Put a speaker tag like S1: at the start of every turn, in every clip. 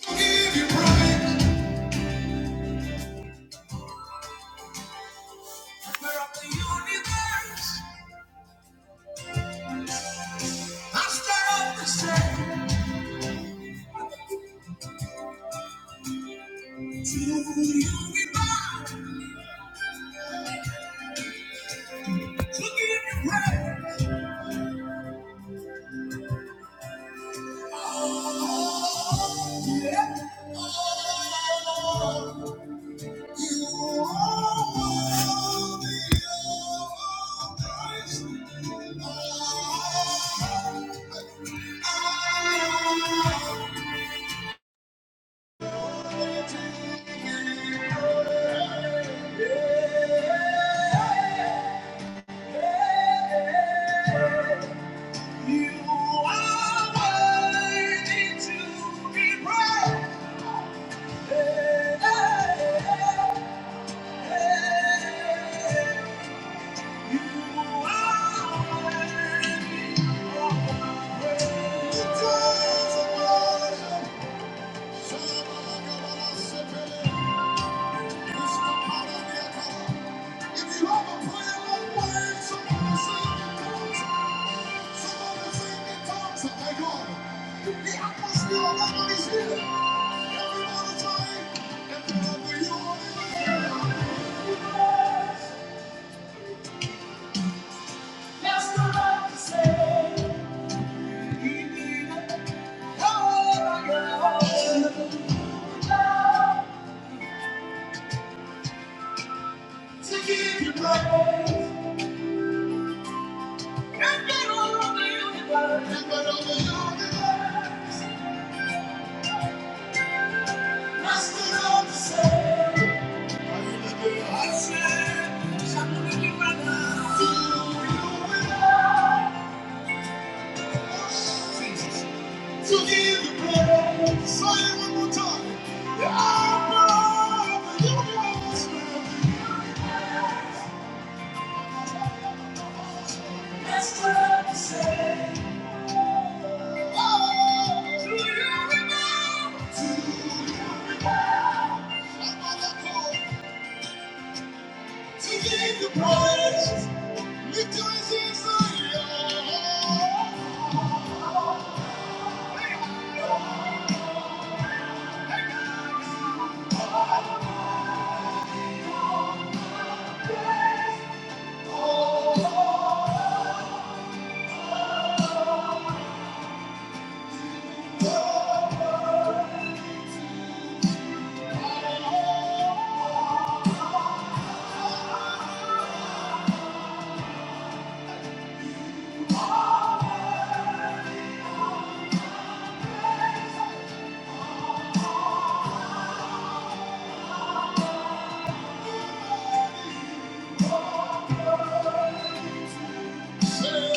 S1: Give you praise. Where of the universe, I stand up and say, to you we bow. To give you praise. Oh, yeah. Oh, you are worthy of our praise. Oh, Thank you. It's the power Oh That's the right to say. He need it. Oh, To give you praise. And get all of the universe. And get all of the right say. To give the praise, lift your hands and say, "Yeah." Thank you.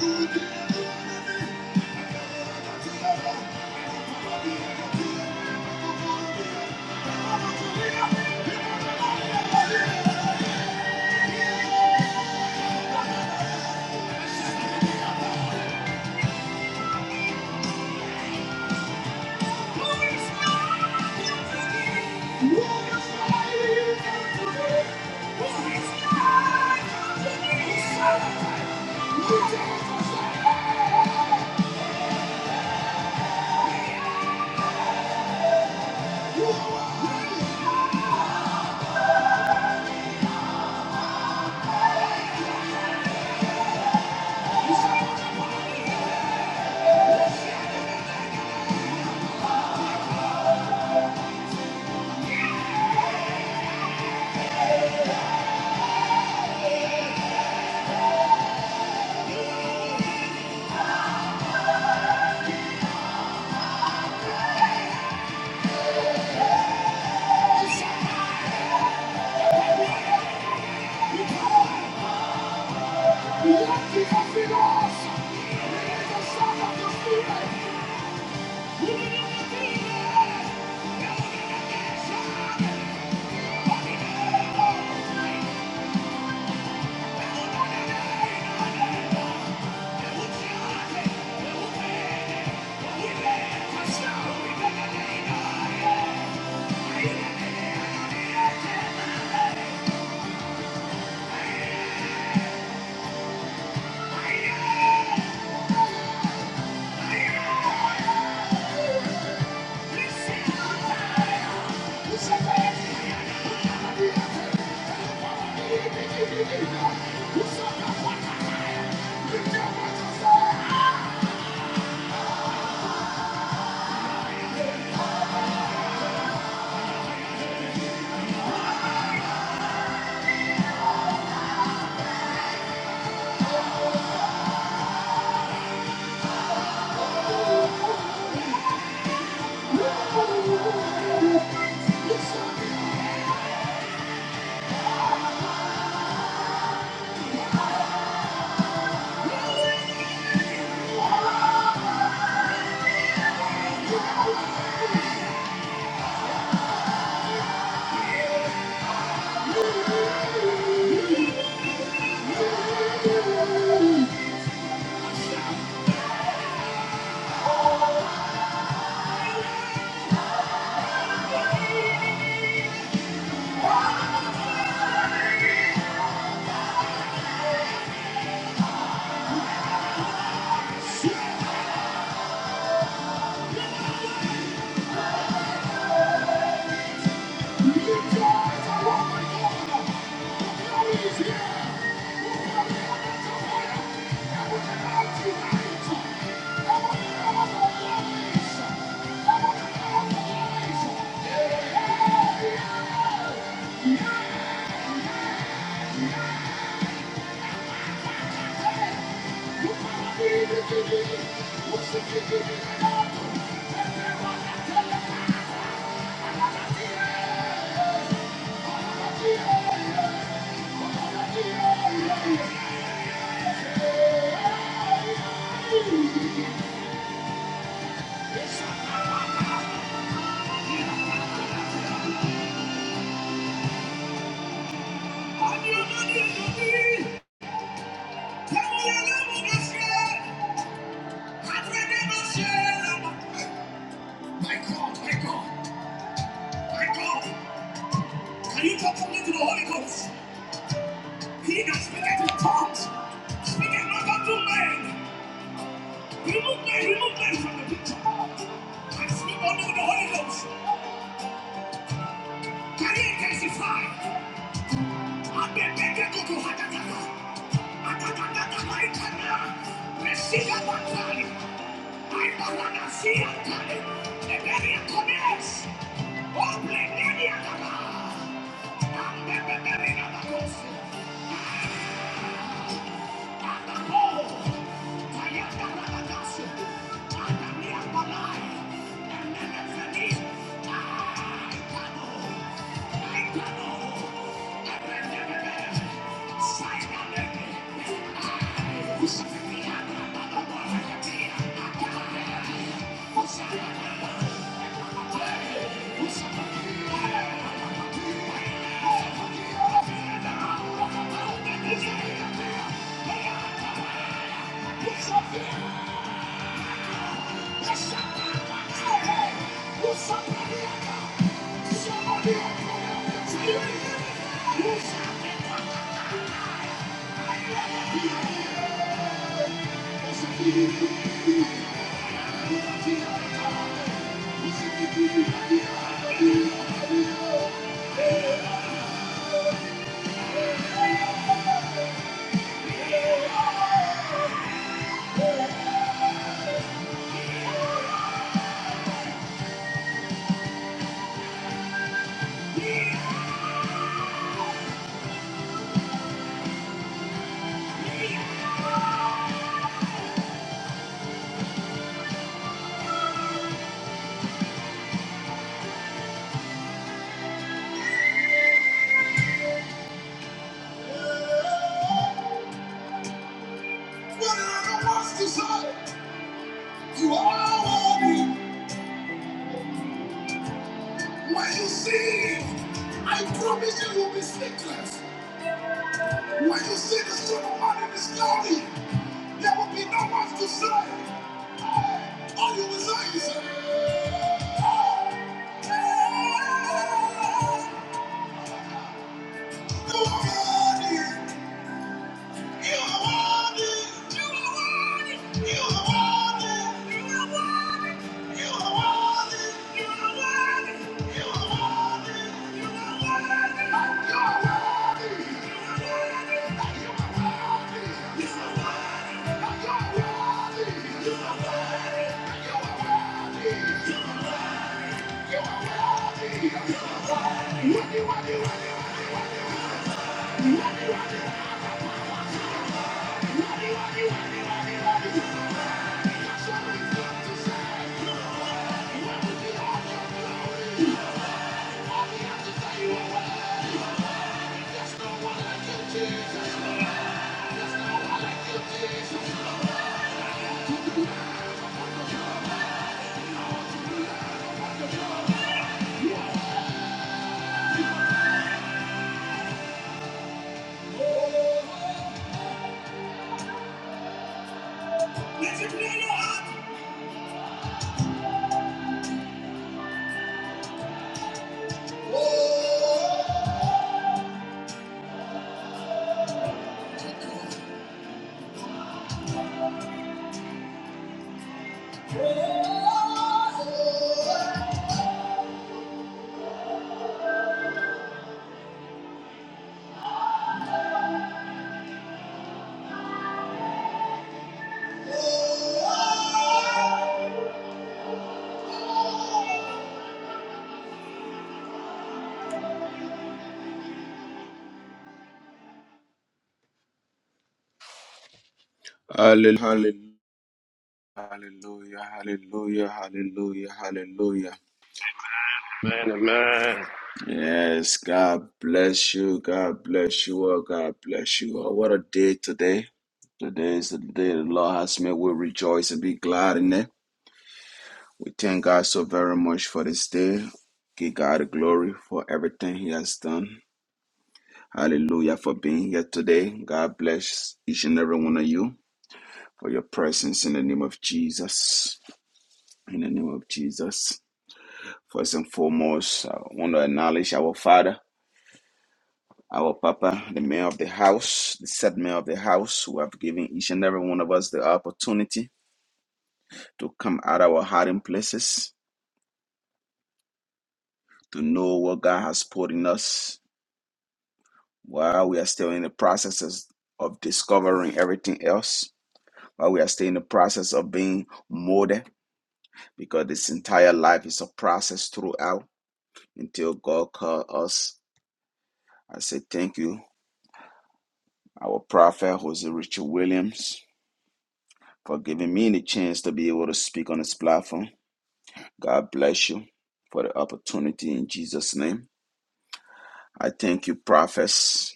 S1: want to be? Thank you. My God, my God, my God, can you talk to me to the Holy Ghost? He that speaketh in tongues, speaketh not unto men, He looked there, he looked there from the picture. I'm sleep only with the Holy Ghost. Can you testify? I'm the beggar to do hatatata. Hatatata, haitana. Receive a battle. I'm the one that see a battle. The very connects. Oh, blame me, the other. I'm the beggar in the ghost. Somebody Whatever was desired, you are worthy. When you see him, I promise you, you'll be speechless. When you see the Son of Man in His glory, there will be no one to say. All you will say is, "Amen." You are worthy. You are worthy. You are worthy. You are worthy. You are worthy. You are worthy. You are worthy. You are worthy. You are worthy. Hallelujah, hallelujah, hallelujah, hallelujah, hallelujah,
S2: Amen. Amen.
S1: Yes, God bless you. God bless you. all. God bless you. all. What a day today. Today is the day the Lord has made. We rejoice and be glad in it. We thank God so very much for this day. Give God the glory for everything He has done. Hallelujah for being here today. God bless each and every one of you for your presence in the name of Jesus. In the name of Jesus. First and foremost, I want to acknowledge our Father. Our Papa, the mayor of the house, the said mayor of the house, who have given each and every one of us the opportunity to come out of our hiding places, to know what God has put in us while we are still in the processes of discovering everything else, while we are still in the process of being molded, because this entire life is a process throughout until God called us. I say thank you, our prophet, Jose Richard Williams, for giving me the chance to be able to speak on this platform. God bless you for the opportunity in Jesus' name. I thank you, prophets,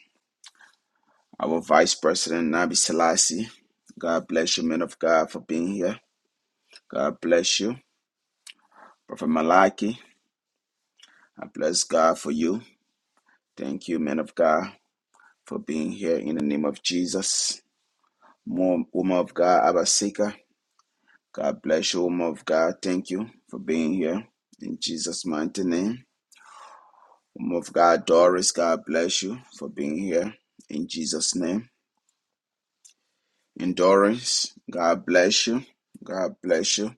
S1: our vice president, Nabi Selassie. God bless you, men of God, for being here. God bless you, Prophet Malaki. I bless God for you. Thank you, men of God, for being here in the name of Jesus. More woman of God, Abasika. God bless you, woman of God. Thank you for being here in Jesus' mighty name. Woman of God, Doris. God bless you for being here in Jesus' name. endurance. God bless you. God bless you.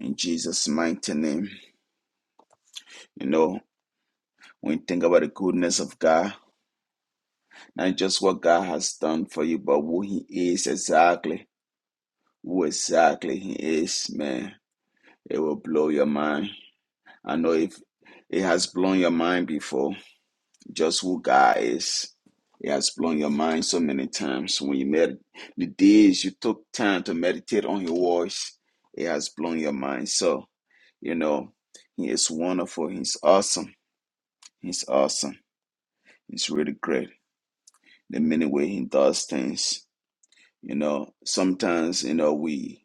S1: In Jesus' mighty name. You know, when you think about the goodness of God, not just what God has done for you, but who He is exactly, who exactly He is, man, it will blow your mind. I know if it has blown your mind before, just who God is. It has blown your mind so many times. When you med- the days you took time to meditate on His voice, it has blown your mind. So, You know, he is wonderful. He's awesome. He's awesome. He's really great. The many way he does things. You know, sometimes you know we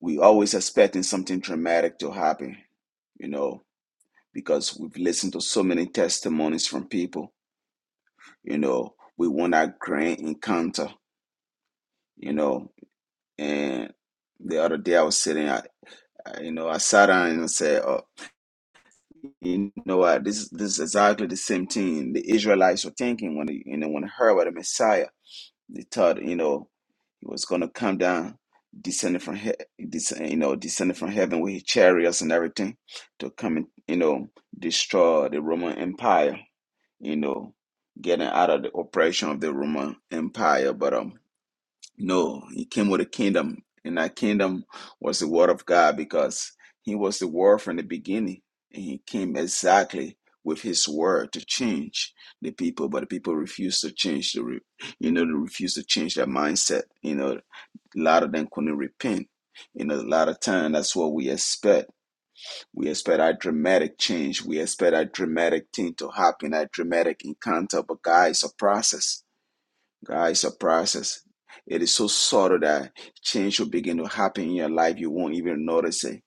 S1: we always expecting something dramatic to happen. You know, because we've listened to so many testimonies from people. You know, we want that grand encounter. You know, and the other day I was sitting, I, I you know I sat down and I said, oh. You know what? This this is exactly the same thing the Israelites were thinking when they, you know when they heard about the Messiah. They thought you know he was going to come down, descended from he- descend, you know descended from heaven with his chariots and everything to come and you know destroy the Roman Empire. You know, getting out of the oppression of the Roman Empire. But um, no, he came with a kingdom, and that kingdom was the word of God because he was the word from the beginning, and he came exactly with his word to change the people, but the people refused to change the, re- you know, they refused to change their mindset. You know, a lot of them couldn't repent. You know, a lot of time that's what we expect. We expect a dramatic change. We expect a dramatic thing to happen, a dramatic encounter, but God is a process God, it's a process. It is so subtle that change will begin to happen in your life. You won't even notice it.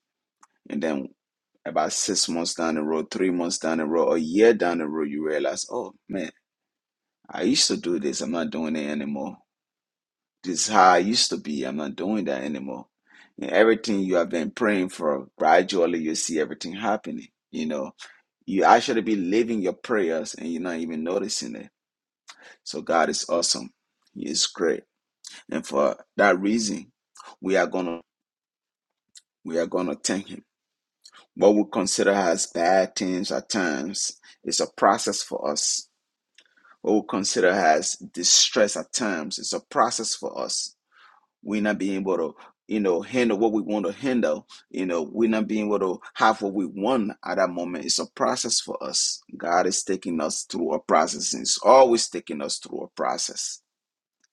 S1: And then about six months down the road, three months down the road, a year down the road, you realize, oh man, I used to do this. I'm not doing it anymore. This is how I used to be. I'm not doing that anymore. And everything you have been praying for, gradually you see everything happening. You know, you actually be living your prayers and you're not even noticing it. So God is awesome. He is great. And for that reason, we are gonna we are gonna thank him. What we consider as bad things at times is a process for us. What we consider as distress at times is a process for us. We're not being able to, you know, handle what we want to handle. You know, we're not being able to have what we want at that moment. It's a process for us. God is taking us through a process. and it's always taking us through a process.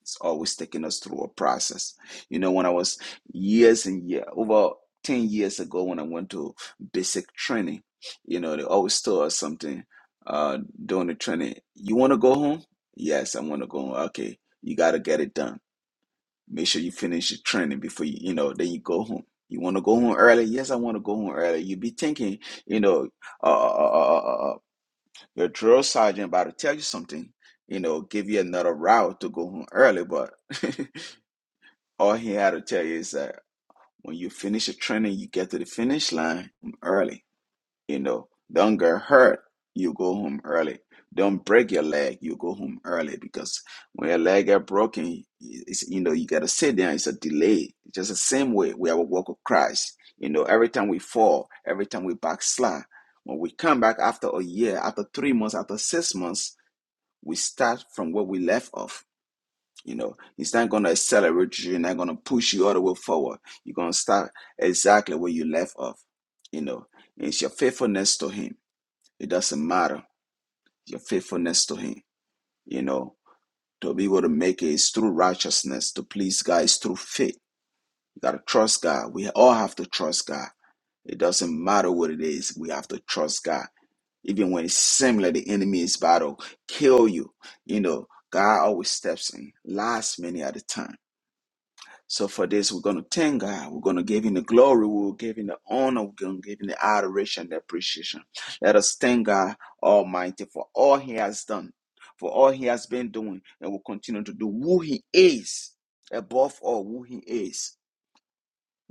S1: It's always taking us through a process. You know, when I was years and year over 10 years ago when I went to basic training, you know, they always told us something uh during the training. You want to go home? Yes, I want to go home. Okay, you got to get it done. Make sure you finish your training before you, you know, then you go home. You want to go home early? Yes, I want to go home early. You be thinking, you know, uh, uh, uh, uh, uh, uh, uh, your drill sergeant about to tell you something, you know, give you another route to go home early, but all he had to tell you is that when you finish your training, you get to the finish line early. You know, don't get hurt, you go home early. Don't break your leg, you go home early because when your leg get broken, it's, you know, you got to sit there. It's a delay. Just the same way we have a walk with Christ. You know, every time we fall, every time we backslide, when we come back after a year, after three months, after six months, we start from where we left off you know, he's not going to accelerate you. He's not going to push you all the way forward. You're going to start exactly where you left off. You know, and it's your faithfulness to him. It doesn't matter your faithfulness to him. You know, to be able to make it is through righteousness. To please God is through faith. You got to trust God. We all have to trust God. It doesn't matter what it is. We have to trust God even when it's similar, the enemy is about to kill you. You know, God always steps in last minute at a time. So for this, we're going to thank God. We're going to give him the glory. We'll give him the honor. We're going to give him the adoration, the appreciation. Let us thank God Almighty for all he has done, for all he has been doing, and will continue to do who he is, above all, who he is.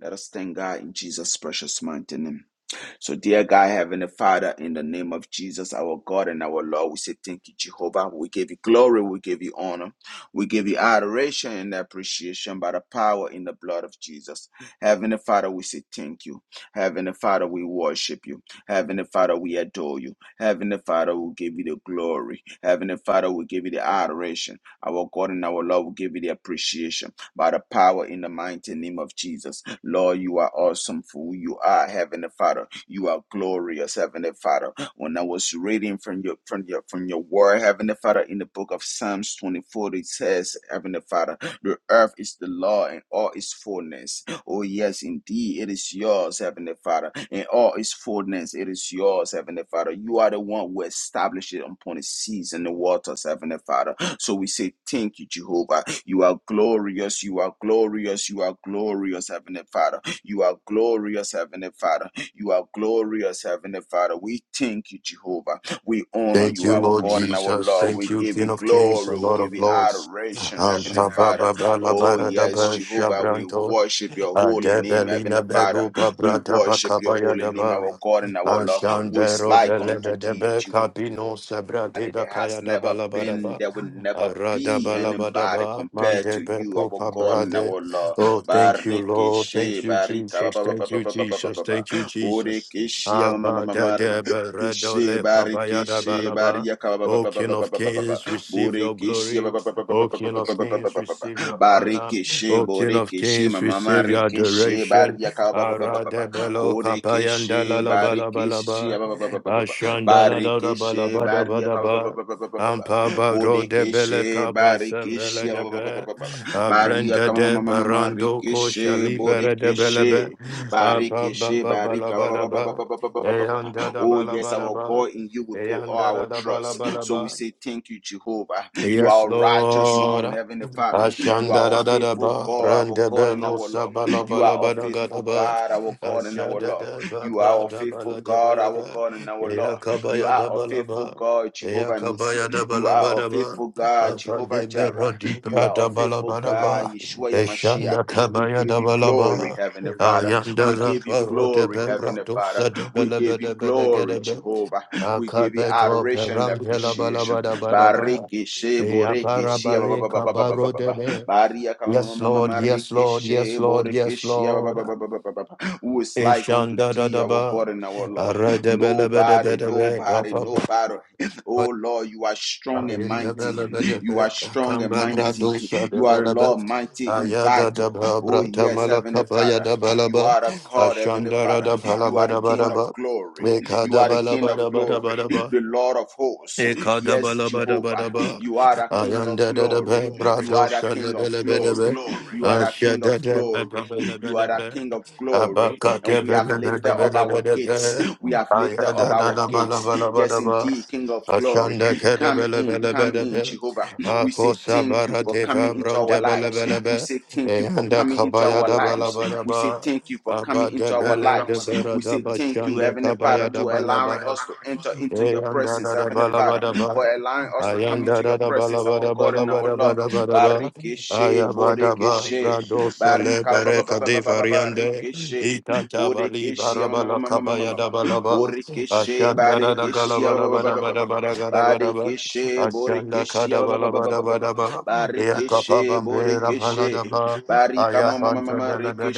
S1: Let us thank God in Jesus' precious mighty name. So, dear God, Heavenly Father, in the name of Jesus, our God and our Lord, we say thank you, Jehovah. We give you glory, we give you honor, we give you adoration and appreciation by the power in the blood of Jesus. Heavenly Father, we say thank you. Heavenly Father, we worship you. Heavenly Father, we adore you. Heavenly Father, we give you the glory. Heavenly Father, we give you the adoration. Our God and our Lord, we give you the appreciation by the power in the mighty name of Jesus. Lord, you are awesome for who you are, Heavenly Father. You are glorious, Heavenly Father. When I was reading from your from your from your word, Heavenly Father, in the book of Psalms 24, it says, Heavenly Father, the earth is the Lord and all its fullness. Oh yes, indeed, it is yours, Heavenly Father, and all its fullness, it is yours, Heavenly Father. You are the one who established it upon the seas and the waters, Heavenly Father. So we say, Thank you, Jehovah. You are glorious. You are glorious. You are glorious, Heavenly Father. You are glorious, Heavenly Father. You are glorious, Heavenly Father. We thank you, Jehovah. We honor
S2: Thank
S1: you,
S2: you,
S1: our
S2: Lord
S1: God and our
S2: Jesus.
S1: Lord.
S2: Thank
S1: We
S2: you,
S1: give
S2: King
S1: you
S2: of Kings
S1: glory.
S2: and
S1: We
S2: Lord
S1: give
S2: of
S1: you
S2: Lords.
S1: adoration,
S2: Um,
S1: Heavenly
S2: ba- ba-
S1: Father.
S2: ba- ba- la- ba-
S1: Oh,
S2: ra- da-
S1: yes,
S2: ba- sha-
S1: Jehovah. We
S2: branto.
S1: worship your holy name,
S2: Adebelina
S1: Heavenly Father.
S2: beruba
S1: We
S2: brada
S1: worship your
S2: bakabaya
S1: holy name,
S2: daba.
S1: our God and our Lord. Who is
S2: Ashandero
S1: like unto
S2: belebe
S1: thee,
S2: debe
S1: Jehovah?
S2: kabino sebra
S1: There
S2: deba
S1: has
S2: kaya daba
S1: never
S2: laba
S1: been,
S2: daba.
S1: there will never
S2: Arada
S1: be
S2: balaba
S1: anybody
S2: daba
S1: compared to
S2: mandebe
S1: you, our
S2: pupa
S1: God and
S2: brade.
S1: our Lord.
S2: Oh, thank you, Lord. Thank
S1: Barikishe,
S2: you,
S1: barika, ba-
S2: Jesus.
S1: ba- ba- ba-
S2: Thank you,
S1: ba- ba- ba- ba- ba-
S2: Jesus.
S1: ba-
S2: Thank you, Jesus.
S1: Bodekeshe, ma- ma- ma-
S2: Abba
S1: ma- ma- ri-
S2: dadebe
S1: Keshe,
S2: redole kabaya daba
S1: barikeshe,
S2: laba.
S1: bariyaka, ba- ba-
S2: O
S1: ba- ba- ba-
S2: King
S1: ba-
S2: of
S1: ba- ba- ba- ba.
S2: Kings, receive your
S1: Bodekeshe, ba-
S2: glory.
S1: ba- ba- ba- ba- ba-
S2: O
S1: ba- ba-
S2: King
S1: ba-
S2: of
S1: ba- ba- ba-
S2: Kings,
S1: ba- ba- ba.
S2: receive your honor.
S1: Barikeshe,
S2: O King of
S1: bodekeshe,
S2: Kings,
S1: ma- ma- ma-
S2: receive your
S1: rikeshe,
S2: adoration.
S1: bariyaka, ba- ba- ba- ba- ba-
S2: Arade
S1: ba.
S2: belo kapayanda la
S1: Bodekeshe,
S2: la ba la ba la
S1: barikeshe,
S2: ba. Ashanda la la la ba la
S1: Barikishe,
S2: ba da ba
S1: Baria,
S2: da
S1: ba- ba- ba-
S2: ba.
S1: ba- ba- ba- ba- ba- ba.
S2: Ampa bro de bele
S1: Bodekeshe,
S2: kapa semele
S1: barikishe,
S2: de
S1: ba- ba- ba-
S2: be.
S1: ba- ba- ba- ba.
S2: Abrenda
S1: barika, ma-
S2: de
S1: ma- ma- ma- ma-
S2: barando ko
S1: rikishe,
S2: shalibere de bele be.
S1: bodekeshe,
S2: Apa ba
S1: barikishe,
S2: ba ba la
S1: barika, ba-
S2: ba da
S1: ba- ba- ba-
S2: ba.
S1: ba- ba- ba- ba- ba- ba- ba- ba.
S2: Eyanda da
S1: Oh,
S2: ba la
S1: yes,
S2: ba da
S1: our
S2: ba.
S1: God, in you we put all
S2: Eyanda da
S1: our
S2: da ba la
S1: trust.
S2: ba la
S1: So we
S2: ba.
S1: say, Thank you, Jehovah. You
S2: Yes,
S1: are a righteous
S2: Lord.
S1: one, Heavenly Father. You
S2: Ashanda
S1: are a
S2: da da da
S1: faithful
S2: ba,
S1: God, our
S2: randa
S1: God and
S2: belo
S1: our Lord.
S2: sabala
S1: You are
S2: bala
S1: a
S2: bala gada
S1: faithful
S2: ba,
S1: God, our God and our
S2: ashanda
S1: Lord.
S2: da ba
S1: You are a
S2: brada
S1: faithful
S2: bala da
S1: God,
S2: bala
S1: our
S2: ba,
S1: God and our
S2: eya
S1: Lord. You
S2: kabaya
S1: are
S2: da
S1: a
S2: bala
S1: faithful
S2: ba,
S1: God,
S2: eya
S1: Jehovah Nissi.
S2: kabaya da
S1: You
S2: bala ba
S1: are a
S2: da ba,
S1: faithful God, Jehovah
S2: afande bero
S1: Jireh.
S2: di
S1: You are a
S2: brada bala
S1: faithful
S2: ba da
S1: God,
S2: ba,
S1: Yeshua Yamashiach.
S2: eshanda
S1: We
S2: kabaya
S1: give
S2: da
S1: you
S2: bala
S1: glory,
S2: ba,
S1: Heavenly Father.
S2: ayanda
S1: We
S2: ra
S1: give you
S2: ba ro de
S1: glory,
S2: be
S1: Heavenly
S2: brado
S1: Father.
S2: sa de
S1: We
S2: bala ba
S1: give you
S2: da ba
S1: glory,
S2: da
S1: Jehovah. We give you
S2: Akabeto
S1: adoration and
S2: peram pela bala
S1: appreciation.
S2: bada bada ba.
S1: Bariki she
S2: Ya
S1: boriki
S2: bara
S1: she ba ba
S2: bale
S1: ba ba ba ba ba
S2: kabaro
S1: ba ba.
S2: debe.
S1: Baria kama ma
S2: Yes,
S1: ma ma
S2: Lord. Yes, Lord.
S1: she
S2: Yes, Lord.
S1: boriki
S2: Yes,
S1: she ba ba
S2: Lord.
S1: ba ba ba ba ba ba. Who is like unto
S2: Ishanda da
S1: thee,
S2: da
S1: our
S2: ba.
S1: God and our Lord?
S2: Arade bele bede
S1: Nobody,
S2: bede be.
S1: nobody,
S2: Papa be.
S1: nobody. Oh Lord, you are strong and
S2: Ayinda bele
S1: mighty.
S2: bede
S1: You
S2: be.
S1: are strong and
S2: Kamba brado
S1: mighty.
S2: sa de
S1: You are
S2: bele be.
S1: Lord mighty in
S2: Ayada da
S1: battle.
S2: ba
S1: Oh
S2: brata
S1: yes, Heavenly
S2: malaka ya
S1: Father.
S2: da bala
S1: You
S2: ba.
S1: are a God, Heavenly
S2: Ashanda da
S1: Father.
S2: da bala
S1: You are the
S2: bada bada
S1: King of
S2: ba.
S1: glory. You
S2: Ekada
S1: are the
S2: bala
S1: King of
S2: bada bada
S1: glory,
S2: bada ba.
S1: the Lord of hosts. Yes, Jehovah.
S2: Ekadabalabadabadaba.
S1: You are the King of glory.
S2: Ayandadadabe,
S1: You are the King of
S2: bradosalebelebedebe.
S1: glory. You are the King of glory. You are the
S2: Ashadadabedabelebedebe.
S1: King of glory. And we have lifted up our
S2: Abakakebelebelebedebe.
S1: gates. We have lifted up our gates. Yes,
S2: Ayadadadabalabalabadaba.
S1: indeed, King of glory. Come in, come in,
S2: Ashandakadabelebelebedebe.
S1: Jehovah. We say thank you for coming
S2: Akosabarateva
S1: into our lives. We
S2: brondebelebelebe.
S1: say thank you for coming into our lives. We say
S2: Eyandakabayadabalabalaba.
S1: thank you for coming into our lives.
S2: Abadebelebedebe,
S1: We say thank you, Heavenly Father, to allowing
S2: radabashandakabayadabalabalaba.
S1: us to enter into your
S2: Ayanda
S1: presence,
S2: da da
S1: Heavenly
S2: ba la ba
S1: Father,
S2: da ba.
S1: for allowing us to come
S2: Ayanda
S1: into
S2: da
S1: your
S2: da ba la
S1: presence,
S2: ba
S1: our
S2: da ba
S1: God
S2: la
S1: and
S2: ba
S1: our
S2: da ba
S1: Lord.
S2: da ba da ba. Aya
S1: Barikeshe,
S2: ba
S1: Bodekeshe,
S2: Brado sale
S1: Barika, ba-
S2: bere
S1: ba- ba- ba-
S2: kade
S1: ba- ba- ba-
S2: variande.
S1: Barikeshe,
S2: Ita ta ba li ba
S1: Bodekeshe, ma- ma-
S2: la
S1: ma-
S2: ka
S1: ma- ma- ma- ma-
S2: da ba la ba.
S1: Borikeshe,
S2: Ashanda da da ga la
S1: Badekeshe,
S2: ba la ba da ba da ba da ga da ba da ba.
S1: Badekeshe,
S2: Ashanda ka
S1: Borikeshe,
S2: da ba la ba da ba da ba. Ya ka pa
S1: Barikeshe,
S2: ba la
S1: Bodekeshe,
S2: da ba.
S1: Barika, ma-
S2: ayabanta ba ta ba la ba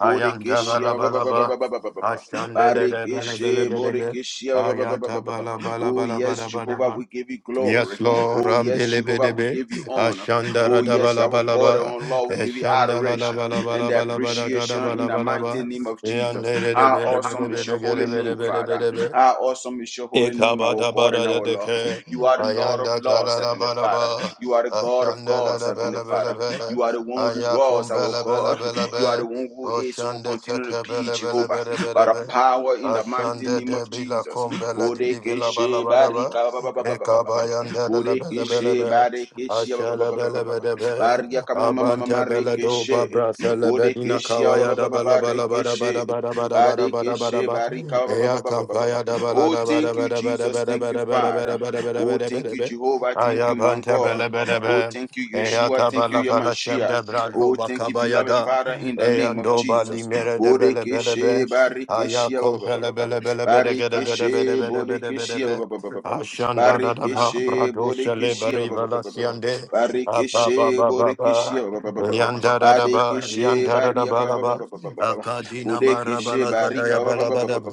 S2: Ayanda ba
S1: Bodekeshe,
S2: la ba la ba. Ashanda da da ba la ba la
S1: Barikeshe,
S2: ba.
S1: Bodekeshe,
S2: Ayata bala bala
S1: Oh,
S2: bala
S1: yes,
S2: bala bala
S1: Jehovah,
S2: ba.
S1: we give you glory.
S2: Yes, Lord,
S1: Oh, yes, Jehovah, we
S2: Rambelebedebe,
S1: give you honor.
S2: Ashandara
S1: Oh, yes, Yahweh God
S2: Dabalabalaba,
S1: and Lord, we give you
S2: Eshandala
S1: adoration and
S2: Balabalabalabada
S1: appreciation in the mighty
S2: Gadabalaba,
S1: name of Jesus.
S2: Yandere de
S1: How
S2: bede bede
S1: awesome is
S2: bede
S1: your
S2: gede
S1: holy name,
S2: bede bede
S1: Father.
S2: bede
S1: How awesome is your holy name, our God and our Lord.
S2: Ekabadabadadadeke,
S1: You are the Lord of
S2: ayanda
S1: Lords, Heavenly Father. You are the God of
S2: ashande
S1: gods, Heavenly Father. You are the one who
S2: ayakum
S1: was our
S2: bela bela
S1: God.
S2: bela
S1: You are
S2: be
S1: the one who is and will
S2: oshande kalalabalaba,
S1: continue to be Jehovah. By the
S2: ashandelelebelebelebe,
S1: power
S2: ayakumbelebelebelebe, oshandeketebelebelebelebe,
S1: in the mighty name of Jesus. Bodekeshe
S2: ashandedebilakombeledidivilabalabalaba,
S1: barika ba ba ba ba ba ba ba ba. Borekeshe,
S2: ekabayandelelebelebelebe,
S1: Barekeshe, ba- ba- ba-
S2: Ashala
S1: ba- ba- ba-
S2: bala
S1: ba- ba.
S2: bada ba. Abanta bala do
S1: Rekeshe,
S2: babra sala bedina
S1: Borekeshe, ba-
S2: kawaya da bala bala bada bada bada bada bada bada bada
S1: Barekeshe,
S2: ba.
S1: Barika,
S2: Eya kampaya da bala
S1: Oh,
S2: da bada
S1: thank you,
S2: bada bada
S1: Jesus.
S2: bada
S1: Thank you,
S2: bada bada
S1: Father.
S2: bada bada
S1: Oh,
S2: bada bada
S1: thank
S2: bada
S1: you,
S2: ba.
S1: Jehovah. Thank
S2: Aya
S1: you, my
S2: banta bala
S1: God.
S2: bada
S1: Oh,
S2: ba.
S1: thank you,
S2: Eya
S1: Yeshua. Thank you,
S2: tabala bala
S1: Yamashia.
S2: shemda brado
S1: Oh, thank you,
S2: bakabaya
S1: beloved
S2: da.
S1: Father, in the
S2: Eya
S1: name of
S2: ndo bali
S1: Jesus.
S2: mere de bele bele be.
S1: Borekeshe,
S2: Aya
S1: Barekeshe, ba- ba- ba- ba-
S2: kompele bele bele bede gede bede bede bede bede bede be. Ashanda da da ba
S1: Barikishe,
S2: brado shale
S1: Bodikishia,
S2: bari valasiande apa ba
S1: Barikishe,
S2: ba ba ba
S1: Bodikishia,
S2: yanda da da ba
S1: Badikishe,
S2: yanda da da ba
S1: Bariaka,
S2: la ba akadina bara
S1: Bodikishe,
S2: bala
S1: Barika,
S2: kadaya bala ba da ba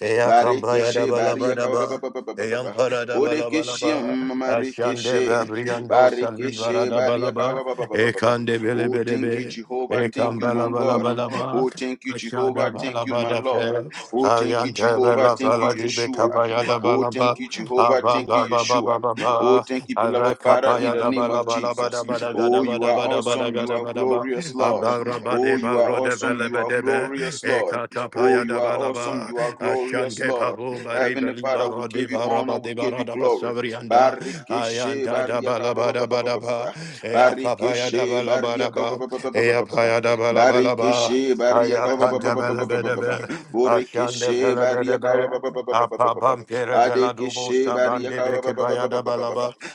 S2: eya kamba ya da
S1: Barikishe,
S2: bala ba da ba eyam
S1: Bariaka,
S2: para da bala bala
S1: Bodikishia,
S2: ba ashande ba
S1: Marikishe,
S2: briando sali bara
S1: Barikishe,
S2: da bala ba
S1: Bariaka.
S2: ekande bele
S1: Oh,
S2: bele
S1: thank you,
S2: be
S1: Jehovah. Thank
S2: ekam
S1: you,
S2: bala
S1: my
S2: bala
S1: God.
S2: bala ba
S1: Oh, thank you, Jehovah.
S2: Ashante
S1: Thank you, my Lord. Oh, thank you, Jehovah. Thank you, Yeshua. Oh, thank you, Jehovah. Thank you, Yeshua. Oh, thank you, beloved Father, in the name of Jesus. Oh, you are awesome. You are glorious, Lord. Oh, you are awesome. You are glorious, Lord. Oh, you are awesome. You are glorious, Lord.
S2: Pabu
S1: Heavenly
S2: Baribali
S1: Father, we
S2: Barodi
S1: give you honor.
S2: Baraba
S1: We
S2: de
S1: give you
S2: Baradaba
S1: glory.
S2: Savrianda
S1: Barikeshe,
S2: Ayanda
S1: bariaka, ba- ba- ba-
S2: Dabalabada
S1: ba- ba- ba- ba-
S2: Badaba
S1: ba.
S2: Eakapaya
S1: Barikeshe, bariaka, ba-
S2: Dabalabadaba
S1: ba- ba- ba- ba- ba- ba- ba- ba.
S2: Eapaya Dabalabalaba
S1: Barikeshe, bariaka, ba- ba- ba-
S2: Ayakanda
S1: ba- ba-
S2: bele
S1: ba- ba- ba-
S2: bele
S1: ba- ba.
S2: be, ashande
S1: Borekeshe,
S2: bele bele
S1: bariaka, ba- ba-
S2: be,
S1: ba- ba- ba- ba- ba- ba- ba.
S2: apabam pere vela dubo
S1: Badekeshe
S2: sabande
S1: Bariaka ba-
S2: beke
S1: ba-
S2: bayada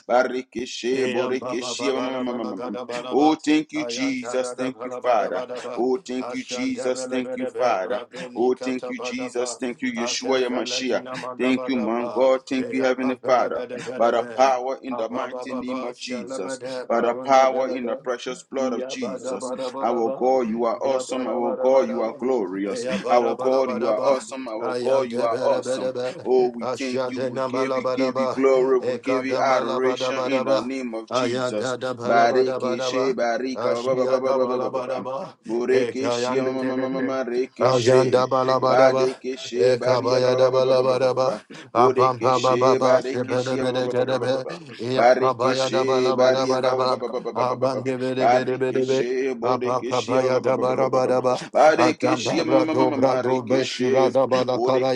S1: Barikeshe
S2: Eyam baba
S1: Borekeshe.
S2: baba ba baba da ba la da ba da
S1: Oh,
S2: ba.
S1: thank you,
S2: Ayan ta
S1: Jesus.
S2: da da
S1: Thank
S2: ba
S1: you,
S2: la ba da
S1: Father. Oh, thank you,
S2: Ashan de be
S1: Jesus.
S2: le be
S1: Thank you,
S2: de be bra
S1: Father.
S2: do ni
S1: Oh,
S2: ka
S1: thank
S2: ta
S1: you,
S2: ba
S1: Jesus. Thank you,
S2: Ate
S1: Yeshua
S2: fe le ki
S1: Yamashiach.
S2: na ma
S1: Thank you, my God. Thank you,
S2: Eya kam
S1: Heavenly
S2: bele
S1: Father.
S2: bele be de be de
S1: By the
S2: be.
S1: power in the
S2: Apa ba
S1: mighty
S2: ba
S1: name
S2: ba
S1: of
S2: she le be
S1: Jesus,
S2: de
S1: by
S2: ba
S1: the
S2: run de be
S1: power in the precious blood of
S2: Ya ba da
S1: Jesus.
S2: ba ba
S1: Our God, you are
S2: Ya ba
S1: awesome.
S2: da ba
S1: Our
S2: ba
S1: God, you
S2: da
S1: are
S2: ba.
S1: glorious.
S2: Eya ba da
S1: Our
S2: ba la
S1: God,
S2: ba
S1: you
S2: da
S1: are
S2: ba.
S1: awesome. Our God,
S2: Ayan de
S1: you
S2: be
S1: are
S2: de be
S1: awesome.
S2: de
S1: Oh, we thank
S2: Ashan
S1: you.
S2: de
S1: We
S2: na ma
S1: give
S2: la
S1: you,
S2: ba
S1: give you glory. We
S2: Eka
S1: give you
S2: da ma la ba
S1: adoration in the
S2: ba.
S1: name of Jesus.
S2: Ayada da balaba da
S1: Bareke she
S2: badaba.
S1: barika ba ba ba
S2: Ashia
S1: ba
S2: da
S1: ba ba ba ba
S2: balaba
S1: ba. Boreke
S2: Eka
S1: she
S2: yang
S1: ma
S2: de
S1: ma
S2: de
S1: ma
S2: de.
S1: ma ma
S2: de.
S1: ma reke she.
S2: Ayanda balaba
S1: Bareke she
S2: Eka
S1: bariaka
S2: baya da
S1: ba ba ba ba ba
S2: balaba
S1: ba
S2: da
S1: ba ba.
S2: ba. Apam
S1: Boreke
S2: pa ba ba
S1: she
S2: ba.
S1: bareke
S2: Shepe
S1: she
S2: de
S1: ba
S2: be
S1: ba
S2: de
S1: ba ba
S2: ke
S1: ba
S2: de
S1: ba ba
S2: be.
S1: ba.
S2: Iyaka
S1: Bareke
S2: baya da
S1: she
S2: balaba da ba
S1: bariaka
S2: da
S1: ba
S2: ba.
S1: ba ba ba ba ba ba ba ba.
S2: be de
S1: Bareke she boreke she ba ba ba
S2: da
S1: ba
S2: ba
S1: ba ba
S2: da ba
S1: ba
S2: da
S1: ba.
S2: ba.
S1: Bareke she ma ma ma ma ma reke she.
S2: shura da ba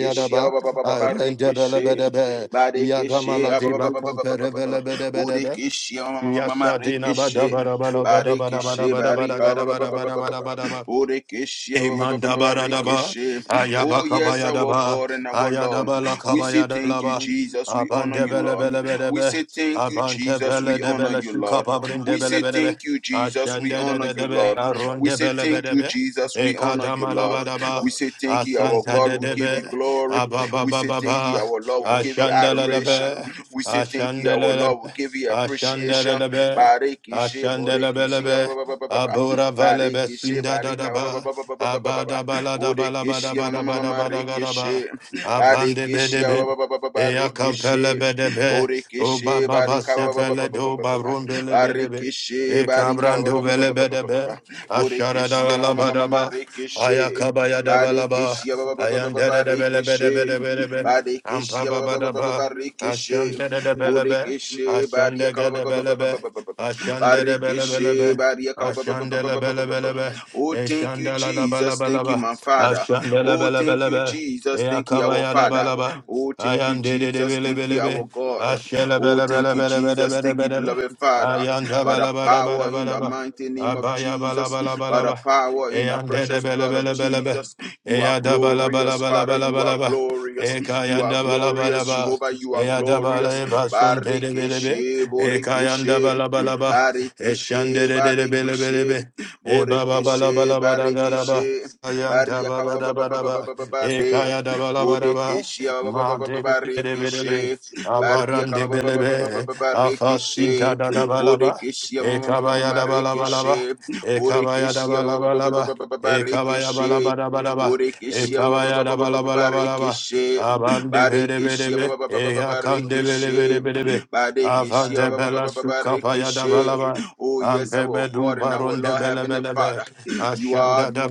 S2: ya da ba. Arende be le be
S1: Barekeshe
S2: de be.
S1: Barekeshe
S2: ba kompere be le be be.
S1: Borekeshe
S2: Yasa dina bada
S1: Marekeshe
S2: bada bada gada bada bada
S1: Barekeshe
S2: bada bada
S1: Barika
S2: gada bada bada bada bada ba.
S1: Borekeshe
S2: Emandabaradaba,
S1: Barekeshe Oh yes our
S2: Ayabakabayadaba,
S1: God and our Lord we say thank you
S2: Ayadabalakabayadalaba,
S1: Jesus we honor you Lord we
S2: Abandebelebelebelebe,
S1: say thank you Jesus we honor
S2: Abantebelebele
S1: you Lord we say
S2: Sukapabrindebelebelebe,
S1: thank you Jesus we honor you
S2: Ashandedebe,
S1: Lord we say thank you
S2: Arondebelebelebe,
S1: Jesus we honor you Lord
S2: Ekadamalabadaba,
S1: we say thank you, our God. We give you
S2: Asantadebe,
S1: glory. We say thank you,
S2: Ababababa,
S1: our Lord. We give you adoration.
S2: Ashandalebe,
S1: We say thank you, our
S2: Ashandalebe,
S1: Lord. We give you appreciation.
S2: Ashandalebe,
S1: Barikishe, borikishe, ba-
S2: Ashandalebelebe,
S1: ba- ba- ba- ba- ba- ba.
S2: Abora valebe
S1: barikishe,
S2: sinda da
S1: barika,
S2: da
S1: ba- ba- ba-
S2: ba.
S1: ba- ba- ba- ba- ba- ba-
S2: Abada
S1: ba.
S2: bala da bala bada
S1: borikishe, ma- ma-
S2: bada
S1: ma- ma-
S2: bada
S1: ma-
S2: bada gada ba.
S1: rikishe,
S2: Abande
S1: barikishe,
S2: bede
S1: ba-
S2: be.
S1: ba- ba- ba- ba- ba-
S2: Eya kampele
S1: rikishe,
S2: bede be. O ba
S1: borikishe,
S2: ba ba
S1: barika, ba- ba- ba- ba-
S2: sefele
S1: ba- ba-
S2: do
S1: ba-
S2: ba
S1: ba- ba-
S2: rumbele bede be.
S1: barikishe,
S2: E
S1: barika,
S2: kabrando
S1: ba- ba- ba- ba-
S2: vele
S1: ba- ba- ba-
S2: bede
S1: ba- ba-
S2: be.
S1: ba-
S2: Ashara da
S1: borikishe, ma-
S2: gala
S1: ma- ma- ma-
S2: bada
S1: ma-
S2: ba. Aya
S1: rikishe.
S2: kabaya da bala ba.
S1: Barikishia ba- ba- ba- ba-
S2: Ayan
S1: ba-
S2: da da da bele bede
S1: Barikishi
S2: bede bede be. Ampa
S1: Barikishia
S2: ba
S1: ba-
S2: ba da ba.
S1: Barikishi
S2: Ashanda da da bele be.
S1: Burikishi
S2: Ashanda
S1: Bariaka
S2: ga da bele be. Ashanda da bele bele
S1: Barikishi
S2: be.
S1: Bariaka
S2: Ashandela bela bela be,
S1: Oh thank you
S2: eshandela la bala
S1: Jesus
S2: bala
S1: thank you
S2: ba,
S1: my father
S2: ashandela
S1: Oh
S2: bela
S1: thank
S2: bela
S1: you
S2: be,
S1: Jesus thank you our
S2: eakabaya la
S1: father
S2: bala ba,
S1: Oh thank you
S2: ayande de de de
S1: Jesus
S2: bele
S1: thank
S2: bele
S1: you our
S2: be,
S1: God
S2: ashela
S1: Oh
S2: bela
S1: thank
S2: bela
S1: you
S2: bela bela
S1: Jesus
S2: bela
S1: thank you
S2: bela be,
S1: beloved father
S2: ayanda
S1: by the
S2: bala bala bala
S1: power in
S2: bala
S1: the
S2: ba,
S1: mighty name of
S2: abaya bala
S1: Jesus
S2: bala
S1: by
S2: bala
S1: the
S2: ba,
S1: power in the
S2: eyande de de
S1: precious
S2: bele
S1: blood of
S2: bele bele be,
S1: Jesus you are
S2: eyada bala bala
S1: glorious,
S2: bala
S1: Father.
S2: bala
S1: You are
S2: bala ba.
S1: glorious. You are
S2: Ekayanda
S1: glorious,
S2: balabalaba.
S1: Jehovah. You are
S2: Eyadabala
S1: glorious.
S2: ebasun tedebelebe.
S1: Barikeshe,
S2: Ekayanda
S1: Borikeshe,
S2: balabalaba.
S1: Barikeshe, Barikeshe,
S2: Eşyandere E baba bala
S1: Borikeshe,
S2: bala bada gada ba
S1: Barikeshe,
S2: ayanta
S1: Bariaka,
S2: baba da bada ba e
S1: Bare,
S2: kaya da bala bada ba
S1: Bodekeshe,
S2: ma de be de de be de be
S1: Barikeshe,
S2: abaran
S1: Bariaka,
S2: de be de be afasinta
S1: Barikeshe,
S2: da da bala ba
S1: Bodekeshe,
S2: e kabaya da bala bala ba
S1: Marikeshe,
S2: e kabaya da bala bala
S1: Borekeshe,
S2: ba e kabaya bala
S1: Barikeshe,
S2: bada bada ba e
S1: Borekeshe
S2: kabaya da bala bala bala ba
S1: Barekeshe
S2: aban de be de be de
S1: Barekeshe
S2: be e akan de be de be de
S1: Barekeshe
S2: be de be avante bela
S1: Barekeshe
S2: sukapaya da bala
S1: Barekeshe
S2: ba
S1: Oh yes, our
S2: Ambebedu
S1: God and our
S2: baron de
S1: Lord Heavenly
S2: belebelebe.
S1: Father. You are
S2: Ashanda da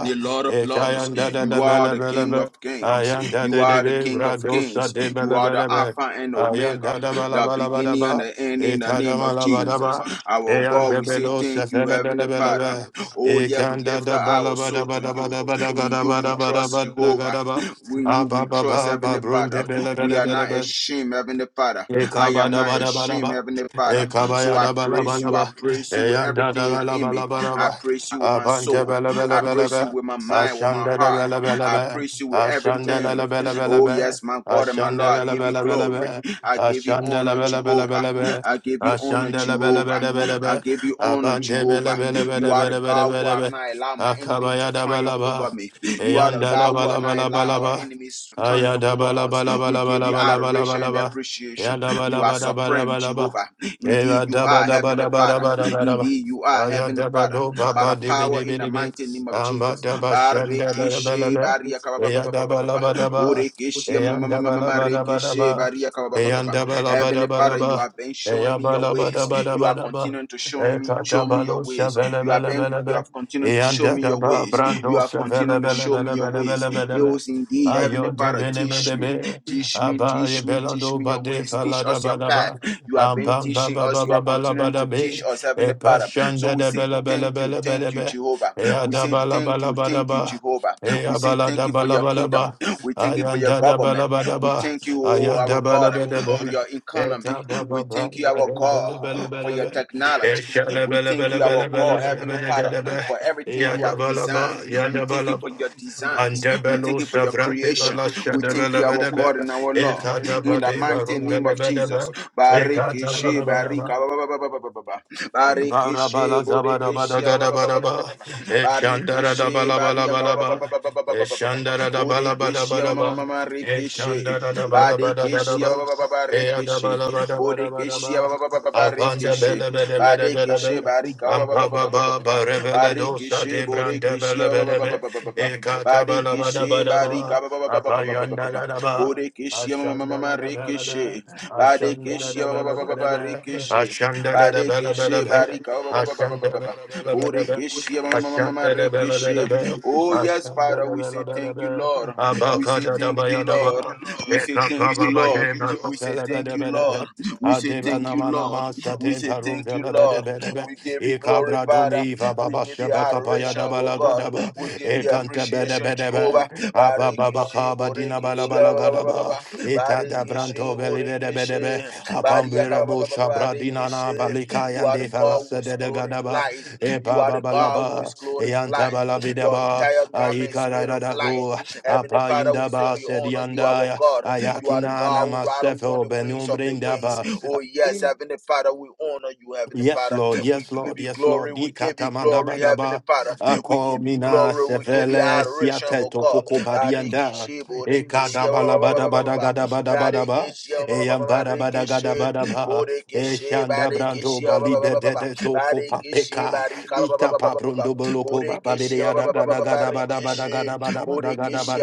S1: the Lord of Lords.
S2: Ekayanda da
S1: You
S2: da
S1: are the King
S2: belebelebe.
S1: of Kings.
S2: Ayanda
S1: You
S2: de
S1: are the
S2: debe
S1: King of Kings.
S2: bradosa de
S1: You are the
S2: belebelebe.
S1: Alpha and Omega,
S2: Ayanda da
S1: the beginning and
S2: balabalabadaba.
S1: the end in the name of Jesus.
S2: Ekadamalabadaba.
S1: Our
S2: Eyan
S1: God, we say
S2: bebelo
S1: thank you,
S2: sefele
S1: Heavenly
S2: belebelebe.
S1: Father. Oh, yeah, we
S2: Ekanda
S1: lift
S2: da
S1: up our soul to you. In you we trust, Jehovah.
S2: balabadabadabadabadabadabadabadabadabadabadaba.
S1: In you we trust,
S2: Abababa
S1: Heavenly
S2: babrun
S1: Father.
S2: de
S1: We are not
S2: belebelebe.
S1: ashamed, Heavenly Father. I
S2: Ekaba
S1: am
S2: da
S1: not
S2: ba da ba da
S1: ashamed,
S2: ba,
S1: Heavenly Father.
S2: ekaba
S1: So
S2: ya
S1: I
S2: da ba la ba
S1: praise
S2: la
S1: you.
S2: ba,
S1: I praise you with
S2: eyanda da
S1: everything
S2: ba la
S1: within
S2: ba la
S1: me.
S2: ba la ba,
S1: I praise you with my
S2: abante
S1: soul.
S2: ba la ba la
S1: I
S2: ba la
S1: praise you
S2: ba,
S1: with my mind, with my
S2: ashanda da ba
S1: heart.
S2: la ba la
S1: I
S2: ba,
S1: praise you with
S2: ashanda la
S1: everything.
S2: la ba la ba la
S1: Oh,
S2: ba,
S1: yes, my God and my
S2: ashanda
S1: Lord, I
S2: la la
S1: give
S2: ba
S1: you
S2: la ba la
S1: glory.
S2: ba,
S1: I give you
S2: ashanda la
S1: honor,
S2: ba la ba la ba
S1: Jehovah.
S2: la ba,
S1: I give you honor,
S2: ashanda la ba la ba
S1: Jehovah.
S2: la ba la
S1: I
S2: ba,
S1: give you honor,
S2: abante ba la
S1: Jehovah.
S2: ba la ba
S1: You
S2: la
S1: are
S2: ba
S1: the
S2: la ba la
S1: God
S2: ba
S1: who
S2: la
S1: have
S2: ba,
S1: not allowed my enemies
S2: akaba
S1: to
S2: ya da ba la
S1: triumph
S2: ba,
S1: over me. You are the
S2: eyanda la
S1: God
S2: ba
S1: who
S2: la
S1: have
S2: ba
S1: not
S2: la ba la
S1: allowed our
S2: ba,
S1: enemies to triumph
S2: ayada
S1: over
S2: ba la
S1: us.
S2: ba la ba
S1: We
S2: la ba
S1: give
S2: la
S1: you
S2: ba la ba
S1: adoration
S2: la
S1: and
S2: ba. Ya
S1: appreciation.
S2: da ba da
S1: You are
S2: ba da ba da
S1: supreme,
S2: ba da ba.
S1: Jehovah.
S2: Ya
S1: Indeed, you
S2: da ba
S1: are
S2: da ba
S1: Heavenly
S2: da ba da
S1: Father.
S2: ba da ba da ba.
S1: Indeed, you are
S2: Aya
S1: Heavenly
S2: da ba
S1: Father
S2: do ba
S1: by
S2: ba
S1: the
S2: di bi
S1: power
S2: di bi
S1: in the
S2: di bi.
S1: mighty name of
S2: amba
S1: Jesus. Barikishe,
S2: Yadabadabadabadabadaba.
S1: bariyaka, ba- ba- ba- ba- ba- ba- ba-
S2: Yadabadabadabadabadabadaba.
S1: Borikishe, ma- ma- ma- ma- ma- ma- rikishe, bariyaka, ba-
S2: Ayadabadobabadibidibidibi. Amadabashandabalabalaba. Yadabalabadaba.
S1: ba- ba- ba- ba.
S2: Yadabalabadabadaba.
S1: Heavenly Father, you
S2: Yadabalabadabadaba.
S1: have been showing me your ways. You are
S2: Yabalabadabadabadaba.
S1: continuing to show me, show me your
S2: Ekatabalo
S1: ways. You have been, you
S2: shabelebelebelebe.
S1: have continued to show me your
S2: Yandadaba
S1: ways.
S2: brando
S1: You have
S2: sha ba la
S1: continued to
S2: ba la
S1: show
S2: ba
S1: me
S2: la
S1: your
S2: ba la ba
S1: ways.
S2: la ba
S1: It
S2: la ba.
S1: was indeed, Heavenly
S2: ayo
S1: Father,
S2: shabelebelebelebelebelebe.
S1: teach me,
S2: Ayodebinibidebe.
S1: teach me,
S2: Abba ye
S1: teach me, teach
S2: belado
S1: me your
S2: bade
S1: ways. Teach
S2: falada
S1: us your path.
S2: badaba.
S1: You have been
S2: Ampam
S1: teaching
S2: baba
S1: us. You are
S2: baba bala
S1: continuing to teach
S2: badabe.
S1: us,
S2: E
S1: Heavenly Father. So
S2: pashanda
S1: we
S2: de
S1: say
S2: bela bela
S1: thank you,
S2: bela bela
S1: thank you,
S2: be.
S1: Jehovah.
S2: E
S1: We say
S2: adabala
S1: thank
S2: bala
S1: you, thank you,
S2: badaba.
S1: Jehovah.
S2: E
S1: We say
S2: abala
S1: thank
S2: da
S1: you for
S2: bala
S1: your kingdom.
S2: balaba.
S1: We thank you for your
S2: Ayanda da bala
S1: government. We
S2: badaba.
S1: thank you, oh, our
S2: Ayanda bala
S1: God, for
S2: badaba.
S1: your
S2: E
S1: economy.
S2: ta
S1: We
S2: baba baba
S1: thank you, our
S2: bela bela
S1: God, for your
S2: bela
S1: technology.
S2: Eshala
S1: We
S2: bala
S1: thank
S2: bala
S1: you,
S2: bala
S1: our
S2: bala
S1: God,
S2: bala
S1: Heavenly
S2: bala
S1: Father,
S2: gada ba
S1: for everything you have
S2: Eshalabalabalabalabalabalabalaba. ba.
S1: designed. We thank you
S2: yadabalaba.
S1: for your designs. We thank
S2: Andabalo
S1: you for your
S2: savrande
S1: creation.
S2: bala
S1: We thank you, our God
S2: shadabalabalaba.
S1: and our Lord.
S2: Ekata
S1: In the
S2: bade
S1: mighty name of Jesus.
S2: barundalabalaba.
S1: Bariki
S2: Ekata
S1: she
S2: bala bala ba.
S1: barika
S2: Barabala
S1: Barikishi
S2: zabara bada
S1: Bodikishi ba-
S2: gada
S1: ba- ba- ba- ba-
S2: bada
S1: ba-
S2: ba.
S1: ba- ba- ba.
S2: Eshandara da
S1: Barikishi
S2: bala bala
S1: Bariaka
S2: bala
S1: ba- ba-
S2: ba.
S1: ba- ba- ba- ba- ba- ba- ba- ba- ba.
S2: Eshandara da bala bada
S1: Bodikishi ma-
S2: bada
S1: ma- ma-
S2: ba.
S1: ma- ma- Rikishi
S2: Eshandara da bala bada gada
S1: Badikishi
S2: ba.
S1: ba- ba- ba- ba- ba-
S2: Eya da bala
S1: Rikishi Bodikishi
S2: Ibarabalazabarabadagadabadaba. Eshandaradabalabalaba.
S1: ba- ba- ba- ba-
S2: Eshandaradabalabalaba. Eshandaradabalabalaba. Eyadabalabadabadabadaba.
S1: ba- ba- Rikishi
S2: Apandabelebelebelebelebe.
S1: Badikishi Barika ba- ba- ba- ba- ba- ba- ba- ba- ba.
S2: Ampabababareveledosa
S1: Barikishi Bodikishi ba- ba- ba-
S2: debrandebelebelebe.
S1: ba- ba- ba- ba- ba. Badikishi Barika
S2: Ekatabalabadabadaba.
S1: ba- ba- ba- ba- ba- ba- ba- ba- ba- ba- ba.
S2: Apayandaradaba.
S1: Bodikishi ma- ma- ma- ma-
S2: Ashanda da
S1: ma-
S2: da ba la
S1: Rikishi
S2: ba. Ashanda da
S1: Badikishi
S2: da
S1: ba-
S2: ba
S1: ba-
S2: la
S1: ba- ba-
S2: ba
S1: ba-
S2: da
S1: ba-
S2: ba.
S1: Rikishi
S2: Ashanda da da ba la ba da
S1: Barikishe,
S2: ba.
S1: barika, ba- ba- ba- ba- ba- ba-
S2: Ashanda da
S1: ba-
S2: da
S1: ba.
S2: ba la ba da ba.
S1: Borikishe, ma- ma- ma- ma- ma-
S2: Ashanda da ba la ba da
S1: rikishe.
S2: ba.
S1: Oh, yes,
S2: Ashanda
S1: Father,
S2: da ba
S1: we
S2: la
S1: say
S2: ba da
S1: thank you,
S2: ba.
S1: Lord. We
S2: Abaka
S1: say
S2: da da
S1: thank
S2: ba
S1: you,
S2: ya da ba.
S1: Lord. We say
S2: Eka pa
S1: thank you,
S2: ba ba
S1: Lord.
S2: de ba lo
S1: We
S2: ba
S1: say
S2: la ba
S1: thank
S2: da
S1: you,
S2: ba da ba.
S1: Lord. We say
S2: Adeba
S1: thank you,
S2: nama
S1: Lord.
S2: nama
S1: We
S2: satin
S1: say
S2: parum
S1: thank
S2: ba
S1: you,
S2: la ba da
S1: Lord.
S2: ba da
S1: We give you glory,
S2: ba.
S1: Father.
S2: Domiva
S1: We
S2: Baba
S1: give you
S2: Shabaka
S1: adoration,
S2: Payada
S1: oh God.
S2: Balagadaba,
S1: We give you
S2: Ekanta Bede
S1: appreciation,
S2: Bedebe,
S1: Jehovah.
S2: Abba Baba
S1: Barikishe,
S2: Kaba Dina
S1: borikishe, ba- ba- ba- ba- ba-
S2: Balabalagadaba,
S1: ba.
S2: Itada
S1: Barikishe,
S2: Branto Belivede
S1: borikishe.
S2: Bedebe, Apambira Bosha Bradinana
S1: Bariyakababababarekeshe.
S2: Balika
S1: You
S2: and
S1: are the God who
S2: Falasa
S1: is
S2: de
S1: clothed in
S2: Gadaba,
S1: light. You
S2: Epa
S1: are the God who is
S2: Babalaba,
S1: clothed in
S2: Eanta
S1: light. Your
S2: Balabidaba,
S1: entire garment is
S2: Aika
S1: made of light.
S2: Radabu,
S1: Heavenly
S2: Apa
S1: Father, we say
S2: Indaba
S1: we honor you, our
S2: Sedianda,
S1: God. You are the God
S2: Ayakinana
S1: who ride upon
S2: Masefo
S1: the wings
S2: Benum
S1: of the winds.
S2: Brindaba,
S1: Oh, yes, Heavenly Father, we honor you, Heavenly
S2: Yes,
S1: Father.
S2: Lord.
S1: We
S2: Yes,
S1: give
S2: Lord.
S1: you
S2: Yes,
S1: glory.
S2: Lord.
S1: We give you glory, Heavenly
S2: Nikatamadabadaba.
S1: Father. We give you
S2: Akomina
S1: glory. We give you
S2: sevele
S1: adoration, oh
S2: siateto
S1: God.
S2: poko
S1: Bariki
S2: barianda.
S1: shibo, riki ba, ba, ba, ba, ba, ba, ba, ba.
S2: Ekadabalabadabadagadabadabadaba.
S1: Barikishi, Marikishi,
S2: E
S1: Borikishi,
S2: shanda brando
S1: Barikishi,
S2: balibededeto
S1: Barikishi,
S2: kopapeka.
S1: Barika,
S2: Itapa brondo boloko ba ba
S1: Borikishi, Barikishi, Borikishi,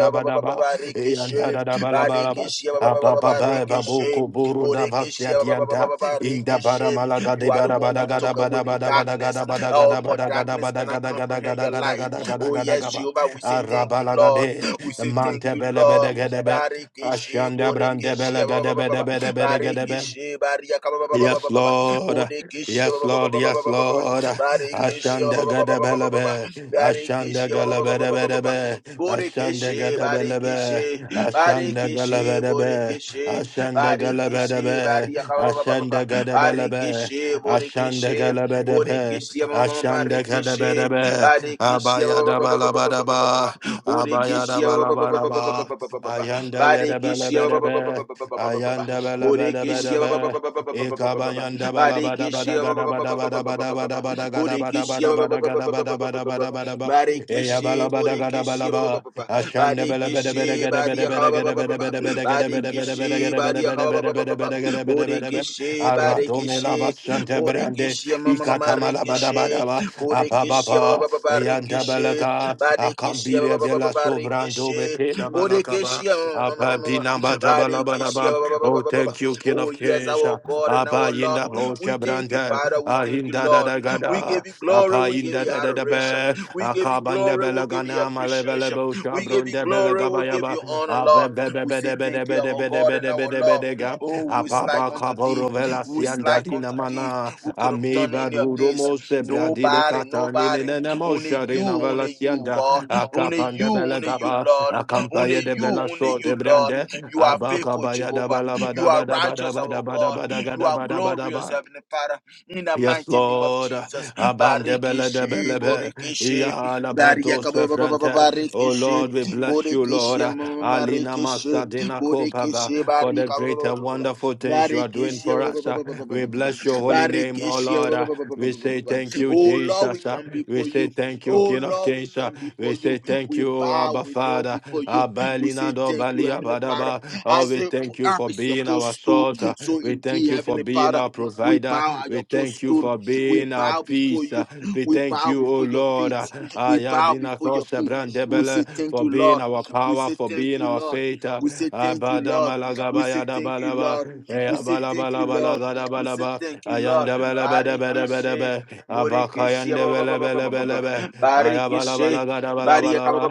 S2: Eyanda
S1: Barikishi,
S2: da da bala bala ba.
S1: Barikishi,
S2: Apa baba bababedeyadagadagadabadabadagadabadabadagadabadaba. Eyandadadabalabadaba.
S1: Barikishi, Borikishi,
S2: Apapabababokoborodavasiadianta. Inda bara
S1: Barikishi.
S2: malaga de
S1: You are the
S2: bara
S1: one
S2: bada
S1: who
S2: gada
S1: took
S2: bada
S1: away the
S2: bada bada
S1: darkness.
S2: gada bada
S1: Oh,
S2: gada
S1: for
S2: bada gada
S1: darkness
S2: bada
S1: cannot
S2: gada gada
S1: comprehend
S2: gada
S1: your
S2: gada
S1: light.
S2: gada gada
S1: Oh,
S2: gada
S1: yes,
S2: gaba.
S1: Jehovah, we say thank you,
S2: Arabalaga
S1: Lord.
S2: de
S1: We say thank
S2: mante
S1: you,
S2: bele
S1: Lord.
S2: bede gede be.
S1: Barikishi,
S2: Ashanda brande
S1: Borikishi,
S2: bele
S1: ba- ba- ba-
S2: gede
S1: ba- ba-
S2: bede
S1: ba-
S2: bede bede gede be.
S1: Barikishi, Baria, ba- ba- ba- ba- ba-
S2: Yes,
S1: ba- ba- ba.
S2: Lord.
S1: Borikishi, ba-
S2: Yes,
S1: ba- ba- ba-
S2: Lord.
S1: ba- ba-
S2: Yes,
S1: ba- ba- ba- ba.
S2: Lord.
S1: Barikishi, ba-
S2: Ashanda
S1: ba- ba- ba- ba-
S2: gada
S1: ba- ba- ba- ba- ba.
S2: belabe. Ashanda
S1: Barikishi, ba- ba-
S2: gala
S1: ba- ba- ba-
S2: bada
S1: ba- ba- ba-
S2: bada
S1: ba.
S2: be. Ashanda
S1: Borikishi,
S2: gada belabe.
S1: Barikishi,
S2: Ashanda gala
S1: Barikishi,
S2: bada be.
S1: Borikishi,
S2: Ashanda gala bada
S1: Barikishi,
S2: be.
S1: Bariaka, ba- ba- ba- ba- ba- ba.
S2: Ashanda gada belabe.
S1: Barikishi,
S2: Ashanda
S1: Borikishi,
S2: gala bada be.
S1: Borikishi, ma- ma- ma- ma-
S2: Ashanda gada
S1: Rikishi,
S2: bada be.
S1: Barikishi, ba-
S2: Abaya
S1: ba-
S2: da
S1: ba- ba- ba-
S2: bala
S1: ba- ba-
S2: bada
S1: ba- ba- ba- ba-
S2: ba.
S1: ba.
S2: Abaya da bala bada ba.
S1: Borikishi,
S2: Ayanda gada bela
S1: Badekishia
S2: bada be. Ayanda bela bada bada
S1: Bodekishia
S2: be. Ekabayanda bala bada bada
S1: Badekishia
S2: gada bada bada bada bada bada gada bada
S1: Bodekishia
S2: bada bada gada bada bada bada bada ba. Eya
S1: Badekishi
S2: bala bada gada
S1: Bodekishi
S2: bala ba. Ashanda bala bada bada
S1: Badekishi
S2: gada bada
S1: Badiaka
S2: bada gada bada bada bada gada
S1: Badekishi
S2: bada bada bada gada
S1: Badiaka
S2: bada bada bada bada bada gada bada bada ba.
S1: Bodekishi
S2: Arato mela
S1: Badekishi
S2: basanta brande.
S1: Bodekishi
S2: Ikata mala bada
S1: Marikishi
S2: bada ba. Apa
S1: Bodekishi
S2: baba. Eyanta bala ka.
S1: Barikishi Badekishi
S2: Akambire vela sobrando
S1: Barikishi
S2: bete da bala kaba.
S1: Bodekeshia, ma-
S2: Apa binamba da bala bala
S1: Badekeshia,
S2: ba. Oh, thank you, King
S1: Oh,
S2: of
S1: yes,
S2: Kings.
S1: our God and our
S2: Apa
S1: Lord.
S2: yinda
S1: We
S2: bosha
S1: thank you,
S2: branda.
S1: Father. We thank you,
S2: Ahinda da
S1: Lord.
S2: da
S1: We
S2: gada.
S1: give you glory.
S2: Apa
S1: We give
S2: yinda
S1: you
S2: da da da
S1: adoration.
S2: be.
S1: We give you
S2: Akabanda
S1: glory. We
S2: bela
S1: give you
S2: gana malevele
S1: appreciation.
S2: bosha
S1: We give you
S2: brunda bela
S1: glory. We give
S2: gabayaba.
S1: you honor,
S2: Abe
S1: Lord.
S2: be be
S1: We
S2: be
S1: say
S2: de be de
S1: thank you, our
S2: be de
S1: God
S2: be
S1: and
S2: de
S1: our
S2: be de be de be
S1: Lord.
S2: de
S1: Oh, who is like
S2: ga
S1: unto thee?
S2: kaboro
S1: Who is
S2: sianda
S1: like unto thee?
S2: dinamana
S1: Who could have done
S2: ameba
S1: any of
S2: duromo
S1: this?
S2: sebra di de
S1: Nobody,
S2: katani ne
S1: nobody.
S2: ne mo
S1: Only you,
S2: sharina vela
S1: only you,
S2: sianda
S1: God. Only
S2: akapande
S1: you,
S2: bele
S1: only you,
S2: gaba
S1: Lord.
S2: akampaye
S1: Only
S2: de
S1: you,
S2: bela
S1: only
S2: so de
S1: you, Lord.
S2: brande
S1: You are faithful,
S2: abakabaya da
S1: Jehovah.
S2: bala
S1: You
S2: bada
S1: are
S2: bada bada
S1: righteous,
S2: bada
S1: our
S2: bada
S1: God.
S2: bada
S1: You are
S2: bada
S1: glorious,
S2: bada
S1: Heavenly Father. In the
S2: Yes,
S1: mighty name of
S2: Lord.
S1: Jesus.
S2: Abandebele
S1: Barikishe,
S2: debelebe.
S1: Borikishe,
S2: Iyala
S1: Barikishe,
S2: bato sefrente. Oh Lord, we bless you, Lord.
S1: Borikishe,
S2: Alina
S1: Marikishe,
S2: Masadina Kopaba
S1: Borikishe,
S2: for the
S1: Barika,
S2: great and wonderful things you are doing for us. We bless your
S1: Barikishe,
S2: holy name, oh
S1: Barikishe.
S2: Lord. We say thank you,
S1: Oh Lord, we
S2: Jesus.
S1: come
S2: We
S1: before
S2: say
S1: you.
S2: thank you,
S1: Oh
S2: King of
S1: Lord, we
S2: Kings.
S1: come
S2: We
S1: before you.
S2: say thank
S1: We
S2: you,
S1: bow,
S2: Abba
S1: we kneel
S2: Father.
S1: before you. We
S2: Abalina
S1: say
S2: do
S1: thank you,
S2: balia
S1: Heavenly Father.
S2: badaba. Oh,
S1: As
S2: we
S1: the
S2: thank you
S1: earth
S2: for
S1: is your
S2: being our
S1: footstool,
S2: source. uh,
S1: so
S2: We thank
S1: indeed,
S2: you for
S1: Heavenly
S2: being
S1: Father,
S2: our
S1: we
S2: provider.
S1: bow at
S2: We
S1: your
S2: thank you
S1: footstool.
S2: for
S1: We
S2: being our
S1: bow before
S2: peace. uh,
S1: you.
S2: We
S1: We
S2: thank
S1: bow
S2: you, O
S1: before your
S2: Lord.
S1: feet.
S2: uh,
S1: We bow
S2: Ayadina
S1: before your
S2: kose
S1: feet. We say
S2: brandebele,
S1: thank
S2: For
S1: you,
S2: being
S1: Lord.
S2: our
S1: We
S2: power,
S1: say
S2: for
S1: thank
S2: being
S1: you,
S2: our
S1: Lord.
S2: faith. uh,
S1: We say thank you,
S2: Abadama
S1: Lord. We
S2: lagaba
S1: say thank you,
S2: yadabalaba.
S1: Lord. We say thank
S2: Ayandabala
S1: you, Lord. We say thank you, Lord.
S2: bada bada bada
S1: Barikishe.
S2: bada.
S1: Borikishe. ba-
S2: Abakayandabala bala bala
S1: Barikishe. Baria kaba
S2: Ayabalabalagadabalaba.
S1: ba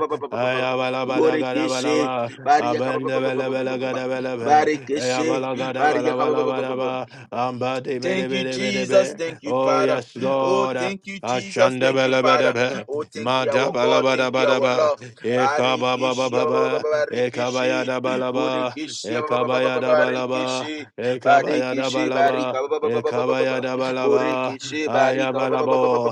S1: Borekeshe.
S2: Ayabalabadagadabalaba.
S1: Baria kaba
S2: Abendebelebelegadabelebe.
S1: Barekeshe. Baria kaba
S2: Ayabalagadabalabalabalaba.
S1: Thank you, Jesus.
S2: Ambadibidibidibidi.
S1: Thank you,
S2: Oh,
S1: Father.
S2: yes,
S1: Oh,
S2: Lord.
S1: thank you, Jesus.
S2: Ashanda
S1: Thank you,
S2: bala
S1: Father.
S2: bada ba,
S1: Oh, thank you,
S2: mada
S1: our
S2: bala
S1: God.
S2: bada
S1: Thank you,
S2: bada
S1: our
S2: ba,
S1: Lord.
S2: eka ba ba ba
S1: Barikishi,
S2: ba ba, eka ba ya
S1: barikishi,
S2: da bala ba,
S1: burikishi,
S2: eka ba ya da bala ba,
S1: barikishi,
S2: eka ba ya da
S1: barikishi,
S2: bala ba,
S1: barika,
S2: eka ba ya da bala ba,
S1: burikishi,
S2: aya
S1: barika,
S2: bala bo,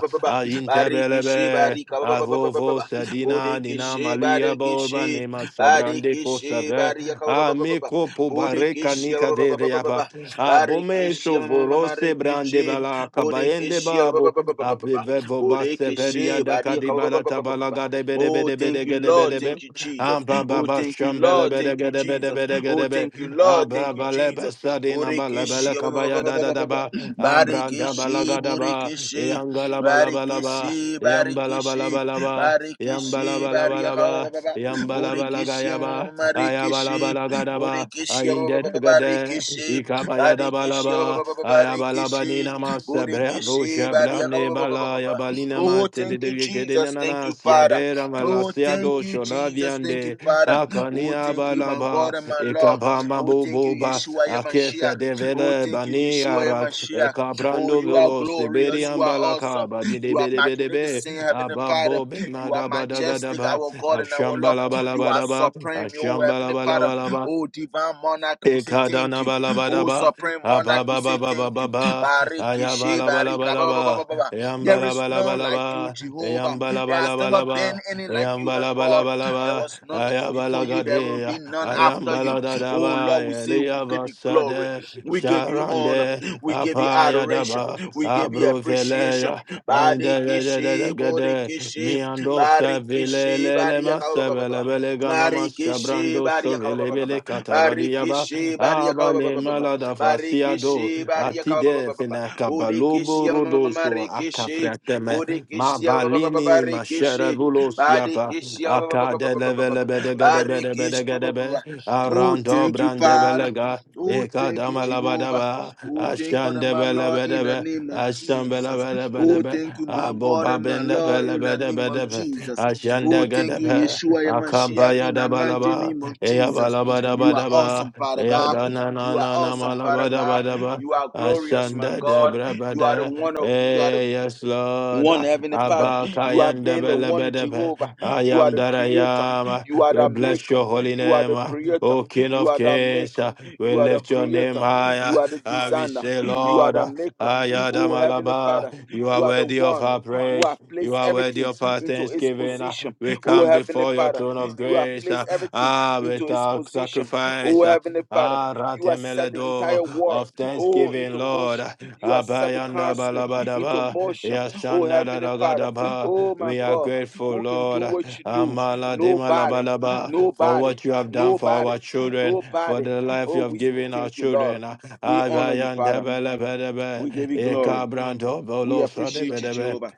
S1: barikishi,
S2: intebelebe,
S1: barika,
S2: Avovo Sedina, Nina
S1: burikishi,
S2: Malia Boba,
S1: barikishi,
S2: Nema Sabrande
S1: barikishi,
S2: Kosave,
S1: barika,
S2: Amiko Pobareka Nika de
S1: burikishi,
S2: Reapa, Abome
S1: Barikishi
S2: Shovorose Brande
S1: Marikishi
S2: Bala, Kabayende
S1: Bodekishi
S2: Babo, Apivevo Basse Peria
S1: Bodekishi
S2: da Cadibala
S1: Barika
S2: Tabalaga de Bede
S1: Oh
S2: Bede
S1: thank
S2: Bede
S1: you Lord
S2: Gede
S1: thank you Jesus Oh
S2: Ambaba
S1: thank you
S2: shambele
S1: Lord
S2: bede
S1: thank you
S2: gede bede
S1: Jesus
S2: bede
S1: Oh
S2: gede be.
S1: thank you Lord thank you
S2: Ababa lebe
S1: Jesus
S2: sadi namba lebele
S1: Bodekishi
S2: kabaya da da da ba. Ambranda
S1: Barikishi
S2: balaga da ba.
S1: Bodekishi
S2: Yangala balabala ba.
S1: Barikishi
S2: Yambala
S1: Barikishi
S2: balabala ba. Yambala
S1: Barikishi
S2: balabala ba.
S1: Barika
S2: Yambala balaga
S1: Bodekishi
S2: ya ba. Ayabala
S1: Marikishi
S2: balaga da ba.
S1: Bodekishi
S2: Ayinde de gede.
S1: Barikishi
S2: Ikabaya da
S1: Barikishi,
S2: balaba.
S1: Barikishi,
S2: Ayabalabanina masa brevo
S1: Burikishi,
S2: shablane bala
S1: Bariaka.
S2: yabalina
S1: Oh,
S2: mate de
S1: thank you,
S2: yekedina
S1: Jesus. Thank you,
S2: nanas
S1: Father.
S2: yadera
S1: Oh,
S2: malasia
S1: thank
S2: do
S1: you,
S2: shola
S1: Jesus. Thank you,
S2: viande
S1: Father. Oh,
S2: akania
S1: thank you, my
S2: balaba
S1: God and my Lord.
S2: ekabama
S1: Oh, thank you,
S2: boboba
S1: Yeshua, your Mashiach.
S2: akesa de
S1: Oh,
S2: vele
S1: thank you,
S2: bani
S1: Yeshua, your
S2: ara
S1: Mashiach. Oh,
S2: ekabrando
S1: you are
S2: velo
S1: glorious.
S2: siberian
S1: You are awesome.
S2: balakaba bide
S1: You are
S2: bide bide be
S1: magnificent, Heavenly Father.
S2: ababo be
S1: You are
S2: madaba
S1: majestic,
S2: dagadaba
S1: our God and our Lord.
S2: ashambala
S1: You
S2: balaba
S1: are
S2: daba
S1: supreme, oh Heavenly Father.
S2: ashambala
S1: Oh, divine monarch, we say thank
S2: Ekadana
S1: you. Oh,
S2: Ekadanabalabadaba,
S1: Supreme Monarch, we say thank you.
S2: ababababababa,
S1: Barikishe, barika, ba, ba, ba,
S2: ayabalabalabalaba,
S1: ba, ba, ba. There is none like
S2: eyambalabalabalaba,
S1: you, Jehovah. There has never
S2: eyambalabalabalaba,
S1: been any like you, my God.
S2: eyambalabalabalaba,
S1: There was none before you, there will
S2: ayabalagadeya,
S1: be none after you. Oh,
S2: ayambaladadaba,
S1: Lord, we say we give you glory.
S2: eliyavasade,
S1: We give you honor.
S2: sharande,
S1: We give you adoration.
S2: apayadaba,
S1: We give you appreciation.
S2: abruveleya,
S1: Barikishe,
S2: andedededegede,
S1: borikishe,
S2: Mi ando se vile
S1: barikishe,
S2: le le
S1: barika,
S2: ma
S1: ba,
S2: sa
S1: ba, ba, ba,
S2: bele
S1: ba.
S2: bele gana ma sa
S1: Barikishe,
S2: brando so
S1: barika, ba, ba,
S2: vile
S1: ba, ba, ba.
S2: bele katabadi yaba
S1: Barikishi Bariaka
S2: aba ne malada fasia do
S1: Barikishi Bariaka
S2: atide fina kabalobo
S1: Budikishi
S2: rodoso
S1: Marikishi
S2: akafreteme ma
S1: Budikishi
S2: balini ma
S1: Barikishi
S2: shere vulo siapa
S1: Badikishi
S2: akade levele bede gede bede
S1: Barikishi
S2: bede gede be
S1: Oh
S2: arando
S1: thank you
S2: brande
S1: Father
S2: belega
S1: Oh thank you
S2: ekadama
S1: Jehovah
S2: labadaba
S1: Oh thank God and
S2: ashande
S1: my
S2: bele
S1: Lord in
S2: bede
S1: the
S2: be
S1: name of
S2: ashambele
S1: Jesus
S2: bele bede
S1: Oh
S2: be
S1: thank you my God
S2: Aboba
S1: and my
S2: benda
S1: Lord
S2: bela
S1: in the
S2: beda
S1: name of
S2: beda be.
S1: Jesus Oh,
S2: Ashanda
S1: thank
S2: gada
S1: you,
S2: be.
S1: Yeshua, your
S2: Akaba ya
S1: in
S2: da
S1: the mighty
S2: balaba.
S1: name of
S2: Eya
S1: Jesus.
S2: balaba da
S1: You are
S2: bada ba.
S1: awesome, Father
S2: Eya
S1: God.
S2: da na na
S1: You are
S2: na na
S1: awesome, Father
S2: malaba da
S1: God.
S2: bada ba.
S1: You are glorious, my
S2: Ashanda de
S1: God.
S2: bra
S1: You are the
S2: bada.
S1: one of you are the
S2: Eh, yes, Lord.
S1: one Heavenly Father, you have
S2: Abakayanda
S1: been the one
S2: belebedebe.
S1: Jehovah.
S2: I
S1: You are
S2: am
S1: the
S2: that I
S1: creator.
S2: am.
S1: You are
S2: We
S1: the
S2: bless
S1: maker.
S2: your holy
S1: You are
S2: name.
S1: the creator.
S2: O King
S1: You
S2: of
S1: are the
S2: Kings,
S1: maker.
S2: we
S1: You are the
S2: lift your name
S1: creator. You
S2: higher.
S1: are the
S2: Ah, We
S1: designer.
S2: say,
S1: You are
S2: Lord,
S1: the maker. Oh Heavenly
S2: Ayadamalaba,
S1: Father,
S2: you are
S1: you are the
S2: worthy of
S1: one
S2: our
S1: who have
S2: praise. You
S1: placed
S2: are worthy
S1: everything
S2: of our
S1: into its
S2: thanksgiving. Uh,
S1: position.
S2: We
S1: Oh
S2: come
S1: Heavenly
S2: before your
S1: Father,
S2: throne of
S1: you have
S2: grace uh,
S1: placed everything
S2: ah,
S1: into
S2: with
S1: its
S2: our
S1: position. Oh
S2: sacrifice. uh,
S1: Heavenly Father,
S2: Ah,
S1: you have set the
S2: ratemeledo
S1: entire world
S2: of
S1: oh
S2: thanksgiving,
S1: into
S2: Lord. Uh,
S1: motion. You have set the
S2: Abayanda
S1: cosmic into
S2: balabadaba,
S1: motion. Oh,
S2: yashanda
S1: Heavenly Father,
S2: dadagadaba.
S1: oh my
S2: We are
S1: God,
S2: grateful,
S1: who can do
S2: Lord. uh,
S1: what you do?
S2: Amala
S1: Nobody,
S2: demalabalaba, for
S1: nobody,
S2: what you have done for
S1: nobody,
S2: our children, for
S1: nobody.
S2: the life you
S1: Oh,
S2: have
S1: we say
S2: given our
S1: thank you, Lord.
S2: children. Uh,
S1: We honor you,
S2: Abayanda
S1: Father.
S2: balabadaba,
S1: We give you glory.
S2: ekabrando
S1: We
S2: bolosa
S1: appreciate you,
S2: debedebe.
S1: Jehovah.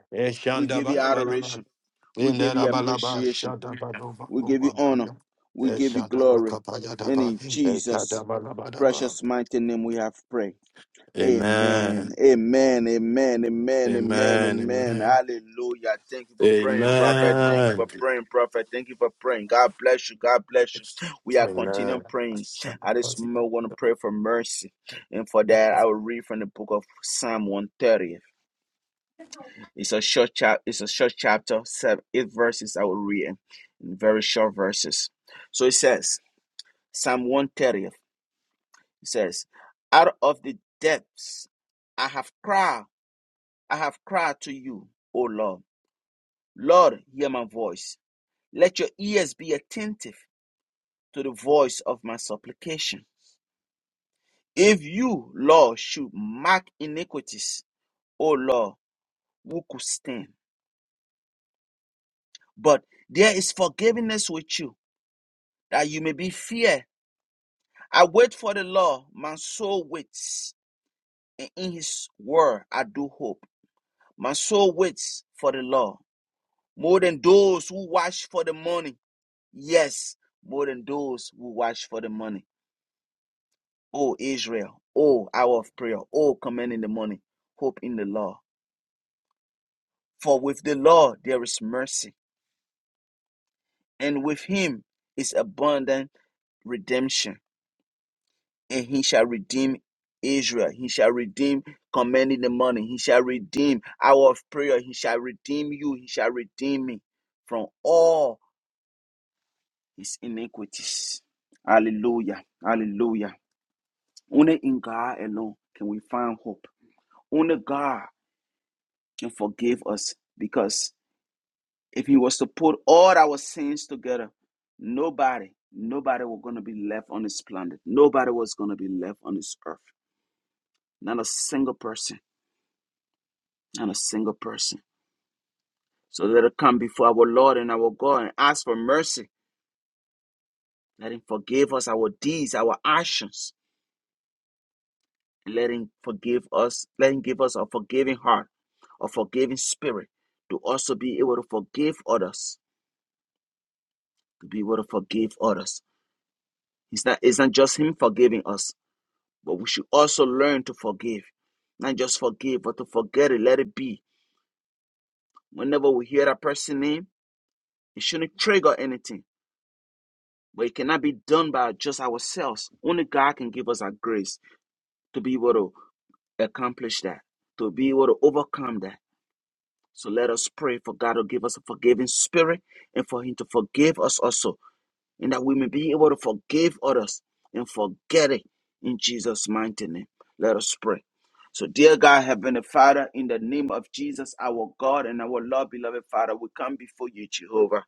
S1: We give you
S2: Eshandabalabadaba.
S1: adoration. We give you
S2: Inderabalaba.
S1: appreciation. We give you honor.
S2: Shadabadobakobabada.
S1: We give you glory. And
S2: Eshadabakapayadaba.
S1: in Jesus'
S2: Ekadabalabadaba.
S1: precious mighty name we have prayed. Amen.
S2: Amen.
S1: Amen. Amen. Amen. Amen.
S2: Amen.
S1: Amen. Hallelujah. Thank you for
S2: Amen.
S1: praying, prophet. Thank you
S2: Amen.
S1: for praying, prophet. Thank you for praying. God bless you. God bless you. We are continuing
S2: Amen.
S1: praying. At this moment, we want to pray for mercy. And for that, I will read from the book of Psalm 130. It's a short chap it's a short chapter, seven eight verses I will read in in very short verses. So it says, Psalm 130. It says, Out of the depths I have cried I have cried to you, O Lord. Lord, hear my voice. Let your ears be attentive to the voice of my supplication. If you, Lord, should mark iniquities, O Lord, who could stand? But there is forgiveness with you, that you may be feared. I wait for the Lord, my soul waits, and in his word I do hope. My soul waits for the Lord, more than those who watch for the morning. Yes, more than those who watch for the money. O Israel, O hour of prayer, O command in the morning, hope in the law. For with the law there is mercy, and with him is abundant redemption. And he shall redeem Israel. He shall redeem commanding the morning. He shall redeem hour of prayer. He shall redeem you. He shall redeem me from all his iniquities. Hallelujah. Hallelujah. Only in God alone can we find hope. Only God can forgive us because if He was to put all our sins together, nobody, nobody was going to be left on this planet. Nobody was going to be left on this earth. Not a single person. Not a single person. So let us come before our Lord and our God and ask for mercy. Let Him forgive us our deeds, our actions. And let Him forgive us. Let Him give us a forgiving heart, a forgiving spirit to also be able to forgive others, to be able to forgive others. It's not, it's not just Him forgiving us, but we should also learn to forgive. Not just forgive, but to forget it, let it be. Whenever we hear that person's name, it shouldn't trigger anything. But it cannot be done by just ourselves. Only God can give us that grace to be able to accomplish that, to be able to overcome that. So let us pray for God to give us a forgiving spirit and for Him to forgive us also and that we may be able to forgive others and forget it in Jesus' mighty name. Let us pray. So, dear God, Heavenly Father, in the name of Jesus, our God and our Lord, beloved Father, we come before you, Jehovah.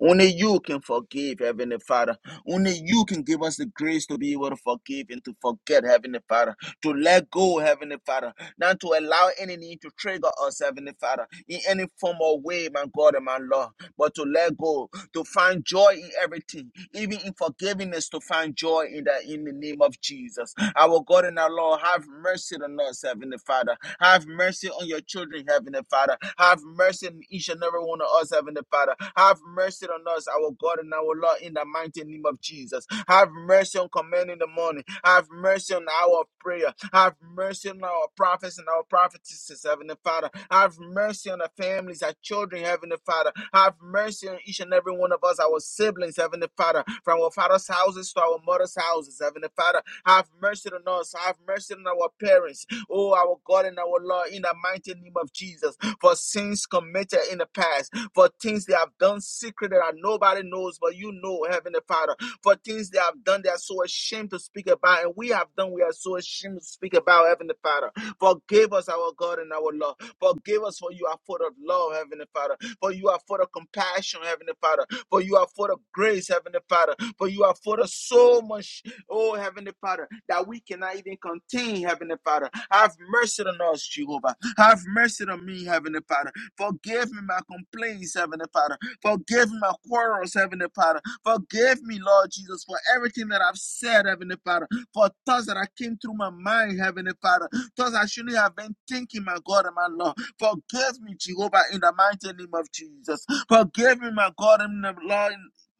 S1: Only you can forgive, Heavenly Father. Only you can give us the grace to be able to forgive and to forget, Heavenly Father. To let go, Heavenly Father. Not to allow any need to trigger us, Heavenly Father, in any form or way, my God and my Lord. But to let go, to find joy in everything, even in forgiveness, to find joy in that in the name of Jesus. Our God and our Lord, have mercy on us, Heavenly Father. Have mercy on on your children, Heavenly Father. Have mercy on each and every one of us, Heavenly Father. Have mercy on us, our God and our Lord, in the mighty name of Jesus. Have mercy on command in the morning. Have mercy on our prayer. Have mercy on our prophets and our prophetesses, Heavenly Father. Have mercy on the families, our children, Heavenly Father. Have mercy on each and every one of us, our siblings, Heavenly Father, from our father's houses to our mother's houses, Heavenly Father. Have mercy on us. Have mercy on our parents oh our God and our Lord, in the mighty name of Jesus, for sins committed in the past, for things they have done secret that nobody knows, but you know, Heavenly Father, for things they have done they are so ashamed to speak about, and we have done we are so ashamed to speak about, Heavenly Father. Forgive us, our God and our Lord. Forgive us, for you are full of love, Heavenly Father. For you are full of compassion, Heavenly Father. For you are full of grace, Heavenly Father. For you are full of so much. Oh, Heavenly Father, that we cannot even contain, Heavenly Father. Have mercy on us, Jehovah. Have mercy on me, Heavenly Father. Forgive me my complaints, Heavenly Father. Forgive me my quarrels, Heavenly Father. Forgive me, Lord Jesus, for everything that I've said, Heavenly Father. For thoughts that I came through my mind, Heavenly Father. Thoughts I shouldn't have been thinking, my God and my Lord. Forgive me, Jehovah, in the mighty name of Jesus. Forgive me, my God and my Lord.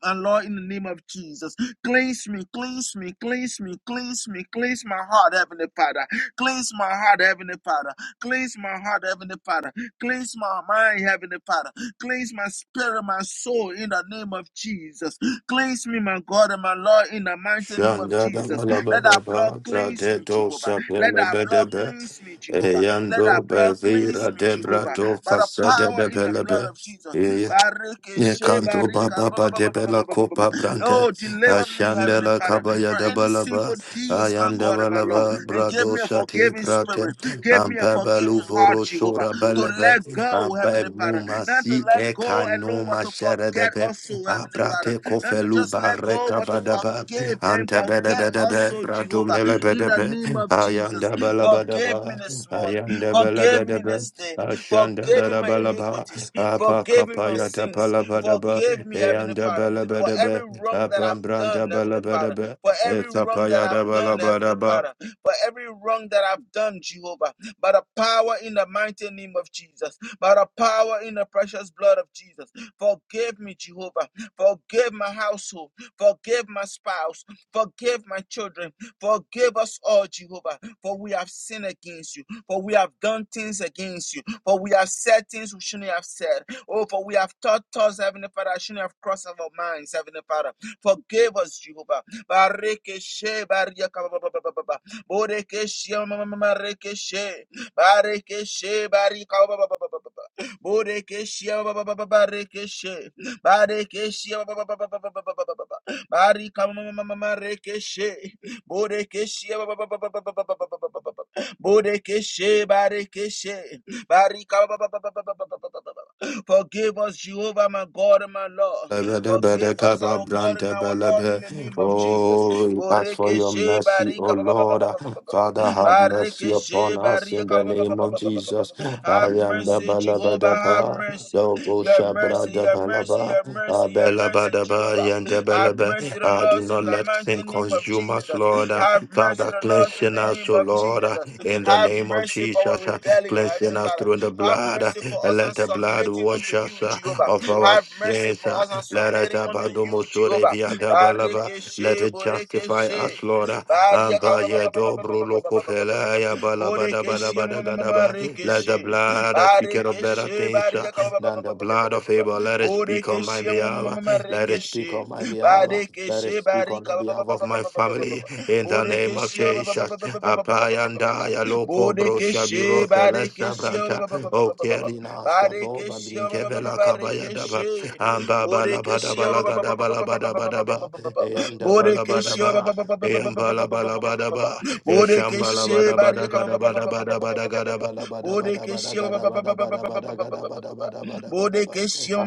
S1: And Lord, in the name of Jesus. Cleanse me, cleanse me, cleanse me, cleanse me, cleanse my heart, Heavenly Father. Cleanse my heart, Heavenly Father. Cleanse my heart, Heavenly Father. Cleanse my mind, Heavenly Father. Cleanse my spirit, my soul, in the name of Jesus. Cleanse me, my God and my Lord, in the mighty name of Jesus. Let that
S2: Shandadabalabadaba.
S1: blood cleanse me,
S2: Bradedo
S1: Jehovah. Let that blood
S2: sabelebedebe.
S1: cleanse me, Jehovah. Let that
S2: Eyando
S1: blood cleanse
S2: bevira
S1: me, Jehovah.
S2: debrato
S1: By the
S2: kasede
S1: power in the blood
S2: debelebe.
S1: of Jesus. Barikeshe
S2: Ekanto
S1: barika.
S2: baba ba debela kopa brante
S1: Oh, deliver me, Heavenly
S2: ashandela
S1: Father,
S2: kabaya
S1: from any
S2: dabalaba
S1: sinful deeds, my
S2: ayanda
S1: God and my Lord,
S2: balaba
S1: and give
S2: brado
S1: me a
S2: sate
S1: forgiving
S2: prate
S1: spirit. Give me a
S2: ampebalu
S1: forgiving heart,
S2: voro
S1: Jehovah,
S2: sora
S1: to
S2: belebe
S1: let go,
S2: ampe
S1: Heavenly Father. Not to
S2: mumasi
S1: let go alone,
S2: ekano
S1: but to
S2: mashere
S1: forget
S2: debe
S1: also, Heavenly Father.
S2: abrate
S1: Not to
S2: kofelu
S1: just let go,
S2: bareka
S1: but to
S2: badaba
S1: forgive and
S2: ante bede
S1: forget
S2: bede be
S1: also,
S2: brado
S1: Jehovah,
S2: mele
S1: in
S2: bede
S1: the
S2: be
S1: name of Jesus.
S2: ayanda balaba
S1: Forgive me
S2: daba
S1: this morning. Forgive me
S2: ayanda
S1: this day.
S2: Ashanda
S1: Forgive
S2: da
S1: me
S2: da
S1: my
S2: balaba,
S1: iniquities.
S2: apa
S1: Forgive me my
S2: kapaya da
S1: sins.
S2: balaba da ba,
S1: Forgive me, Heavenly
S2: eanda
S1: Father
S2: balaba
S1: for
S2: da ba,
S1: every wrong that I've
S2: apam
S1: done,
S2: branda
S1: Heavenly
S2: balaba da
S1: Father,
S2: ba,
S1: for every wrong that
S2: ekapaya da
S1: I've done,
S2: balaba da
S1: Heavenly
S2: ba.
S1: Father, for every wrong that I've done, Jehovah, by the power in the mighty name of Jesus, by the power in the precious blood of Jesus. Forgive me, Jehovah. Forgive my household. Forgive my spouse. Forgive my children. Forgive us all, Jehovah, for we have sinned against you, for we have done things against you, for we have said things we shouldn't have said. Oh, for we have taught us, Heavenly Father, I shouldn't have crossed our minds, Heavenly Father. Forgive us, Jehovah. Barikeshe, bariyaka, ba- ba- ba- ba- ba- ba. Borekeshe, ma- ma- ma- ma- rekeshe. Barikeshe, barika, ba- ba- ba- ba- ba- ba- ba. Borekeshe, ba- ba- ba- ba- ba- rekeshe. Barikeshe, ba- ba- ba- ba- ba- ba- ba- ba- ba- ba- ba. Barika, ma- ma- ma- ma- ma- rekeshe. Borekeshe, ba- ba- ba- ba- ba- ba- ba- ba- ba- ba- ba- ba- ba. Borekeshe, barikeshe. Barika, ba- ba- ba- ba- ba- ba- ba- ba- ba- ba- ba- ba. Forgive us, Jehovah, my God and my Lord.
S2: Bada
S1: Forgive
S2: bada
S1: us,
S2: kaba
S1: our God and
S2: branda
S1: our Lord,
S2: balaba.
S1: in the name of Jesus.
S2: Oh, we ask for your
S1: Borekeshe
S2: mercy, O
S1: barika ba- ba- ba- ba- ba-
S2: Lord.
S1: ba- ba- ba- ba-
S2: Father,
S1: ba.
S2: have mercy upon
S1: Barekeshe
S2: us
S1: barika
S2: in the
S1: ba- ba- ba- ba-
S2: name
S1: ba-
S2: of
S1: ba- ba- ba- ba.
S2: Jesus.
S1: ba. Have
S2: Arianda
S1: mercy, Jehovah, have
S2: balabadapa,
S1: mercy.
S2: Dovo
S1: Your mercy,
S2: shabrada
S1: your mercy,
S2: balaba,
S1: your mercy, your mercy,
S2: Abelabadaba,
S1: Jehovah.
S2: yanda
S1: Have
S2: balaba.
S1: mercy on
S2: Ah, Do
S1: us
S2: not
S1: in the
S2: let sin
S1: mighty name of
S2: consume us,
S1: Jesus.
S2: Lord. Ah,
S1: Have mercy
S2: Father,
S1: on us in
S2: cleansing
S1: the
S2: us,
S1: name
S2: O
S1: of
S2: Lord, ah,
S1: Jesus.
S2: in the
S1: Have
S2: name of
S1: mercy for our
S2: Jesus. ah,
S1: rebellion,
S2: Cleansing
S1: Heavenly
S2: us
S1: Father.
S2: through the
S1: Have
S2: blood. ah,
S1: mercy for
S2: and
S1: us
S2: Let
S1: and
S2: the blood
S1: submitting
S2: wash
S1: unto
S2: us
S1: you,
S2: ah,
S1: Jehovah.
S2: of our
S1: Have mercy
S2: sins.
S1: for
S2: ah.
S1: us and
S2: Let us
S1: submitting unto you,
S2: abadomosore
S1: Jehovah.
S2: via dabalaba. Let
S1: Barikeshe,
S2: it justify us,
S1: Borekeshe.
S2: Lord.
S1: Bariaka,
S2: Amba ya dobro loko fela ya bala bada bada
S1: Borekeshe,
S2: bada
S1: ma-
S2: gada ba. Let the blood that speaketh of better
S1: Barikeshe,
S2: things uh,
S1: Bariaka,
S2: than the blood of Abel. Let it speak on my
S1: Borekeshe, ma-
S2: behalf. uh, Let it speak on my behalf. uh, Let it
S1: Barikeshe,
S2: speak on
S1: Barika,
S2: the
S1: ba-
S2: behalf of my family. In the name of Jesus. Apayanda ya loko bro
S1: Bodekeshe,
S2: shabiro fela
S1: Badekeshe,
S2: sabranta. O kerina sabo
S1: Badekeshe,
S2: babrinke vela kabaya daba.
S1: Badekeshe,
S2: Amba bala bada
S1: Bodekeshe, Bodekeshe,
S2: bala gada bala bada bada ba. Eyanda bala bada
S1: Bodekeshe,
S2: ba.
S1: Badekeshe, Bodekeshe, Bodekeshe,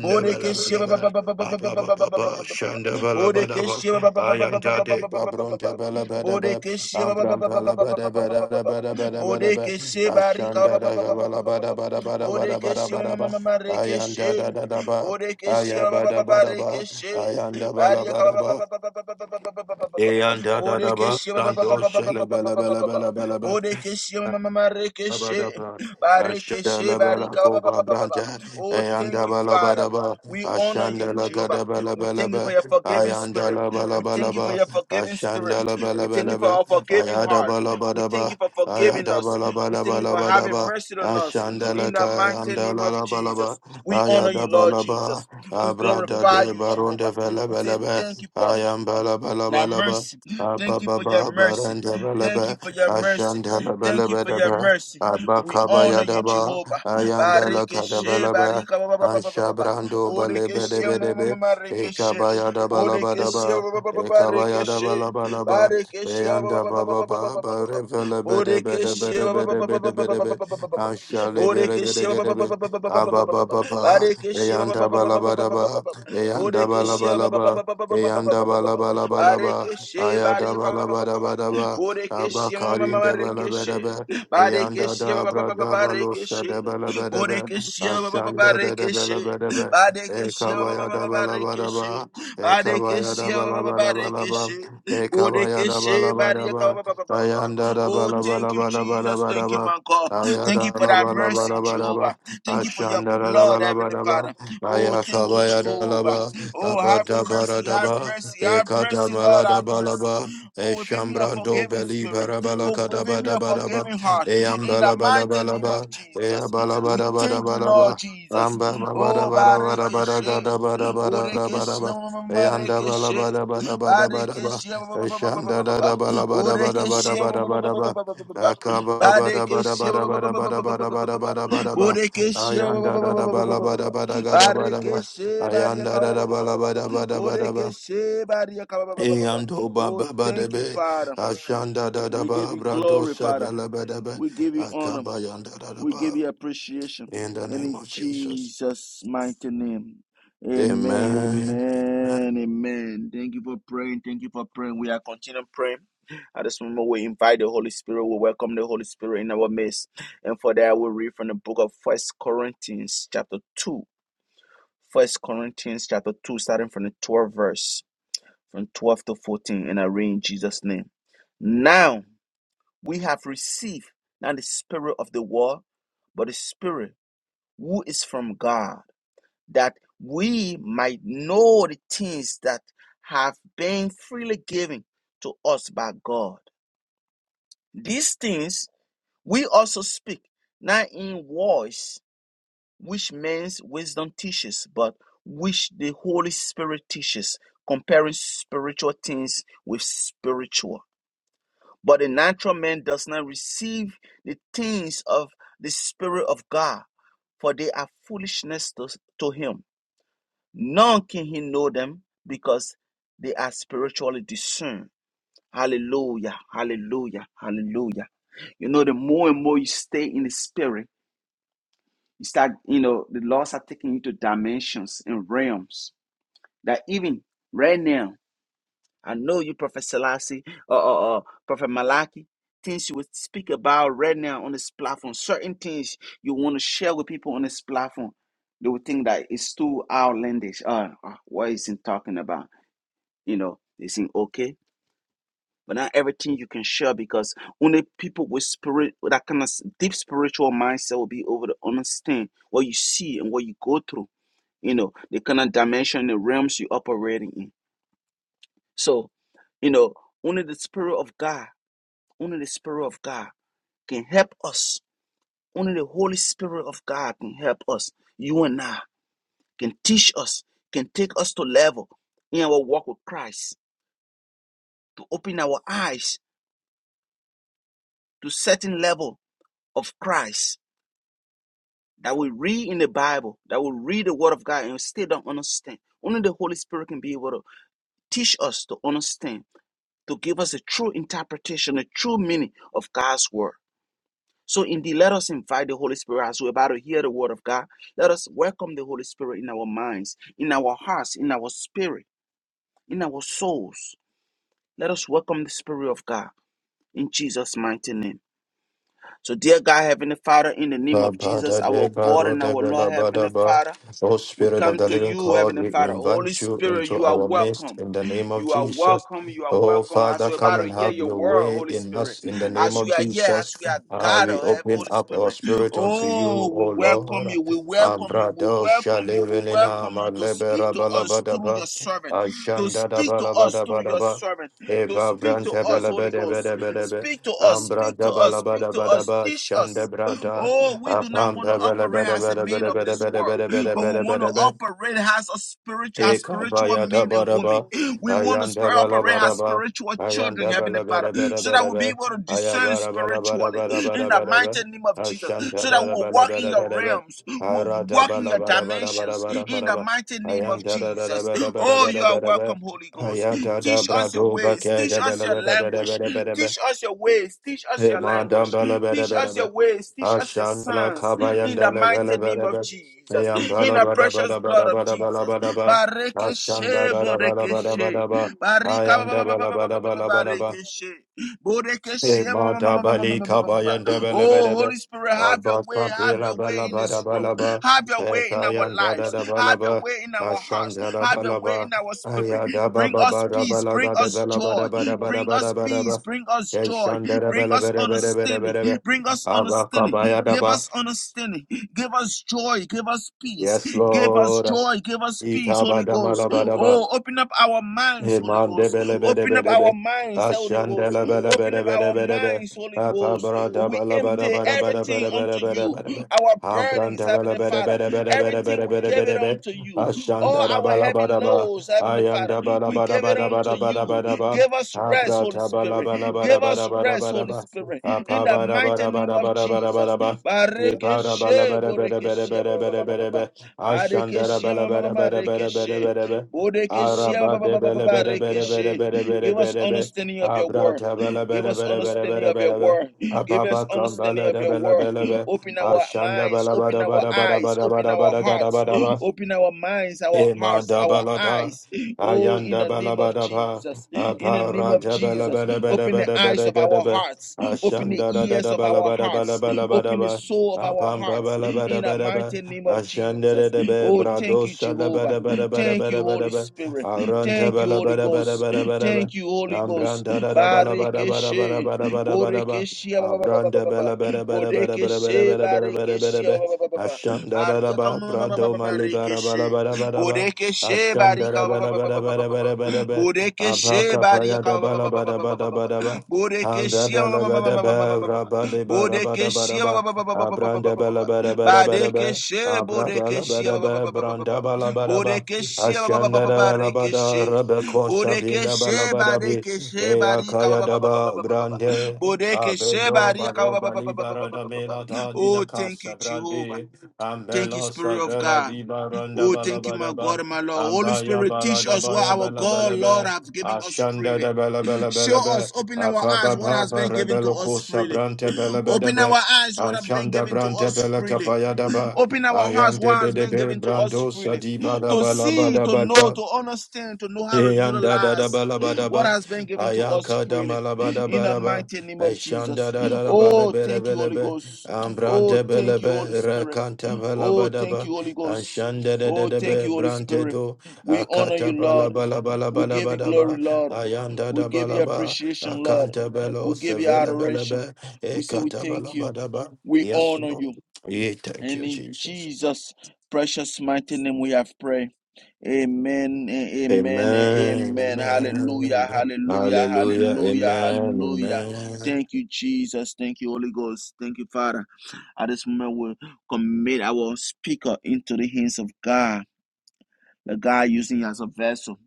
S1: Bodekeshe, Bodekeshe, Bodekeshi ba- ba- ba- ba- ba- ba- ba- ba- ba- ba- ba- ba- ba- ba- Bodekeshi ba- ba- ba- ba- ba- ba- ba- ba- ba- ba- ba- ba- ba- Bodekeshi barika ba- ba- ba- ba- ba- ba- ba- ba- ba- Bodekeshi ma- ma- ma- ma- ma- rekeshi. Bodekeshi ba- ba- ba- ba- ba-
S2: Ayabadabadaba,
S1: rekeshi. Barika ba- ba-
S2: ayandabalabalaba,
S1: ba- ba- ba- ba- ba- ba- ba- ba- ba- ba- ba- ba- ba-
S2: eyandadadaba,
S1: Bodekeshi ba- ba- ba-
S2: rando
S1: ba- ba- ba- ba- ba- ba- ba- ba- ba- ba-
S2: shalabalabalabalabalaba.
S1: Bodekeshi ma- ma- ma- ma- rekeshi.
S2: Abadabra, Ashalabala
S1: barika ba- ba-
S2: Koba
S1: ba- ba- ba- ba.
S2: Branta,
S1: Oh, thank you, Father.
S2: Ayandabalabalaba,
S1: We honor you, Jehovah. We thank you for
S2: Ashandalakadabalabalaba,
S1: your forgiving spirit. We thank you for
S2: Ayandalabalabalaba,
S1: your forgiving spirit. We thank you for
S2: Ashandalabalabalaba,
S1: our forgiving heart. We thank
S2: Ayadabalabadaba,
S1: you for forgiving us. We thank you for having
S2: Ayadabalabalabalabadaba,
S1: mercy on us. In the
S2: Ashandalaka,
S1: mighty name of Jesus,
S2: Ayandalabalaba,
S1: we honor you, Lord Jesus.
S2: Ayadabalaba,
S1: We
S2: Abrada
S1: glorify
S2: de
S1: you,
S2: Baron de
S1: Jehovah. We say
S2: Velabalaba,
S1: thank you for now,
S2: Ayambalabalabalaba,
S1: mercy, thank you
S2: Ababa
S1: for your mercy.
S2: Baranda
S1: Thank you
S2: Balaba,
S1: for your mercy. Thank you for your
S2: Ashandalabalabalaba,
S1: mercy. We
S2: Abakaba
S1: honor you,
S2: Yadaba,
S1: Jehovah.
S2: Ayandala
S1: Barikeshe,
S2: Kadabalaba,
S1: barika, ba, ba, ba, ba, ba, ba, ba, ba.
S2: Anshabrando
S1: Bodekeshe, ma, ma, ma, ma,
S2: Balebedebedebe,
S1: rekeshe. Bodekeshe,
S2: Ekabayadabalabadaba,
S1: ba, ba, ba, ba, ba, rekeshe.
S2: Ekabayadabalabalaba,
S1: Barikeshe, ba, ba,
S2: Eyanda
S1: ba, ba, ba,
S2: Baba
S1: ba, ba, ba, ba, ba,
S2: Baba,
S1: ba, Bodekeshe, ba, ba, ba, ba, ba, ba, ba, ba, ba, ba, ba, ba,
S2: Revelabedebedebedebedebe,
S1: ba, ba. Bodekeshe, ba, ba, ba, ba,
S2: Anshalebedebedebe,
S1: ba, ba, ba, ba, ba, ba, ba, ba,
S2: Ababa
S1: ba.
S2: Baba,
S1: Barikeshe, ba,
S2: Eyanda
S1: ba, ba, ba, ba, ba, ba, ba, ba,
S2: Balabadaba,
S1: ba, ba, ba.
S2: Eyanda
S1: Bodekeshe, ba, ba, ba, ba, ba, ba, ba,
S2: Balabalaba,
S1: ba, ba, ba,
S2: Eyanda
S1: ba, ba, ba.
S2: Balabalabalaba,
S1: Barekeshe barika ba ba ba ba ba.
S2: Ayadabalabadabadaba,
S1: Borekeshe ma ma ma
S2: Abakarin
S1: ma rekeshe.
S2: Debalabedebe, Yanda
S1: Barekeshe ba
S2: da
S1: ba ba ba ba
S2: brada
S1: ba
S2: balo
S1: rekeshe.
S2: sada bala bada ba
S1: Borekeshe ba ba ba ba
S2: ashanda da da bala
S1: rekeshe.
S2: bada ba
S1: Barekeshe ba ba ba
S2: ekabaya
S1: ba
S2: da
S1: ba ba
S2: bala bada
S1: rekeshe.
S2: ba ekabaya
S1: Barekeshe
S2: da
S1: ba
S2: bala
S1: ba ba ba
S2: bada bala ba
S1: rekeshe.
S2: ekabaya da
S1: Borekeshe
S2: bala bada
S1: barika
S2: ba
S1: ba ba ba ba ba ba ba.
S2: ayanda da
S1: Oh,
S2: bala bala
S1: thank you,
S2: bada bada
S1: Jesus.
S2: bada
S1: Thank you,
S2: ba
S1: my God. Thank you
S2: ayada
S1: for
S2: la
S1: that
S2: bala
S1: mercy,
S2: bada bada
S1: Jehovah.
S2: ba
S1: Thank you for your
S2: ashanda da da
S1: blood,
S2: bala
S1: Heavenly
S2: bada ba
S1: Father. Oh, thank you,
S2: ayakabaya da la
S1: Jehovah.
S2: ba
S1: Oh, have
S2: abada bara
S1: mercy,
S2: da
S1: have
S2: ba
S1: mercy, have
S2: ekada
S1: mercy, Lord,
S2: mala da
S1: have
S2: bala
S1: mercy.
S2: ba
S1: Pour within me a
S2: eshambrando
S1: forgiving
S2: beli
S1: spirit.
S2: bara bala
S1: Pour
S2: kada
S1: within me
S2: bada
S1: a
S2: bada ba
S1: forgiving heart.
S2: Eyam
S1: In the
S2: bala bala
S1: mighty
S2: bala
S1: name
S2: ba.
S1: of
S2: Eyam
S1: Jesus,
S2: bala
S1: we
S2: bala bala
S1: thank you,
S2: bala ba.
S1: Lord Jesus.
S2: Amba ba bala
S1: Oh,
S2: bala bala bala ba
S1: Barekeshe,
S2: da ba da bala da ba da ba da da da
S1: Borekeshe,
S2: bala
S1: Marekeshe.
S2: bala bala bala bala ba.
S1: Barekeshe,
S2: Esham da da da bala bala bala bala
S1: Borekeshe,
S2: bala bala ba. Akaba ba da ba da ba da ba da ba ba da da da Ayam
S1: Barekeshe,
S2: da da da bala
S1: Borekeshe,
S2: bala bala ga da ba da
S1: Barekeshe
S2: Ayam
S1: bariyaka
S2: da da
S1: ba-
S2: da
S1: ba- ba- ba-
S2: bala
S1: ba-
S2: bala bala bala ba.
S1: Borekeshe bariyaka ba- ba- ba- ba- ba.
S2: Eyando ba
S1: Oh,
S2: ba ba de
S1: thank you,
S2: be,
S1: Father.
S2: ashanda da da
S1: We give
S2: ba,
S1: you
S2: brado
S1: glory, Father.
S2: sevele be de be,
S1: We give you honor.
S2: akaba yanda da da
S1: We give
S2: ba.
S1: you appreciation.
S2: In the
S1: And
S2: name
S1: in
S2: of Jesus.
S1: Jesus' mighty name. Amen.
S2: Amen.
S1: Amen. Amen. Thank you for praying. Thank you for praying. We are continuing praying. At this moment, we invite the Holy Spirit. We welcome the Holy Spirit in our midst. And for that, we read from the book of First Corinthians, chapter 2. First Corinthians chapter 2, starting from the 12th verse, from 12 to 14, and I read in Jesus' name. Now we have received not the spirit of the world, but the spirit who is from God, that we might know the things that have been freely given to us by God. These things we also speak, not in words which man's wisdom teaches, but which the Holy Spirit teaches, comparing spiritual things with spiritual. But the natural man does not receive the things of the Spirit of God, for they are foolishness to, to him. None can he know them because they are spiritually discerned. Hallelujah, hallelujah, hallelujah. You know, the more and more you stay in the Spirit, you start, you know, the laws are taking you to dimensions and realms that even right now, I know you, Prophet Selassie, or, or, or Prophet Malachi, things you would speak about right now on this platform, certain things you want to share with people on this platform, they would think that it's too outlandish. Uh, uh, what is he talking about? You know, is it okay? But not everything you can share because only people with spirit, with that kind of s- deep spiritual mindset will be able to understand what you see and what you go through you know, the kind of dimension, the realms you're operating in. So, you know, only the Spirit of God, only the Spirit of God can help us. Only the Holy Spirit of God can help us. You and I can teach us, can take us to level in our walk with Christ, to open our eyes to certain level of Christ that we read in the Bible, that we read the Word of God and we still don't understand. Only the Holy Spirit can be able to teach us to understand to give us a true interpretation, a true meaning of God's word. So, indeed, let us invite the Holy Spirit as we're about to hear the word of God. Let us welcome the Holy Spirit in our minds, in our hearts, in our spirit, in our souls. Let us welcome the Spirit of God in Jesus' mighty name. So, dear God, Heavenly Father, in the name
S2: ba
S1: of
S2: ba
S1: Jesus,
S2: da de
S1: our God and our Lord, Heavenly Father.
S2: O
S1: We
S2: Spirit of
S1: come
S2: the
S1: to
S2: Living
S1: you,
S2: God,
S1: Heavenly
S2: we
S1: Father. Holy
S2: invite you
S1: Spirit,
S2: into
S1: you are
S2: our midst
S1: welcome.
S2: in the name of
S1: You are
S2: Jesus.
S1: welcome. You are
S2: Oh
S1: welcome. As
S2: Father,
S1: we're
S2: come
S1: about to
S2: and
S1: hear
S2: have
S1: your
S2: your
S1: word,
S2: way
S1: Holy
S2: in
S1: Spirit,
S2: us in the name
S1: as
S2: of
S1: you are here,
S2: Jesus.
S1: as we are
S2: Ah,
S1: gathered,
S2: we
S1: have
S2: open
S1: Holy
S2: up our
S1: Spirit.
S2: spirit unto you,
S1: Oh, we
S2: O Lord.
S1: welcome you. We welcome you. We
S2: Abrado
S1: welcome you. We
S2: shalevelina
S1: welcome you to speak
S2: malebera
S1: to us through
S2: balabadaba.
S1: your servant, to
S2: Ashanda da
S1: speak to us through your
S2: balabadabadaba.
S1: servant, to
S2: Eva
S1: speak to
S2: branta
S1: us, Holy Ghost.
S2: balabadabadabadaba.
S1: Speak to us. Speak to
S2: Ambrada
S1: us. Speak to us.
S2: balabadabadaba.
S1: Teach
S2: Shanda
S1: us.
S2: brada.
S1: Oh, we do not
S2: Apam
S1: want to
S2: da ba da ba
S1: operate
S2: da
S1: as
S2: ba
S1: the
S2: da ba
S1: men of
S2: da
S1: this
S2: ba da
S1: world
S2: ba da
S1: but
S2: ba da ba. da ba da
S1: we
S2: ba
S1: want to
S2: da ba.
S1: operate as a spirit, as spiritual
S2: Ekabaya da
S1: men
S2: ba
S1: and
S2: da
S1: women.
S2: ba.
S1: We want to
S2: Ayan
S1: spir-
S2: da ba la
S1: operate
S2: ba da
S1: as
S2: ba.
S1: spiritual
S2: Ayan
S1: children,
S2: da ba
S1: Heavenly
S2: la ba
S1: Father,
S2: da ba da
S1: so
S2: ba
S1: that
S2: da
S1: we'll be
S2: ba.
S1: able to
S2: Aya
S1: discern
S2: ba da ba la ba da
S1: spiritually
S2: ba da ba
S1: in
S2: da
S1: the
S2: ba da ba.
S1: mighty name of Jesus,
S2: Ashan da
S1: so that
S2: da da ba
S1: we'll
S2: la
S1: walk
S2: ba
S1: in
S2: da ba
S1: your
S2: da ba.
S1: realms, we'll
S2: Ara da
S1: walk
S2: ba
S1: in
S2: la
S1: your
S2: ba da ba da ba da
S1: dimensions
S2: ba da ba
S1: in
S2: da
S1: the
S2: ba.
S1: mighty name
S2: Ayan
S1: of
S2: da da da da
S1: Jesus.
S2: ba da ba da
S1: Oh,
S2: ba
S1: you
S2: da ba
S1: are
S2: da ba.
S1: welcome, Holy Ghost.
S2: Aya da da
S1: Teach
S2: bra
S1: us your
S2: do ba
S1: ways,
S2: ke
S1: teach
S2: da ba
S1: us
S2: la
S1: your
S2: ba da ba da ba
S1: language,
S2: da ba da ba.
S1: teach us your ways, teach us your
S2: Ema da
S1: language,
S2: ba la ba da
S1: teach
S2: ba da
S1: us
S2: ba.
S1: your ways, teach us your
S2: Ashandala
S1: signs in the
S2: kabayandele vele
S1: mighty name
S2: vele
S1: of
S2: vele.
S1: Jesus. in
S2: Yambala
S1: the
S2: bada
S1: precious
S2: bada
S1: blood
S2: bada
S1: of
S2: bada bada
S1: Jesus.
S2: bada ba. Ashanda
S1: Barekeshe,
S2: bada da bada bada
S1: Borekeshe,
S2: bada ba.
S1: Barika,
S2: Ayanda
S1: ba- ba- ba- ba-
S2: bala
S1: ba- ba-
S2: bada bada bada ba.
S1: Barekeshe, Borekeshe,
S2: Emada bali kabayanda vele
S1: Oh,
S2: vele vele.
S1: Holy Spirit, have your
S2: Abba
S1: way, have
S2: bada
S1: your way
S2: bada
S1: in
S2: bada
S1: this
S2: bala
S1: room,
S2: ba.
S1: have your way in our
S2: Ekayanda
S1: lives,
S2: bada bada bala
S1: have your
S2: ba.
S1: way in our hearts,
S2: Ashanda bada
S1: have your
S2: bada
S1: way in
S2: ba.
S1: our spirit.
S2: Ayada
S1: Bring
S2: baba
S1: us
S2: bada
S1: peace,
S2: bada
S1: bring
S2: gada
S1: us
S2: bala bada
S1: joy,
S2: bada bada
S1: bring
S2: bada
S1: us
S2: bada ba.
S1: peace, bring us joy,
S2: Eshanda da
S1: bring
S2: bala
S1: us
S2: bada bada bada
S1: understanding,
S2: bada
S1: Bring us
S2: abaka
S1: understanding.
S2: Abba
S1: Give us understanding. Give us joy. Give us peace.
S2: Yes,
S1: Give us
S2: Lord.
S1: joy. Give us peace, Holy Ghost.
S2: Ikabadamalabadaba.
S1: Oh, open up our minds, Holy Ghost. Open up our
S2: Imandebelebedebedebe.
S1: minds, Holy Ghost. Open up our
S2: Ashandelebelebedebedebe.
S1: minds, Holy Ghost. We empty everything unto you.
S2: Apabradabalabarabarabarabarabarabarabarabarabe.
S1: Our burdens, Heavenly Father. Everything we give it
S2: Ambrandabelebedebedebedebedebedebedebe.
S1: unto you. All our heavy
S2: Ashandabalabaraba.
S1: loads, Heavenly Father. We give it unto you.
S2: Ayandabalabarabarabarabarabaraba.
S1: Give us rest, Holy Spirit. Give us rest, Holy
S2: Abradabalabarabarabarabarabaraba.
S1: Spirit in the mighty name of Jesus.
S2: Apabarabarabarabarabaraba.
S1: Barekeshe, borekeshe, ba- ba- ba- ba- ba-
S2: Ibarabalabarabarabarabarabaraba.
S1: ba. Barekeshe, ma- ma- ma-
S2: Ashandarabalabarabarabarabarabaraba.
S1: Borekeshe, ba-
S2: Araba de bele bele bele bele bele bele
S1: Give us
S2: bele be.
S1: understanding of your
S2: Abra
S1: word.
S2: ta bele
S1: Give
S2: bele
S1: us
S2: bele bele
S1: understanding
S2: bele
S1: of your
S2: bele be.
S1: word. Give us
S2: Ababa
S1: understanding
S2: kambala
S1: of
S2: de
S1: your
S2: bele
S1: word.
S2: bele be.
S1: Open our
S2: Ashanda
S1: minds,
S2: bala
S1: open
S2: bada
S1: our
S2: bada bada
S1: eyes,
S2: bada
S1: open
S2: bada
S1: our
S2: bada gada
S1: hearts,
S2: bada ba.
S1: open our minds, our
S2: Ema
S1: hearts, our
S2: dabalada
S1: eyes. Oh, in
S2: ayanda
S1: the name of
S2: balabadaba
S1: Jesus. In the name
S2: apara
S1: of
S2: dabala
S1: Jesus.
S2: bada bada
S1: Open the
S2: bada
S1: eyes
S2: bada
S1: of
S2: gada
S1: our
S2: ba
S1: hearts Open the
S2: ashanda da da
S1: ears
S2: da
S1: of
S2: bala
S1: our
S2: bada bala
S1: hearts.
S2: bala bada
S1: Open the
S2: ba
S1: soul of our
S2: apampa
S1: hearts
S2: bala bada
S1: in the
S2: bada ba
S1: mighty name of
S2: ashanda da
S1: Jesus.
S2: da ba
S1: Oh, thank
S2: brado
S1: you,
S2: shala
S1: Jehovah.
S2: bada bada bada
S1: Thank you,
S2: bada bada
S1: Holy
S2: ba
S1: Spirit.
S2: aranta
S1: Thank you,
S2: bala
S1: Holy
S2: bada bada
S1: Ghost.
S2: bada bada ba
S1: Thank you, Holy Ghost.
S2: ambranda da da bala bada bada bada
S1: Barikeshe,
S2: bada bada bada ba
S1: Borekeshe, ba-
S2: abranda bala bada bada bada bada bada
S1: Bodekeshe,
S2: bada bada bada
S1: Barikeshe,
S2: bada ba
S1: ba-
S2: Ashandaraba, Brado Malibara Balabarabaraba,
S1: Bodekeshe, Barika,
S2: Ashandarabarabarabarabaraba,
S1: Bodekeshe,
S2: Abaka
S1: Barika,
S2: Payada Balabarabarabaraba,
S1: Bodekeshia ma- ma- ma- ma- ma- ma- ma-
S2: Andabalabaraba,
S1: ma- ma- ma. Bodekeshia ba-
S2: Rabalibarabaraba,
S1: ba- ba- ba- ba- ba- ba- ba- ba-
S2: Abranda
S1: ba- ba- ba.
S2: Balabarabaraba,
S1: Badekeshe bodekeshia ba- ba- ba-
S2: Abrabalabaraba,
S1: ba- ba- ba- ba- ba.
S2: Branda Balabaraba,
S1: Bodekeshia ba- ba- ba- ba- ba- ba-
S2: Ashandarabada,
S1: rekeshe.
S2: Rabako Shabina
S1: Bodekeshe
S2: Balabadabi,
S1: badekeshe barika ba-
S2: Eakaya
S1: ba- ba- ba- ba- ba-
S2: Daba,
S1: ba- ba- ba- ba.
S2: Brande.
S1: Bodekeshe
S2: Abendo
S1: barika ba- ba-
S2: baroba
S1: ba- ba- ba- ba- ba-
S2: libara
S1: ba-
S2: da
S1: ba- ba-
S2: mela ta dina
S1: Oh, thank you,
S2: casa
S1: Jehovah.
S2: brade.
S1: Thank you,
S2: Ambela
S1: Spirit of
S2: savela
S1: God.
S2: di baranda
S1: Oh, thank you, my God
S2: balabadaba.
S1: and my Lord. Holy
S2: Ambaya
S1: Spirit, teach
S2: balada
S1: us what
S2: baya
S1: our
S2: bela
S1: God,
S2: bela
S1: Lord,
S2: be.
S1: have given us
S2: Ashanda
S1: freely.
S2: da bela bela bela
S1: Show
S2: be.
S1: us, open our eyes
S2: Apaba
S1: what has
S2: baba
S1: been given to
S2: rebelo
S1: us
S2: cosa
S1: freely.
S2: brante bela bela
S1: Open
S2: be.
S1: our eyes what has been
S2: Ashanda
S1: given to
S2: brante
S1: us
S2: bela
S1: freely.
S2: capaya daba.
S1: Open our hearts what
S2: Ayante de
S1: has
S2: de
S1: been
S2: be
S1: given to us
S2: brando
S1: freely.
S2: sadi bada
S1: To
S2: bala
S1: see, to know,
S2: bada
S1: to understand, to know how to
S2: yanda da da ba
S1: utilize
S2: la ba da
S1: what
S2: ba,
S1: has been given to us
S2: ayaka da ma
S1: freely.
S2: la ba da
S1: In
S2: ba
S1: the
S2: da ba,
S1: mighty name of Jesus.
S2: eshanda da da da ba le
S1: Oh,
S2: be le
S1: thank
S2: be
S1: you,
S2: le
S1: Holy
S2: be,
S1: Ghost. Oh,
S2: ambrante be le
S1: thank you,
S2: be,
S1: Holy Spirit.
S2: rekanta ba la ba
S1: Oh,
S2: da
S1: thank
S2: ba,
S1: you, Holy Ghost.
S2: anshanda da da
S1: Oh,
S2: da
S1: thank
S2: be,
S1: you, Holy
S2: brante
S1: Spirit.
S2: do,
S1: We honor you,
S2: akata ba la
S1: Lord.
S2: ba la ba la
S1: We
S2: ba la
S1: give
S2: ba
S1: you
S2: da ba,
S1: glory, Lord.
S2: ayanda
S1: We
S2: da ba
S1: give
S2: la
S1: you
S2: ba,
S1: appreciation, Lord.
S2: akanta be lo,
S1: We give you
S2: sevele be le
S1: adoration.
S2: be,
S1: We say we
S2: ekata ba la
S1: thank you.
S2: ba da ba.
S1: We
S2: Yes,
S1: honor
S2: Lord.
S1: you.
S2: Yeah, thank
S1: And
S2: you,
S1: in
S2: Jesus.
S1: Jesus' precious mighty name we have prayed. Amen, a- amen, a-
S2: Amen.
S1: amen.
S2: Amen.
S1: Hallelujah,
S2: Amen.
S1: hallelujah,
S2: Hallelujah.
S1: hallelujah,
S2: Amen.
S1: hallelujah.
S2: Amen.
S1: Thank you, Jesus. Thank you, Holy Ghost. Thank you, Father. At this moment, we commit our speaker into the hands of God that God using you as a vessel.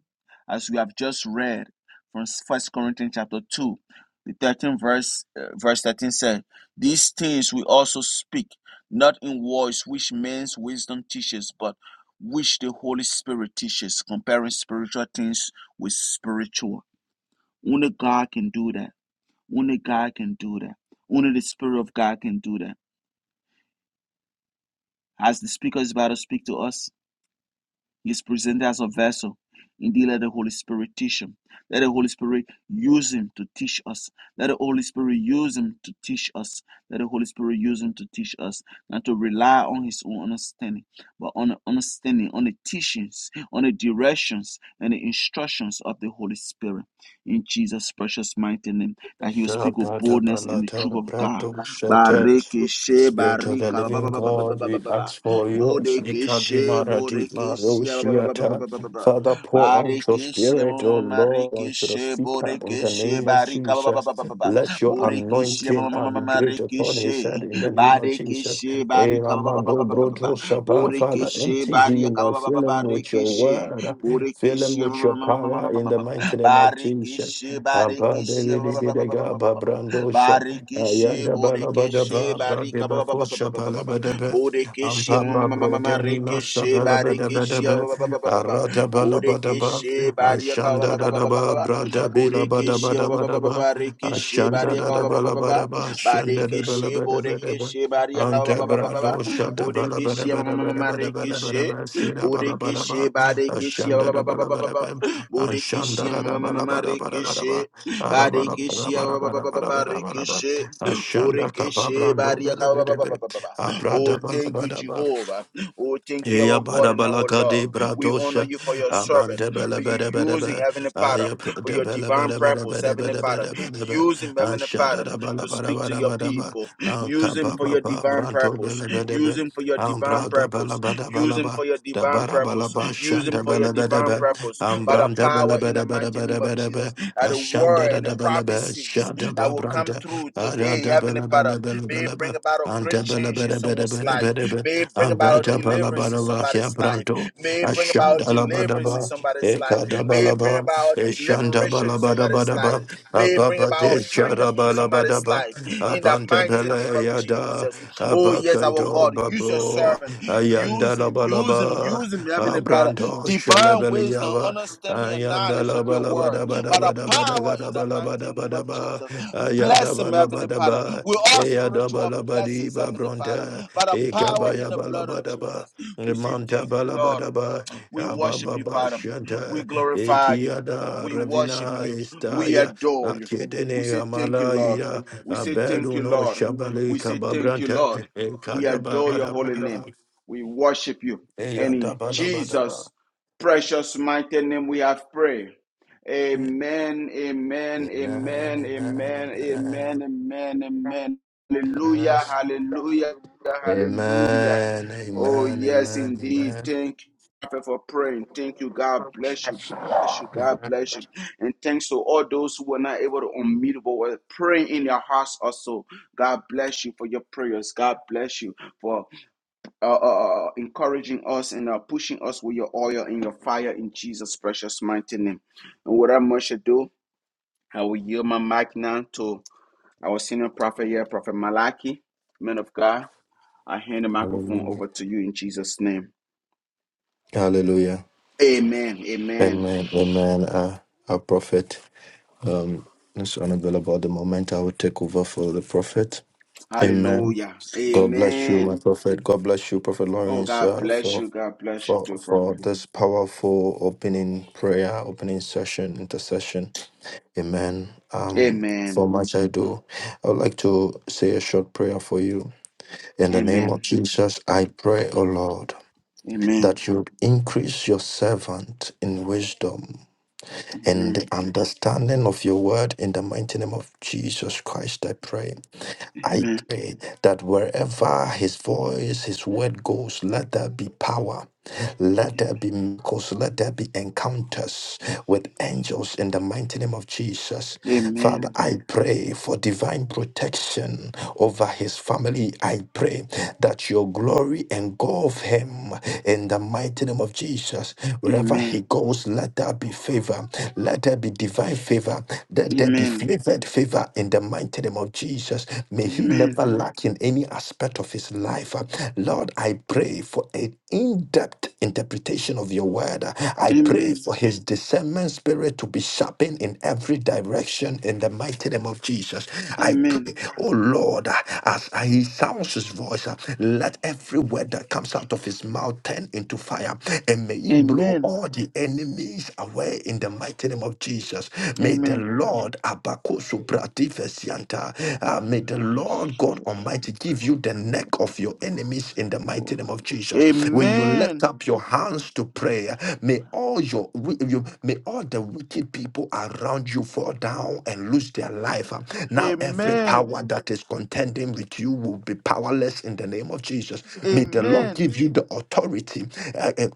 S1: As we have just read from First Corinthians chapter 2, the thirteenth verse, uh, verse 13 said, These things we also speak, not in words which man's wisdom teaches, but which the Holy Spirit teaches, comparing spiritual things with spiritual. Only God can do that. Only God can do that. Only the Spirit of God can do that. Has the speaker is about to speak to us? He is presented as a vessel. Indeed, let the Holy Spirit teach him. Let the Holy Spirit use him to teach us. Let the Holy Spirit use him to teach us. Let the Holy Spirit use him to teach us. Not to rely on his own understanding, but on the understanding, on the teachings, on the directions, and the instructions of the Holy Spirit. In Jesus' precious mighty name, that he will speak with boldness and the truth
S2: Shabbat-a-ba-la-ta,
S1: of God.
S2: prato shete
S1: Barikishe,
S2: Spirit of the
S1: barika, ba,
S2: living
S1: ba, ba, ba, ba,
S2: God,
S1: ba, ba,
S2: we
S1: ba, ba.
S2: ask for your
S1: Bodekeshe,
S2: shikabimara di maro
S1: Bodekeshe, ba- ba- ba- ba- ba- ba- ba- ba- ba.
S2: Father, pour out your spirit, O Lord, unto the speaker in the
S1: Bodekeshe,
S2: name of
S1: Barika, ba- ba-
S2: Jesus.
S1: ba- ba- ba-
S2: Let your
S1: Bodekeshe,
S2: anointing
S1: ma- ma-
S2: uh,
S1: ma-
S2: be
S1: ma-
S2: great upon
S1: Marekeshe,
S2: his head in the name of Jesus.
S1: Barekeshe,
S2: Eh,
S1: Barika, ba- ba- ba- ba- ba- ba- ba- ba.
S2: Ramado-broto-shaba. Father,
S1: Bodekeshe,
S2: empty
S1: Barika,
S2: him
S1: ba-
S2: and
S1: ba- ba-
S2: fill
S1: ba-
S2: him with your
S1: Barekeshe,
S2: word. Fill him
S1: Bodekeshe, ma-
S2: with your
S1: ma- ma- ma- ma- ma- ma-
S2: power
S1: ma- ma-
S2: in
S1: ma-
S2: the
S1: ma.
S2: mighty name of Jesus.
S1: Barekeshe,
S2: Abba
S1: Barekeshe, ba-
S2: David
S1: ba- ba- ba- ba- ba- ba-
S2: Bidega
S1: ba- ba- ba.
S2: Babrandosha
S1: Barikishe,
S2: Ayanda
S1: Borikishe,
S2: Balabadaba
S1: Barika,
S2: Bradeba Kosha Palabadabe
S1: Bodekeshi
S2: Ampa Babro Demima
S1: Marekeshi Barekeshi
S2: Sapalabadabe Arada Balabadaba
S1: Bodekeshi
S2: Ashanda Dadaba
S1: Bariaka
S2: Brada Bila
S1: Bodekeshi
S2: Badabadabadaba
S1: Barekeshi
S2: Ashanda
S1: Bariaka
S2: Dadabalabadaba Shanda
S1: Badekeshi
S2: Dabalabadabadaba
S1: Bodekeshi
S2: Ante Brado
S1: Bariaka
S2: Shada
S1: Bodekeshi Marekeshi
S2: Balabadabadabadabadabadabadaba Shida
S1: Bodekeshi
S2: Balabadaba Ashanda
S1: Badekeshi
S2: da da da da da da da da da da da da da ba
S1: Bodekeshi Marekeshi
S2: ba ba ba,
S1: Badekeshi
S2: ba da ba da ba da ba da ba
S1: Barekeshi
S2: Ashanda ka ba
S1: Borekeshe
S2: brando bele bele bele.
S1: baria
S2: Abra
S1: Oh,
S2: da ba, da
S1: thank
S2: ba
S1: you,
S2: da ba.
S1: Jehovah. Oh, thank you, our
S2: Eya
S1: God
S2: bara
S1: and our
S2: balaka de
S1: Lord. We honor
S2: bradosha
S1: you for your servant.
S2: abande bele
S1: May you
S2: bele bele
S1: use him,
S2: be
S1: Heavenly Father,
S2: aya
S1: for
S2: prode
S1: your
S2: bele
S1: divine
S2: bele bele
S1: purpose,
S2: bele
S1: Heavenly
S2: bele
S1: Father.
S2: bele bele be
S1: Use him, Heavenly
S2: ansha da
S1: Father,
S2: da bala
S1: to
S2: bara
S1: speak to
S2: bara
S1: your
S2: bara ba
S1: people.
S2: anka
S1: Use him
S2: ba
S1: for
S2: ba
S1: your
S2: ba
S1: divine
S2: branto
S1: purpose.
S2: bele bele
S1: Use
S2: be
S1: him for your divine
S2: ambra da bala
S1: purpose.
S2: bala
S1: Use
S2: bala
S1: him
S2: ba
S1: for your
S2: da
S1: divine
S2: bara bala
S1: purpose.
S2: ba
S1: Use him
S2: shanda
S1: for your
S2: bele bele
S1: divine
S2: be
S1: purpose. By the
S2: ambranda bele
S1: power in the
S2: bele bele
S1: mighty
S2: bele
S1: name of
S2: bele be
S1: Jesus, that the
S2: ashanda
S1: word
S2: da
S1: and the
S2: da bele be
S1: prophecies
S2: shanda
S1: that
S2: ba
S1: will come
S2: branda
S1: through today,
S2: aranda
S1: Heavenly
S2: bele
S1: Father.
S2: bele bele
S1: May
S2: bele
S1: it
S2: be
S1: bring about a great
S2: ante bele
S1: change in
S2: bele bele
S1: someone's
S2: bele
S1: life.
S2: bele be
S1: May it bring about a
S2: Andrada
S1: deliverance in
S2: Balabalaba
S1: somebody's life.
S2: Kiabranto,
S1: May it bring
S2: Ashanda
S1: about deliverance in
S2: Labadaba,
S1: somebody's life. May it bring
S2: Ekadabalaba,
S1: about
S2: Eshanda
S1: liberation in somebody's life.
S2: Balabadabadaba,
S1: May it bring about
S2: Ababate
S1: freedom in somebody's
S2: Sharabalabadaba,
S1: life. In the mighty name
S2: Abantebele
S1: of
S2: Yada,
S1: Jesus. Oh, yes, our
S2: Abakanto
S1: God, use your
S2: Babo,
S1: servant.
S2: Ayanda
S1: Use him, use him,
S2: Labalaba,
S1: use him, Heavenly Father.
S2: Abranto
S1: Divine wisdom,
S2: Shalebeliava,
S1: understanding, and
S2: Ayanda
S1: knowledge of your word. By the power in the mighty name of
S2: Labalabadabadabadabadabadabadabadaba,
S1: Jesus.
S2: Ayada
S1: Bless him, Heavenly Father.
S2: Balabadaba,
S1: With all
S2: Eyada
S1: spiritual
S2: Balabadi
S1: blessings, Heavenly Father.
S2: Babronte.
S1: By the power in the blood of
S2: Ekabayabalabadaba,
S1: Jesus. We say thank you, Lord.
S2: Mantabalabadaba,
S1: We worship you,
S2: Ababa
S1: Father. We
S2: Shanta,
S1: glorify you.
S2: Ekiada,
S1: We worship
S2: Ravina
S1: you. We
S2: Estaya,
S1: adore you. We
S2: Akedene
S1: say thank you, Lord.
S2: Amalaya,
S1: We say thank you,
S2: Abeduno
S1: Lord.
S2: Shabale
S1: We say thank you,
S2: Kababranta,
S1: Lord. We adore your holy
S2: Ekadabadabadaba,
S1: name. We worship you. And in
S2: Eyadabalabadaba.
S1: Jesus' precious mighty name we have prayed.
S2: Amen,
S1: Amen, amen, amen,
S2: amen,
S1: amen, amen,
S2: amen.
S1: amen, amen. Hallelujah, hallelujah, hallelujah.
S2: Amen,
S1: Oh,
S2: amen,
S1: yes,
S2: amen,
S1: indeed.
S2: amen.
S1: Thank for praying. Thank you. God bless you. Bless you. God bless you. And thanks to all those who were not able to unmute but were praying in their hearts also. God bless you for your prayers. God bless you for uh, uh, uh, uh, encouraging us and uh, pushing us with your oil and your fire in Jesus' precious mighty name. And without much ado, I will yield my mic now to our senior prophet here, Prophet Malachi, man of God. I hand the microphone
S2: Hallelujah.
S1: over to you in Jesus' name.
S2: Hallelujah.
S1: Amen. Amen.
S2: Amen, amen. Uh, our prophet. Um, it's unavailable at the moment. I will take over for the prophet. Amen.
S1: Hallelujah.
S2: God bless you,
S1: Amen.
S2: my prophet. God bless you, Prophet
S1: Oh,
S2: Lawrence,
S1: God
S2: uh,
S1: bless
S2: for
S1: you. God bless you
S2: for
S1: too,
S2: for
S1: prophet.
S2: this powerful opening prayer, opening session, intercession. Amen. Um, for
S1: Amen.
S2: much I do, I would like to say a short prayer for you. In the name of
S1: Amen.
S2: Jesus, I pray, O Lord,
S1: Amen.
S2: that you increase your servant in wisdom and
S1: Amen.
S2: the understanding of your word in the mighty name of Jesus Christ, I pray. I
S1: Amen.
S2: pray that wherever his voice, his word goes, let there be power. Let there be miracles. Let there be encounters with angels in the mighty name of Jesus.
S1: Amen.
S2: Father, I pray for divine protection over his family. I pray that your glory engulf him in the mighty name of Jesus. Wherever he goes, let there be favor. Let there be divine favor. Let there be
S1: Amen.
S2: favored favor in the mighty name of Jesus. May he never lack in any aspect of his life. Uh, Lord, I pray for an in depth interpretation of your word. Uh, I pray for his discernment spirit to be sharpened in every direction in the mighty name of Jesus. I
S1: Amen.
S2: pray, oh Lord, uh, as I- he sounds his voice, uh, let every word that comes out of his mouth turn into fire and may he blow
S1: Amen.
S2: all the enemies away pray in the mighty name of Jesus. May the
S1: Amen.
S2: Lord Abakusu Bratifesianta, uh, may the Lord God
S1: Barikishe,
S2: Almighty
S1: barika,
S2: give you
S1: ba-
S2: the
S1: ba- ba-
S2: neck
S1: ba- ba- ba-
S2: of
S1: ba-
S2: your
S1: ba- ba- ba-
S2: enemies in the mighty name
S1: bori.
S2: of Jesus. When you lift
S1: Amen.
S2: up your hands to pray, may all your wi- you, may all the wicked people around you fall down and lose their life. Uh, Now every
S1: Amen.
S2: power that is contending with you will be powerless in the name of Jesus. May the Lord
S1: Amen.
S2: give you the authority. uh, uh,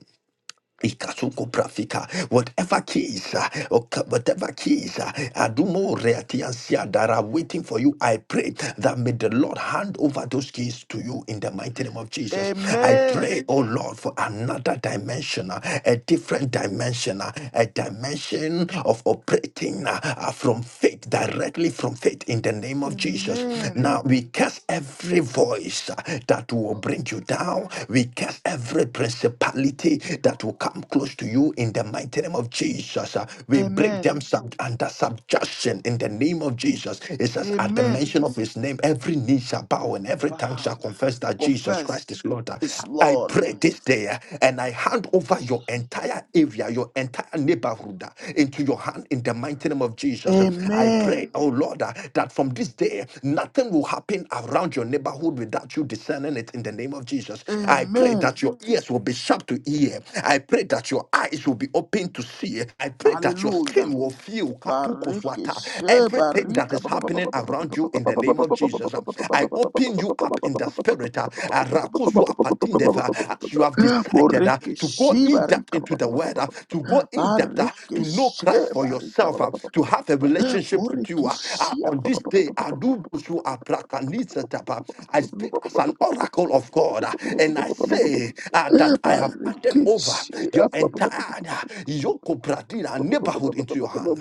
S2: Ikasuko prafika, whatever keys, uh, or ca- whatever keys, uh, adumo reatiansia that are waiting for you, I pray that may the Lord hand over those keys to you in the mighty name of Jesus. I
S1: Amen.
S2: pray, oh Lord, for another dimension, uh, a different dimension, uh, a dimension of operating uh, uh, from faith, directly from faith in the name of Jesus.
S1: Amen.
S2: Now, we curse every voice uh, that will bring you down. We curse every principality that will come close to you in the mighty name of Jesus. Uh, We break
S1: Amen.
S2: them sub- under subjection in the name of Jesus. It says, at the
S1: Amen.
S2: mention of his name, every knee shall bow and every tongue shall
S1: Bow.
S2: confess that Jesus
S1: Confess
S2: Christ is Lord. Uh,
S1: is
S2: I
S1: Lord.
S2: pray this day uh, and I hand over your entire area, your entire neighborhood neighborhood uh, into your hand in the mighty name of Jesus. I
S1: Amen.
S2: pray, oh Lord, uh, that from this day nothing will happen around your neighborhood without you discerning it in the name of Jesus. I pray
S1: Amen.
S2: that your ears will be sharp to hear. I pray that your eyes will be open to see. I pray that your
S1: Hallelujah.
S2: skin will feel
S1: Bareke
S2: katukoswata,
S1: she
S2: everything that
S1: barika.
S2: is happening around you in the name of Jesus. I open you up in the spirit spirit, uh, uh, rakusu apatindeva, as you have decided uh,
S1: Boreke
S2: to go
S1: she
S2: in depth
S1: barika.
S2: into the word, uh, to go in depth uh,
S1: Bareke
S2: to know
S1: she
S2: Christ for
S1: barika.
S2: yourself, uh, to have a relationship with you.
S1: Boreke
S2: uh, uh,
S1: she.
S2: on this day, adubusu aprakanitsatapa, I speak as an oracle of God, uh, and I say uh, that I have handed
S1: Bareke
S2: over your entire
S1: she.
S2: uh, Yoko Pradina neighborhood into your hand.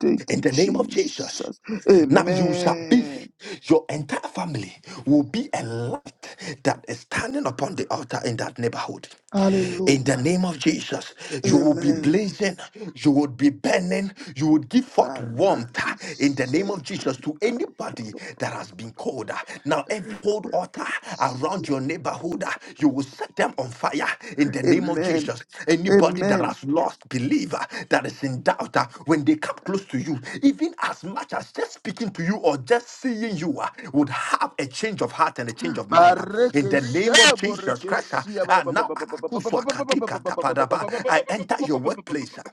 S1: Thank
S2: In
S1: you,
S2: the name of Jesus.
S1: Jesus.
S2: Now you shall be,
S1: Amen.
S2: your entire family will be a light that is standing upon the altar in that neighborhood. In the
S1: Hallelujah.
S2: name of Jesus, you will be
S1: Amen.
S2: blazing, you would be burning, you would give forth warmth uh, in the name
S1: Barikishe,
S2: of Jesus to anybody that has been cold. uh. Now, every cold altar
S1: barikishe.
S2: around your neighborhood, uh, you will set them on fire in the name of
S1: Amen.
S2: Jesus anybody that
S1: Amen.
S2: has lost believer that is in doubt, uh, when they come close to you, even as much as just speaking to you or just seeing you, uh, would have a change of heart and a change of mind. uh, in the name of Jesus Christ, uh, uh, now Akusu Akadika Tapadaba, I enter your workplace. uh,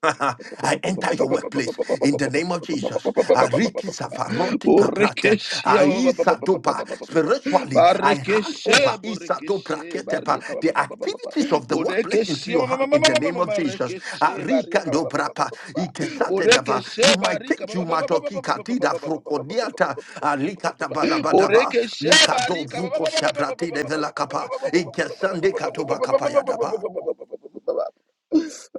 S2: I enter your workplace in the name of Jesus. Ariki safaroti paprate. Aisadopa. Spiritually, I hand over Isadopraketepa, the activities of the workplace into your hand in the name of Jesus. Arikandobrapa. Ikesatedava. You might think you matoki katida frokodiata. Alikatabalabadaba.
S1: Bureke shabari.
S2: Likadobruko shabrati develakapa. Ikesande katobakapayadaba.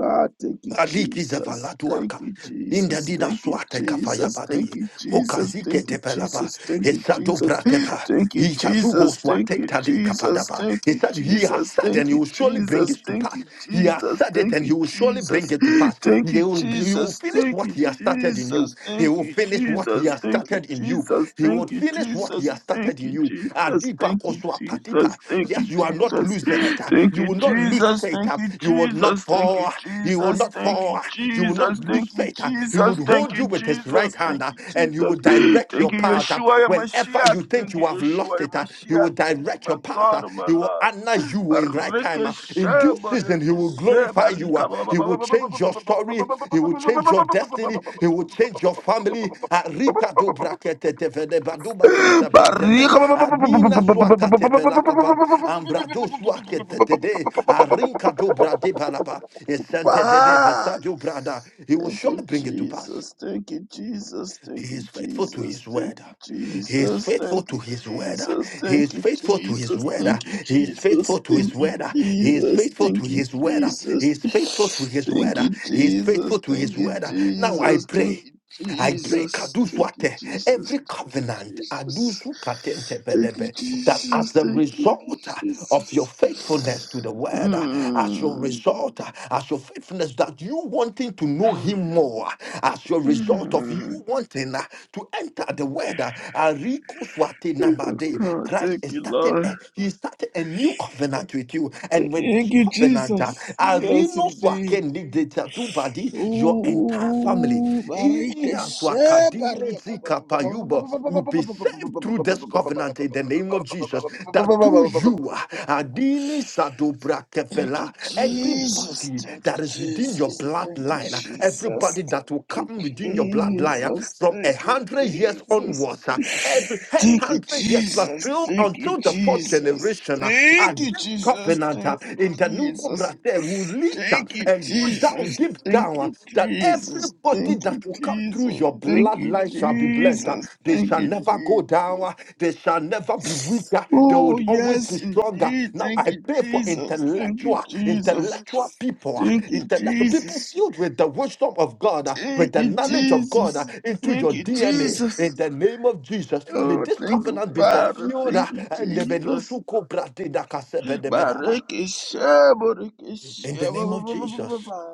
S1: Ah, thank you,
S2: Aliki
S1: Jesus.
S2: zevaladuaka.
S1: Thank you,
S2: Inda
S1: Jesus.
S2: dida
S1: Thank you,
S2: swate kafaya
S1: Jesus.
S2: badi.
S1: Thank you, Jesus.
S2: Hokazike
S1: Thank you,
S2: tepelaba.
S1: Jesus. Thank you,
S2: Esado
S1: Jesus.
S2: bratepa.
S1: Thank you,
S2: He has who
S1: Jesus.
S2: goes
S1: Thank you,
S2: swatenta di
S1: Jesus.
S2: kapadaba.
S1: Thank
S2: He
S1: you,
S2: said, He has
S1: Jesus.
S2: said and
S1: Thank
S2: he
S1: you,
S2: will surely bring
S1: Jesus.
S2: it to
S1: Thank
S2: pass.
S1: you,
S2: He has
S1: Jesus.
S2: said it
S1: Thank
S2: and he
S1: you,
S2: will surely
S1: Jesus.
S2: bring it to pass. He
S1: Thank you,
S2: will, he will
S1: Jesus.
S2: finish
S1: Thank
S2: what
S1: you,
S2: he has started in you.
S1: Jesus.
S2: He
S1: Thank
S2: will
S1: you,
S2: finish what he
S1: Jesus.
S2: has
S1: Thank you,
S2: started in you.
S1: Jesus.
S2: He
S1: Thank
S2: would
S1: you,
S2: finish what he
S1: Jesus.
S2: has started
S1: Thank
S2: in
S1: you,
S2: you.
S1: Jesus.
S2: Adipa
S1: Thank you,
S2: koswa
S1: Jesus.
S2: padipa.
S1: Thank
S2: Yes,
S1: you,
S2: you are not
S1: Jesus.
S2: losing it.
S1: Thank
S2: You
S1: you,
S2: will not lose
S1: Jesus.
S2: faith.
S1: Thank you,
S2: You will not
S1: Jesus. Thank you,
S2: fall. You will
S1: Jesus.
S2: not
S1: Thank you,
S2: fall. You will not
S1: Jesus.
S2: lose
S1: Thank you,
S2: faith. He would
S1: Jesus. Thank
S2: hold you
S1: you,
S2: with his right
S1: Jesus.
S2: hand
S1: Thank
S2: uh,
S1: you,
S2: and
S1: Jesus.
S2: he will direct
S1: Thank
S2: your
S1: you,
S2: path. uh,
S1: Yeshua, your
S2: Whenever
S1: Mashiach.
S2: you think
S1: Thank
S2: you
S1: you,
S2: have
S1: Yeshua,
S2: lost
S1: your
S2: it, uh, he
S1: Mashiach.
S2: will
S1: Thank you,
S2: direct
S1: my
S2: your path.
S1: God
S2: uh,
S1: and my
S2: He will
S1: love.
S2: honor you in right time time. uh,
S1: Barikeshe,
S2: In due season, He will
S1: barikeshe,
S2: glorify you. uh,
S1: barika, ba- ba- ba-
S2: He
S1: ba- ba-
S2: will
S1: ba- ba- ba- ba- ba-
S2: change your
S1: ba- ba- ba-
S2: story.
S1: ba- ba-
S2: He will change your destiny. He will change your family. Uh, Rika do brakete tevede baduma kosa brantebe. Anina
S1: ba-
S2: swakate pelakaba. Ambrado swakete
S1: ba- ba-
S2: tede. Arinka do brade balaba. Esente dede
S1: ba-
S2: vesadu brada. He will
S1: Thank you,
S2: surely bring it to pass.
S1: Jesus. Thank you, Jesus.
S2: He
S1: Thank
S2: is
S1: you,
S2: faithful to
S1: Jesus.
S2: his
S1: Thank
S2: word.
S1: you,
S2: He is
S1: Jesus.
S2: faithful
S1: Thank
S2: to
S1: you,
S2: his word.
S1: Jesus.
S2: He
S1: Thank
S2: is
S1: you,
S2: faithful to his
S1: Jesus.
S2: word.
S1: Thank you,
S2: He is faithful
S1: Jesus.
S2: to his
S1: Thank you,
S2: word. He is
S1: Jesus.
S2: faithful to
S1: Thank you,
S2: his word. He
S1: Jesus.
S2: is faithful to his
S1: Thank
S2: word.
S1: you,
S2: He is
S1: Jesus.
S2: faithful to
S1: Thank
S2: his
S1: you,
S2: word. Now I
S1: Jesus. Thank you, Jesus. Thank
S2: pray.
S1: you,
S2: I pray
S1: Jesus. Thank you,
S2: Kaduswate,
S1: Jesus.
S2: every covenant Adusu Katente
S1: Thank you,
S2: Bedebe, that as
S1: Jesus.
S2: a
S1: Thank you,
S2: result uh, of your
S1: Jesus.
S2: faithfulness to the word, uh, as your
S1: Mm.
S2: result, uh, as your faithfulness that you wanting to know him more, uh, as your result of you wanting uh, to enter the word, uh, Ariko Swate Namade,
S1: Oh,
S2: Christ
S1: thank
S2: is
S1: you,
S2: started
S1: Lord.
S2: a, he started a new covenant with you. And with this
S1: Thank you,
S2: covenant, uh,
S1: Jesus. Yes,
S2: Arino
S1: indeed.
S2: Swake Nideta Dubadi, your entire family
S1: Ooh,
S2: Ee,
S1: barika she
S2: Aswakadine
S1: barika ba- ba- ba- ba- ba- ba-
S2: Zikapayuba,
S1: ba- ba- ba-
S2: will
S1: ba- ba- ba-
S2: be
S1: ba-
S2: saved
S1: ba
S2: through this
S1: ba
S2: covenant in the name of Jesus. That through
S1: ba ba
S2: you,
S1: ba
S2: Adini Sadobra
S1: Thank you,
S2: Kefela,
S1: Jesus.
S2: everybody
S1: Thank you,
S2: that is within your
S1: Jesus. Thank you,
S2: bloodline,
S1: Jesus.
S2: everybody that will
S1: Thank you,
S2: come within your bloodline uh,
S1: Jesus.
S2: from a
S1: Thank you,
S2: hundred years
S1: Jesus.
S2: onwards, uh, every he-
S1: Thank you,
S2: hundred years plus
S1: Jesus.
S2: till
S1: Thank you,
S2: until the fourth
S1: Jesus.
S2: generation, uh,
S1: Thank
S2: and
S1: you,
S2: this
S1: Jesus.
S2: covenant uh,
S1: Thank you,
S2: in the new
S1: Jesus.
S2: Cobra will lead scripture
S1: Thank you,
S2: and go down,
S1: Jesus.
S2: give
S1: Thank
S2: down uh,
S1: you,
S2: that
S1: Jesus.
S2: everybody
S1: Thank
S2: that
S1: you,
S2: will come through
S1: Jesus.
S2: your
S1: Thank you,
S2: bloodline shall be blessed. uh,
S1: Jesus.
S2: They
S1: Thank
S2: shall
S1: you,
S2: never go down.
S1: Jesus.
S2: uh, They shall never be weaker. They
S1: Oh,
S2: would always be
S1: yes,
S2: stronger.
S1: indeed.
S2: Now
S1: Thank
S2: I
S1: you,
S2: pray for
S1: Jesus. Thank you,
S2: intellectual,
S1: Jesus.
S2: intellectual people, uh,
S1: Thank you,
S2: intellectual people
S1: Jesus.
S2: filled with the wisdom of God, uh, with
S1: Thank
S2: the
S1: you,
S2: knowledge of God uh,
S1: Jesus.
S2: into
S1: Thank
S2: your
S1: you,
S2: DNA. In
S1: Jesus.
S2: the name of Jesus, may
S1: Oh,
S2: this
S1: thank you,
S2: covenant be
S1: Father.
S2: fulfilled. uh,
S1: Thank you,
S2: and the
S1: Jesus.
S2: Belusu Kobra Dida Kasebe Debedaba.
S1: Bareke shabo, reke
S2: In the
S1: shabo,
S2: name
S1: ba,
S2: of
S1: ba, ba, ba, ba,
S2: Jesus.
S1: ba.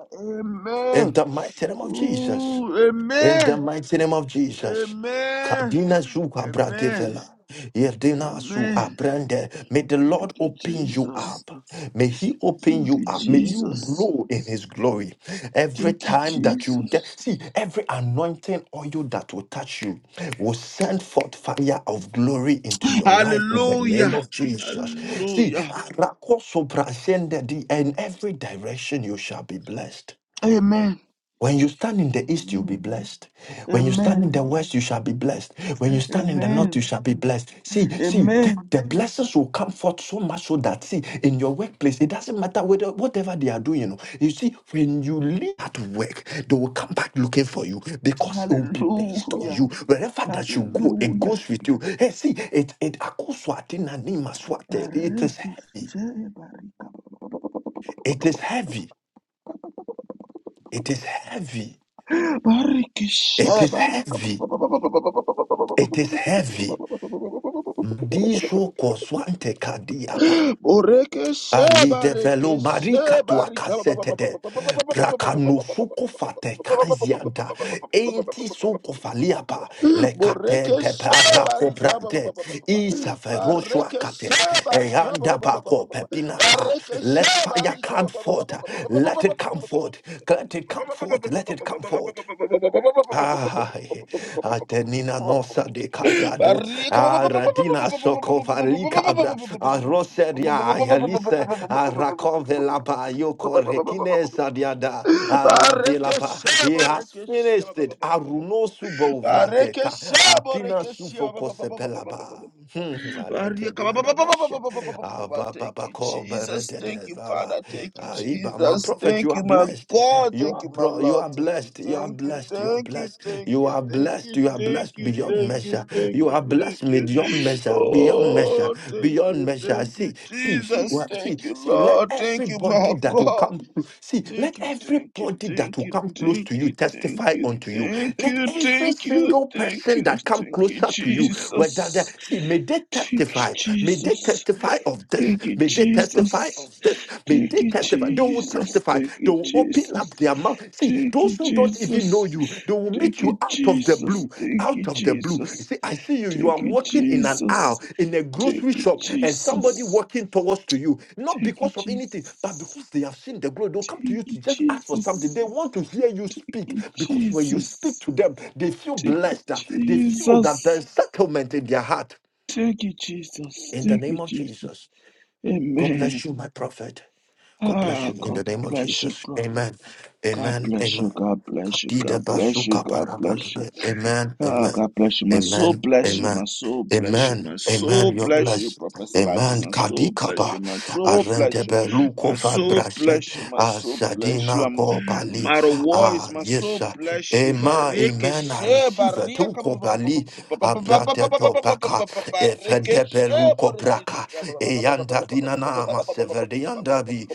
S2: In
S1: Amen.
S2: the mighty name of Jesus.
S1: Ooh,
S2: In the
S1: amen.
S2: mighty name of Jesus.
S1: Amen.
S2: Kadina zu
S1: Amen.
S2: abradevela. Yerdina zu
S1: Amen.
S2: abrande. May the Lord
S1: Thank you,
S2: open you
S1: Jesus.
S2: up. May He open
S1: Thank
S2: you
S1: you,
S2: up. May you
S1: Jesus.
S2: glow in His glory. Every
S1: Thank you,
S2: time that you get,
S1: Jesus.
S2: see, every anointing oil that will touch you will send forth fire of glory into your life in the name
S1: Hallelujah.
S2: of Jesus. See,
S1: Hallelujah.
S2: arakosobrasende di- in every direction you shall be blessed.
S1: Amen.
S2: When you stand in the east, you'll be
S1: Amen.
S2: blessed. When you stand in
S1: Amen.
S2: the west, you shall be blessed. When you stand in the north, you
S1: Amen.
S2: shall be blessed. See, see, th-
S1: Amen.
S2: the blessings will come forth so much so that, see, in your workplace, it doesn't matter whether whatever they are doing. You, know, you see, when you leave at work, they will come back looking for you because it will be based on
S1: Hallelujah.
S2: you. Wherever that you go, it
S1: Hallelujah.
S2: goes with you. Hey, see, it it akoswatina nimaswate. It is heavy.
S1: Barikishe barika.
S2: It is heavy. It is heavy. It
S1: Barikishe
S2: is
S1: barika.
S2: heavy. It is heavy. Disho koswante kadiapa.
S1: Boreke
S2: Ali
S1: sheba
S2: develo
S1: reke
S2: marika
S1: sheba
S2: tua
S1: rika ba- ba- ba-
S2: kasete
S1: ba- ba-
S2: de
S1: ba- ba- ba- ba- ba- ba- ba- ba-
S2: prakanu
S1: ba- ba- ba-
S2: suko fate kazianta enti suko faliapa le kate
S1: Boreke
S2: de
S1: sheba
S2: parako
S1: rika ba- ba-
S2: prante
S1: ba- ba- ba- ba-
S2: isa
S1: ba-
S2: feroshwa
S1: Bareke
S2: kate
S1: sheba rika ba-
S2: eyanda
S1: ba- ba- ba- ba-
S2: bako
S1: ba- ba-
S2: pepinaka
S1: Bareke
S2: let
S1: sheba
S2: fire
S1: rika
S2: come
S1: ba- ba- ba-
S2: forth
S1: ba- ba- ba- ba-
S2: let
S1: ba-
S2: it come forth let it come forth let it come forth Ah, eh, Atenina
S1: ba- ba- ba-
S2: nosa de cabrado, Aradina socovali cabra, Aroseria, Ayalice, Aracovelapa, Yoko Rekinesa diada, Alabelapa. He has finished it. Aruno subo
S1: Bareke
S2: vradeca,
S1: shabo,
S2: Apina
S1: reke shabo.
S2: sufocosepelaba. Hmm,
S1: Thank
S2: alakedina dabashe. Ah, ba, ba, ba,
S1: you,
S2: ko, ba, re,
S1: Jesus.
S2: de, de,
S1: Thank you,
S2: ba, ba.
S1: Father. Thank you,
S2: Ah, iba, My
S1: Jesus.
S2: prophet, you
S1: Thank
S2: are
S1: you, my
S2: blessed.
S1: God.
S2: You
S1: Thank
S2: are
S1: you, my
S2: pro, you
S1: Lord.
S2: are
S1: Thank you,
S2: blessed. You are
S1: thank you,
S2: blessed. You are
S1: thank you,
S2: blessed.
S1: thank
S2: You
S1: you,
S2: are
S1: thank
S2: blessed.
S1: you,
S2: You are
S1: thank
S2: blessed
S1: you,
S2: beyond
S1: thank you,
S2: measure.
S1: thank
S2: You
S1: you,
S2: are
S1: thank
S2: blessed
S1: you.
S2: beyond measure. Beyond measure.
S1: Oh, thank
S2: Beyond
S1: you,
S2: measure.
S1: thank you,
S2: See, see, see,
S1: Jesus.
S2: what- see,
S1: Thank you,
S2: see. Let
S1: Lord. Thank you, my
S2: everybody that will
S1: God.
S2: come, see, let
S1: Thank you, thank you,
S2: everybody that
S1: thank
S2: will
S1: you,
S2: come close to
S1: thank
S2: you
S1: you, thank
S2: testify
S1: you,
S2: unto you.
S1: thank
S2: Let
S1: you,
S2: every
S1: thank you,
S2: single
S1: thank
S2: person
S1: you,
S2: that come
S1: thank you,
S2: closer to you, whether
S1: Jesus.
S2: that see See, may they
S1: Thank you,
S2: testify. May they
S1: Jesus.
S2: testify of this.
S1: Thank you,
S2: May they testify
S1: Jesus.
S2: of this. May
S1: Thank
S2: they
S1: you,
S2: testify. They will
S1: Jesus.
S2: testify.
S1: Thank
S2: They
S1: you,
S2: will open up
S1: Jesus.
S2: their mouth. See,
S1: Thank
S2: those
S1: you,
S2: who don't even know
S1: Jesus.
S2: you, they will
S1: Thank
S2: meet you
S1: you,
S2: out of the
S1: Jesus.
S2: blue.
S1: Thank
S2: Out
S1: you,
S2: of the blue. You
S1: Jesus.
S2: see, I see you. You are
S1: Thank you,
S2: walking in an
S1: Jesus.
S2: aisle in a
S1: Thank
S2: grocery
S1: you,
S2: shop, and somebody
S1: Jesus.
S2: walking towards to you, not
S1: Thank you,
S2: because of anything,
S1: Jesus.
S2: but because they have seen the glory. They'll come to
S1: Thank
S2: you
S1: you,
S2: to just ask for something.
S1: Jesus.
S2: They want to hear you
S1: Thank
S2: speak
S1: you,
S2: because when you
S1: Jesus.
S2: speak to them, they feel
S1: Thank you,
S2: blessed. They feel that
S1: Jesus.
S2: there's settlement in their heart.
S1: Thank you, Jesus.
S2: In the
S1: Thank you,
S2: name of
S1: Jesus.
S2: Jesus. God
S1: Amen.
S2: bless you, my prophet. God bless
S1: Ah,
S2: you in
S1: God
S2: the name of
S1: bless you,
S2: Jesus.
S1: brother.
S2: Amen.
S1: God
S2: Amen.
S1: bless you.
S2: Amen.
S1: God bless you.
S2: Kadida
S1: God bless you.
S2: basuka
S1: God bless you.
S2: parabalabe. Amen.
S1: Ah,
S2: Amen.
S1: God bless you. My soul
S2: Amen.
S1: bless you. My
S2: Amen.
S1: soul bless you.
S2: Amen.
S1: My
S2: Amen.
S1: soul
S2: You're
S1: bless you,
S2: blessed.
S1: Professor Lyson.
S2: Amen.
S1: My soul bless you.
S2: Kadikapa.
S1: My soul bless you.
S2: Arentebe
S1: My
S2: lukova
S1: soul
S2: brashe.
S1: bless you. My soul bless you.
S2: Asadina
S1: I'm, I'm
S2: kopali.
S1: out of words.
S2: Ah,
S1: My
S2: yes,
S1: soul
S2: sir.
S1: bless you.
S2: Amen. Amen. I
S1: Barikeshe,
S2: receive it.
S1: barika,
S2: Ukopali. Abrate dopaka.
S1: barikeshe,
S2: Efedebe Eyanda dinana maseverde yanda bi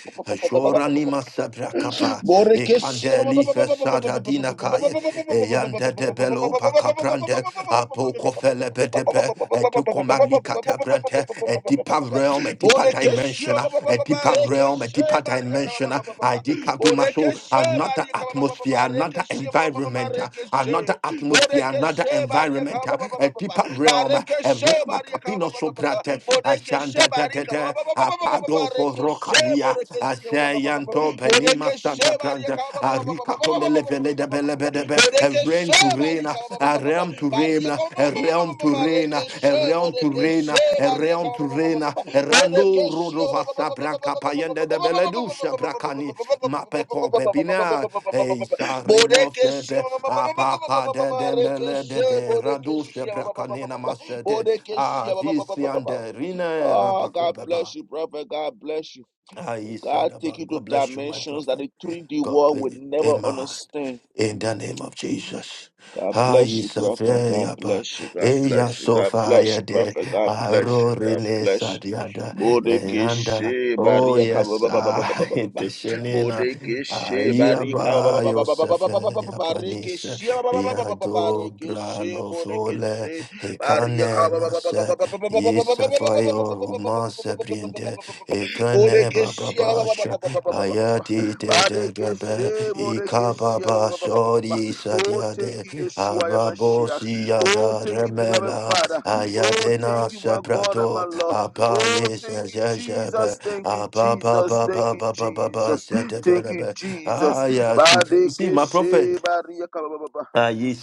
S2: shora
S1: barikeshe.
S2: ni masebra kapa
S1: Borekeshia.
S2: ekandeli fesada dina kaye eyanda debelo pakaprande apoko felebe depe etukomagli katabrante a deeper realm a deeper dimension
S1: Borekeshia.
S2: a deeper realm a
S1: borekeshia,
S2: deeper
S1: baria kaba ba
S2: dimension
S1: ba ba ba
S2: I
S1: ba.
S2: decado
S1: Borekeshe
S2: another
S1: baria kaba ba ba ba
S2: atmosphere,
S1: ba.
S2: another
S1: Rekeshia ma ma ma ma
S2: environment, uh,
S1: rekeshe.
S2: another atmosphere, another
S1: Borekeshe baria
S2: environment,
S1: kaba
S2: uh,
S1: ba ba
S2: a
S1: ba ba ba ba.
S2: deeper realm, uh, a
S1: Barekeshe
S2: realm a
S1: baria kaba ba
S2: capino
S1: ba ba ba ba.
S2: soprate, a
S1: Borekeshe
S2: shanta
S1: baria kaba ba
S2: tete,
S1: ba ba
S2: a
S1: ba ba ba ba.
S2: pago for rocaria, a
S1: borekeshia
S2: sayanto penima
S1: Bodeke
S2: santa
S1: shebarika
S2: pranta,
S1: ba- ba-
S2: a
S1: ba- ba- ba- ba- ba-
S2: ricato
S1: ba- ba- ba- ba-
S2: belevele
S1: ba- ba-
S2: de
S1: ba- ba- ba- ba-
S2: belebedebe,
S1: Bodeke
S2: a rain to rain, uh,
S1: shebarika ba- ba-
S2: a
S1: ba- ba- ba- ba-
S2: realm to rain
S1: barika
S2: a
S1: ma- ma- ma- ma- ma- ma-
S2: realm
S1: ma-
S2: to
S1: ma-
S2: reign, a
S1: reke she
S2: realm to
S1: bodeke
S2: reign, a
S1: shebarika
S2: realm to
S1: ba- ba- ba-
S2: reign.
S1: ba- ba- ba- ba-
S2: Rando
S1: bodeke she ba- ba- ba-
S2: rodovasa
S1: ba- ba- ba- ba-
S2: branca
S1: ba- ba- ba-
S2: payende
S1: ba-
S2: de
S1: ba- ba-
S2: beledusha bracani mapeko pepina
S1: ba-
S2: e
S1: ba-
S2: sareno
S1: bodeke she
S2: febe
S1: ma- ma- ma- ma- ma- ma- ma- ma-
S2: apaka
S1: ma- ma-
S2: de
S1: ma-
S2: de
S1: reke she
S2: melede de
S1: bodeke
S2: radusha
S1: she ba- ba- ba- ba-
S2: bracanina
S1: ba- ba-
S2: masete
S1: bodeke she ba- ba- ba- ba- ba- ba- ba-
S2: avisiande rine
S1: Oh, God
S2: rabakobeba.
S1: bless you, brother. God bless you.
S2: Aisa
S1: God take
S2: daba.
S1: you to
S2: God bless you, my
S1: dimensions
S2: prophet.
S1: that the 3D
S2: God
S1: world
S2: bless
S1: would
S2: you.
S1: never
S2: Amen.
S1: understand.
S2: In the name of Jesus.
S1: God
S2: Ah,
S1: bless you, prophet. God
S2: Yisafeya ba.
S1: bless you. God
S2: Eya
S1: bless you. God bless
S2: sofaya
S1: you,
S2: de.
S1: prophet. God bless you.
S2: Arore
S1: God
S2: ne
S1: bless you.
S2: sadiada.
S1: Bodeke
S2: Eanda.
S1: she
S2: Oh
S1: bari ka
S2: yes,
S1: baba baba baba
S2: ah,
S1: baba baba baba baba baba
S2: inteshenina,
S1: bodeke
S2: ah,
S1: she bari ka baba
S2: iraba
S1: baba baba baba
S2: Yosef,
S1: baba baba baba baba baba bodeke
S2: yapanisa,
S1: she baba baba baba baba baba
S2: yado bralo fole, hekane masa,
S1: baba baba baba baba
S2: yisafayo masa brinde, hekane
S1: bodeke she baba
S2: baba
S1: baba baba baba baba baba baba baba
S2: Ayadi
S1: baba
S2: de de
S1: bodeke
S2: de
S1: she
S2: be
S1: baba baba baba baba
S2: ikababa
S1: baba baba baba baba
S2: sori
S1: Oh, thank
S2: sadiade
S1: you, Yeshua Yamashiach.
S2: ababosi
S1: Oh,
S2: yada
S1: thank you, beloved
S2: remela
S1: Father. Oh,
S2: ayadena
S1: thank you, my God and my
S2: sebrado
S1: Lord. Oh,
S2: abaye
S1: thank you,
S2: sejebe
S1: Jesus. Thank you,
S2: ababa
S1: Jesus.
S2: baba
S1: Thank you,
S2: baba baba
S1: Jesus. Thank you,
S2: sedevelebe
S1: Jesus.
S2: ayasu. See my prophet.
S1: Badekeshe bariyakababa.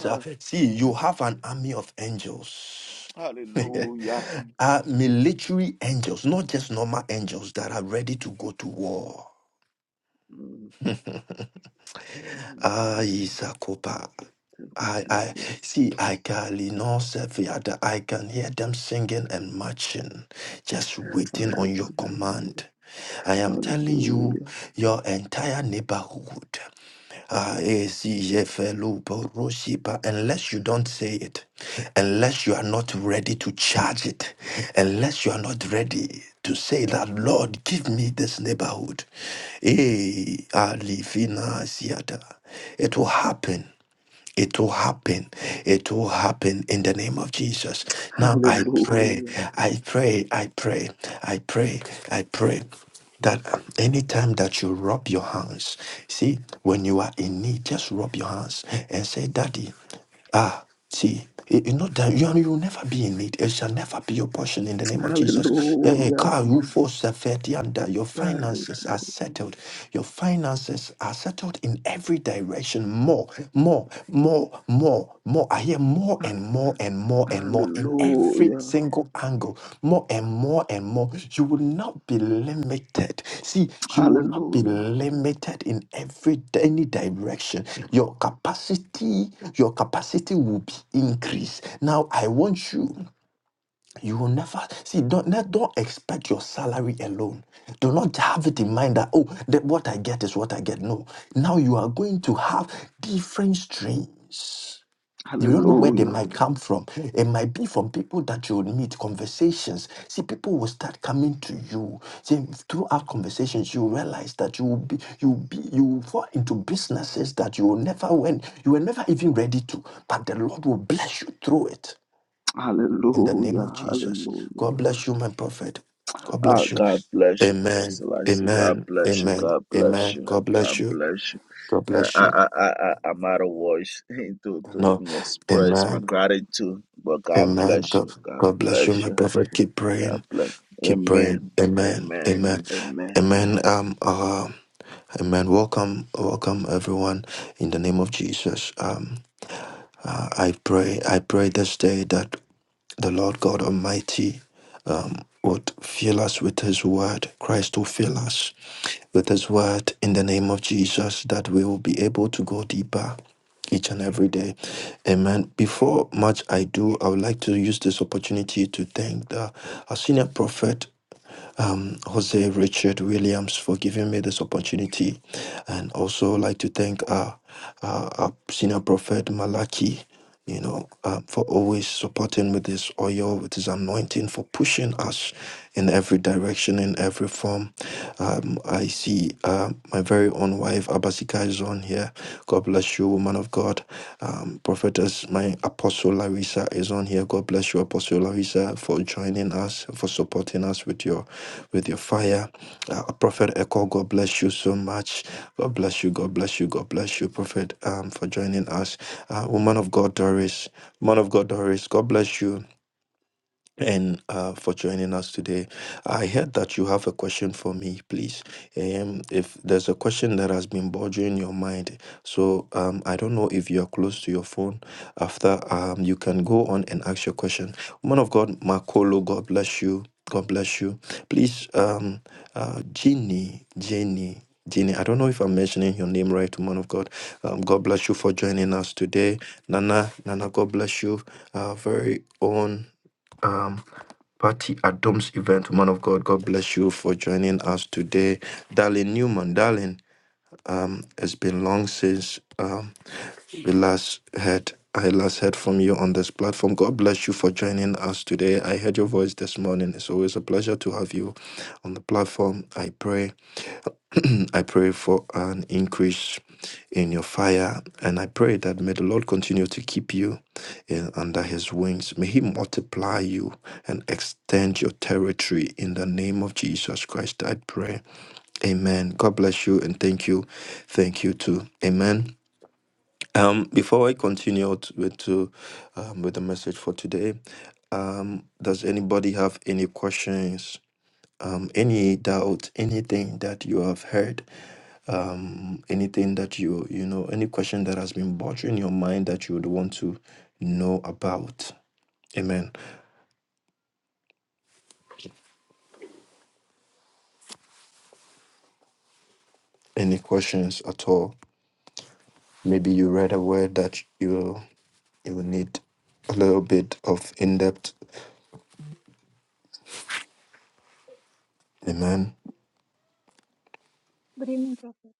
S1: Ah,
S2: See you have an army of angels.
S1: Hallelujah.
S2: are military angels, not just normal angels that are ready to go to war.
S1: Mm, mm.
S2: Ah, Isakopa.
S1: Thank you,
S2: I, I
S1: Jesus.
S2: see I can Igalino Sefiada. I can hear them singing and marching, just waiting on your
S1: Hallelujah.
S2: command. I am telling you,
S1: Hallelujah.
S2: your entire neighborhood. Ah, eh, si, je fais le poro shiba. Unless you don't say it, unless you are not ready to charge it, unless you are not ready to say that, Lord, give me this neighborhood. Eh, ah, lifina siata. It will happen. It will happen. It will happen in the name of Jesus. Now I pray,
S1: Hallelujah.
S2: I pray, I pray, I pray, I pray that um, anytime that you rub your hands, see, when you are in need, just rub your hands and say, Daddy. Ah, see, you you know that you, are- you will never be in need. It shall never be your portion in the name of Jesus. Eh, eh, Car, roof, or safety, and that your finances are settled. Your finances are settled in every direction. More, more, more, more, more. I hear more and more more and more and more in every
S1: Hallelujah.
S2: single angle, more and more and more. You will not be limited. See, you will not be
S1: Hallelujah.
S2: limited in every any direction. Your capacity, your capacity will be increased. Now, I want you. You will never see. Don't ne- don't expect your salary alone. Do not have it in mind that oh, that what I get is what I get. No. Now you are going to have different streams. You don't know where they
S1: Hallelujah.
S2: might come from. It might be from people that you meet, conversations. See, people will start coming to you. See, throughout conversations, you realize that you will be, you will be, you will fall into businesses that you will never went, you were never even ready to. But the Lord will bless you through it. In the name
S1: Hallelujah.
S2: of Jesus,
S1: Hallelujah.
S2: God bless you, my prophet. God
S1: Ah,
S2: bless you.
S1: God bless you,
S2: Amen.
S1: Professor Lassie. God
S2: Amen.
S1: bless you.
S2: Amen.
S1: God bless
S2: Amen.
S1: you.
S2: God bless
S1: God
S2: you.
S1: bless you.
S2: God
S1: Uh,
S2: bless
S1: I,
S2: you.
S1: I, I, I- I'm out of words to, to
S2: No.
S1: even express
S2: Amen.
S1: my gratitude, but God
S2: Amen.
S1: bless
S2: God,
S1: you. God
S2: God bless you,
S1: bless
S2: my
S1: you.
S2: prophet. Keep praying.
S1: God bless.
S2: Keep
S1: Amen.
S2: praying. Amen.
S1: Amen.
S2: Amen.
S1: Amen.
S2: Amen. Um. Uh, amen. Welcome. Welcome, everyone. In the name of Jesus. Um, uh, I pray, I pray this day that the Lord God Almighty um, would fill us with His Word. Christ will fill us with His Word in the name of Jesus, that we will be able to go deeper each and every day. Amen. Before much I do, I would like to use this opportunity to thank the, our senior prophet um, Jose Richard Williams for giving me this opportunity. And also like to thank our, our, our senior prophet Malachi, you know, uh, for always supporting with his oil, with his anointing, for pushing us in every direction, in every form. Um, I see uh, my very own wife, Abasika, is on here. God bless you, woman of God. Um, prophetess, my apostle Larissa is on here. God bless you, Apostle Larissa, for joining us, for supporting us with your with your fire. Uh, Prophet Echo, God bless you so much. God bless you, God bless you, God bless you, Prophet, um, for joining us. Uh, woman of God, Doris, woman of God, Doris, God bless you and uh, for joining us today. I heard that you have a question for me, please. Um, if there's a question that has been bothering your mind, so um, I don't know if you're close to your phone. After um, you can go on and ask your question. Woman of God, Makolo, God bless you. God bless you. Please, um, uh, Jenny, Jenny. Jenny, I don't know if I'm mentioning your name right, woman of God. Um, God bless you for joining us today. Nana, Nana, God bless you. Our very own um, Party at Dom's event. Man of God, God bless you for joining us today. Darling Newman, darling, um, it's been long since um, we last heard. I last heard from you on this platform. God bless you for joining us today. I heard your voice this morning. It's always a pleasure to have you on the platform. I pray. I pray for an increase in your fire. And I pray that may the Lord continue to keep you in, under his wings. May he multiply you and extend your territory in the name of Jesus Christ. I pray. Amen. God bless you and thank you. Thank you too. Amen. Um, before I continue t- with, to, um, with the message for today, um, does anybody have any questions? Um, any doubt, anything that you have heard um, anything that you you know any question that has been bothering your mind that you would want to know about amen any questions at all maybe you read a word that you you will need a little bit of in-depth amen
S3: Good evening, Prophet.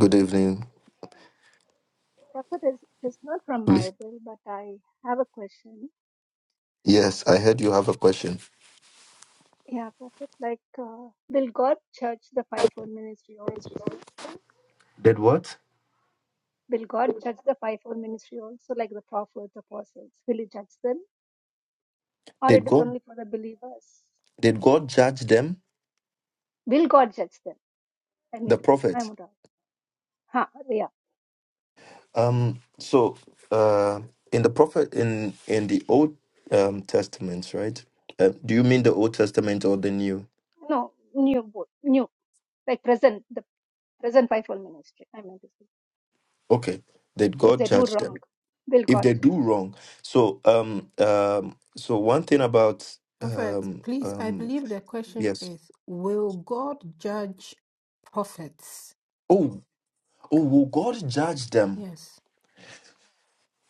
S2: good evening
S3: Prophet is is not from
S2: please
S3: Bible, but I have a question.
S2: yes i heard you have a question
S3: Yeah, Prophet, like, uh, will God judge the fivefold ministry also?
S2: did what
S3: Will God judge the fivefold ministry also, like the prophets, apostles? Will He judge them, or it
S2: did
S3: is
S2: god
S3: only for the believers?
S2: did god judge them
S3: Will God judge them? I mean,
S2: the
S3: to say, I
S2: prophets?
S3: would ask. Ha, yeah,
S2: Um, so uh, in the prophet in in the Old um, Testament, right? Uh, do you mean the Old Testament or the New?
S3: no, new both, new like present the present fivefold ministry. I mean to say,
S2: Okay, that
S3: if
S2: God
S3: they do
S2: judge them
S3: wrong, will
S2: if
S3: God
S2: they do
S3: judge them?
S2: wrong. So um um so one thing about
S4: Prophet,
S2: um
S4: please, I
S2: um
S4: believe the question
S2: yes
S4: is Will God judge prophets?
S2: oh oh will God judge them?
S4: Yes.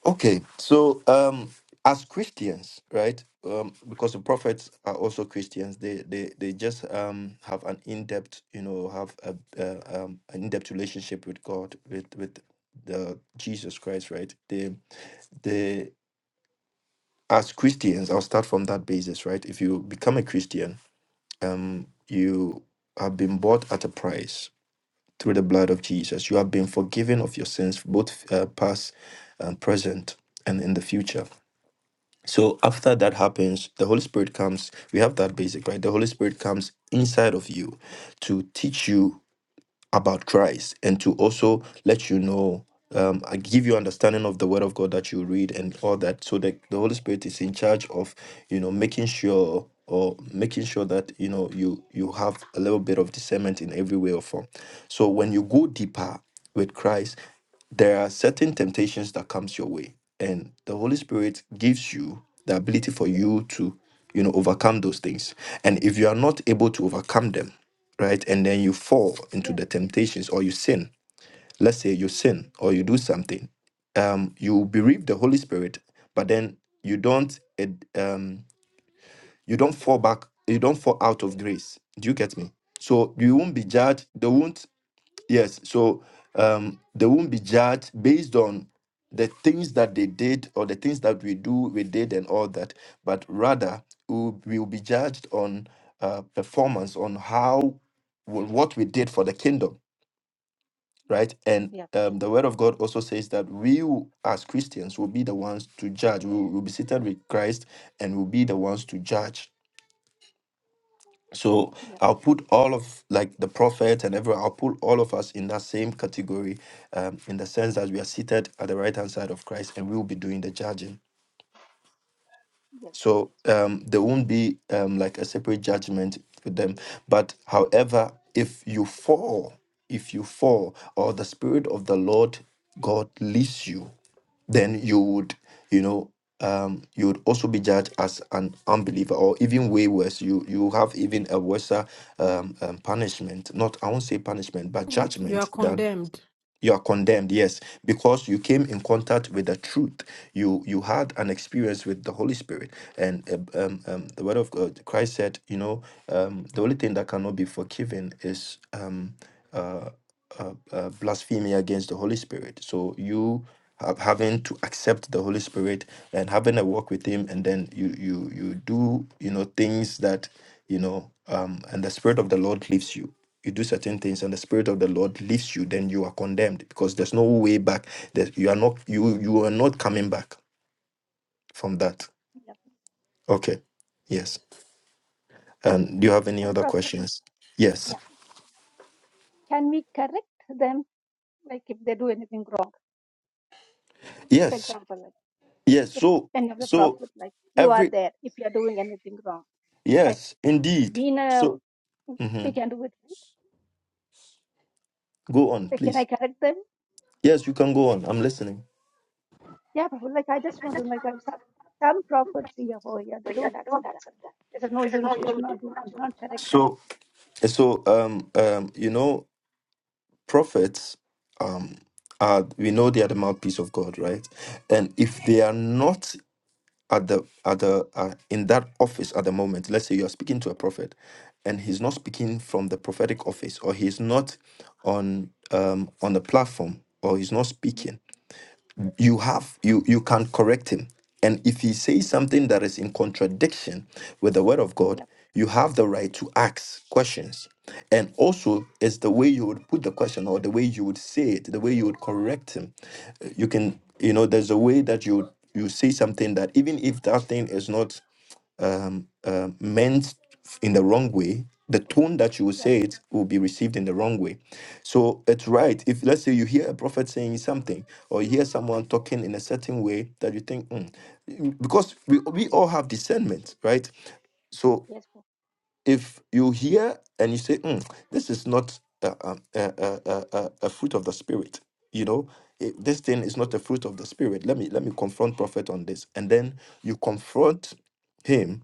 S2: Okay, so um, as Christians, right? Um, because the prophets are also Christians, they they they just um have an in depth, you know, have a, a um an in depth relationship with God, with with the Jesus Christ, right? They they as Christians, I'll start from that basis, right? If you become a Christian, um, you have been bought at a price through the blood of Jesus. You have been forgiven of your sins, both uh, past and present, and in the future So after that happens, the Holy Spirit comes. We have that basic, right? The Holy Spirit comes inside of you to teach you about Christ and to also let you know, um, I give you understanding of the Word of God that you read and all that, so that the Holy Spirit is in charge of, you know, making sure or making sure that you know you you have a little bit of discernment in every way or form. So when you go deeper with Christ, there are certain temptations that comes your way, and the Holy Spirit gives you the ability for you to, you know, overcome those things. And if you are not able to overcome them, right? And then you fall into
S3: Yeah,
S2: the temptations or you sin. Let's say you sin or you do something. Um, you
S3: yeah,
S2: bereave the Holy Spirit, but then you don't eh, um, you don't fall back, you don't fall out of grace. Do you get me? So you won't be
S3: yeah,
S2: judged. They won't Yes. So um, they won't be judged based on the things that they did or the things that we do, we did, and all that, but rather we'll, we'll be judged on uh, performance, on how wh- what we did for the kingdom, right? And
S3: yeah, yeah,
S2: um, the word of God also says that we, will- as Christians, will be the ones to judge. We will we'll be seated with Christ and we'll be the ones to judge so
S3: yeah,
S2: I'll put all of like the prophet and everyone, I'll put all of us in that same category um, in the sense that we are seated at the right hand side of Christ and we will be doing the judging
S3: yes, Prophet.
S2: so um, there won't be um, like a separate judgment for them. But however, if you fall, if you fall, or the spirit of the Lord God leads you, then you would, you know, um, you would also be judged as an unbeliever, or even way worse. You you have even a worse um, um, punishment. Not I won't say punishment, but
S4: You are
S2: judgment
S4: condemned.
S2: you are condemned yes because you came in contact with the truth you you had an experience with the holy spirit and uh, um, um, the word of god christ said you know um, the only thing that cannot be forgiven is um, uh, uh, uh, blasphemy against the Holy Spirit. So you have having to accept the Holy Spirit and having a walk with Him, and then you you you do you know things that you know, um, and the Spirit of the Lord leaves you. You do certain things, and the Spirit of the Lord leaves you. Then you are condemned because there's no way back. That you are not you you are not coming back from that.
S3: yeah.
S2: Okay, yes. And do you have any
S3: and
S2: other
S3: prophet
S2: questions? Yes,
S3: yeah can we correct them like if they do anything wrong for
S2: yes,
S3: example like
S2: yes.
S3: if
S2: So
S3: any of the
S2: so
S3: prophet like you
S2: every
S3: are there if you are doing anything wrong like
S2: Yes, indeed.
S3: we know
S2: So,
S3: we
S2: Mhm.
S3: can do it right
S2: go on,
S3: like can
S2: please.
S3: i correct them
S2: Yes, you can go on. I'm listening.
S3: yeah prophet like i just want to like some, some prophets here over here they don't accept that they say no you should not do you should not correct them
S2: So, so um, um, you know, prophets, um, are we know they are the mouthpiece of God, right? And if they are not at the at the uh, in that office at the moment, let's say you are speaking to a prophet, and he's not speaking from the prophetic office, or he's not on um on the platform, or he's not
S3: yeah
S2: speaking you have you you can correct him and if he says something that is in contradiction with the word of god
S3: yeah
S2: you have the right to ask questions and also it's the way you would put the question or the way you would say it the way you would correct him you can you know there's a way that you you say something that even if that thing is not um, uh, meant in the wrong way, the tone that you will
S3: yeah
S2: say it will be received in the wrong way. So it's right. If let's say you hear a prophet saying something, or you hear someone talking in a certain way that you think, "Hmm," because we, we all have discernment, right? So
S3: yes prophet.
S2: if you hear and you say, "Mm, this is not a, a, a, a, a a fruit of the spirit, you know, eh, this thing is not a fruit of the spirit. Let me let me confront prophet on this, and then you confront him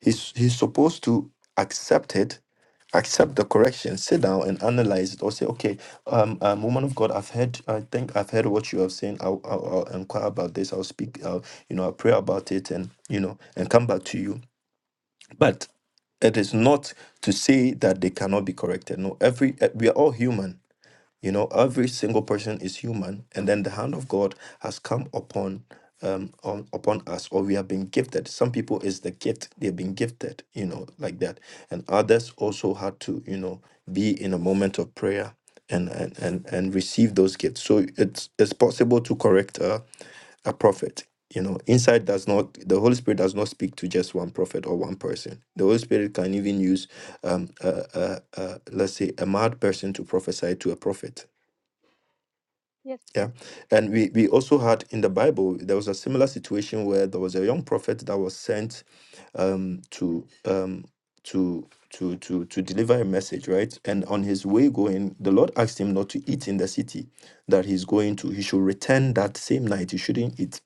S2: He's he's supposed to accept it, accept the correction, sit down and analyze it, or say, okay, um, um woman of God, I've heard, I think I've heard what you have saying. I'll, I'll, I'll inquire about this. I'll speak, I'll, you know, I'll pray about it, and you know, and come back to you. But it is not to say that they cannot be corrected. No, every eh, we are all human you know, every single person is human, and then the hand of God has come upon um on, upon us, or we have been gifted. Some people is the gift they've been gifted, you know, like that, and others also had to, you know, be in a moment of prayer and and and, and receive those gifts. So it's it's possible to correct a, a prophet. You know, insight does not the Holy Spirit does not speak to just one prophet or one person. The Holy Spirit can even use um uh, uh, uh, let's say a mad person to prophesy to a prophet
S3: yes
S2: yeah. And we, we also had in the Bible, there was a similar situation where there was a young prophet that was sent um, to um, to to to to deliver a message, right? And on his way going, the Lord asked him not to eat in the city that he's going to. He should return that same night. He shouldn't eat.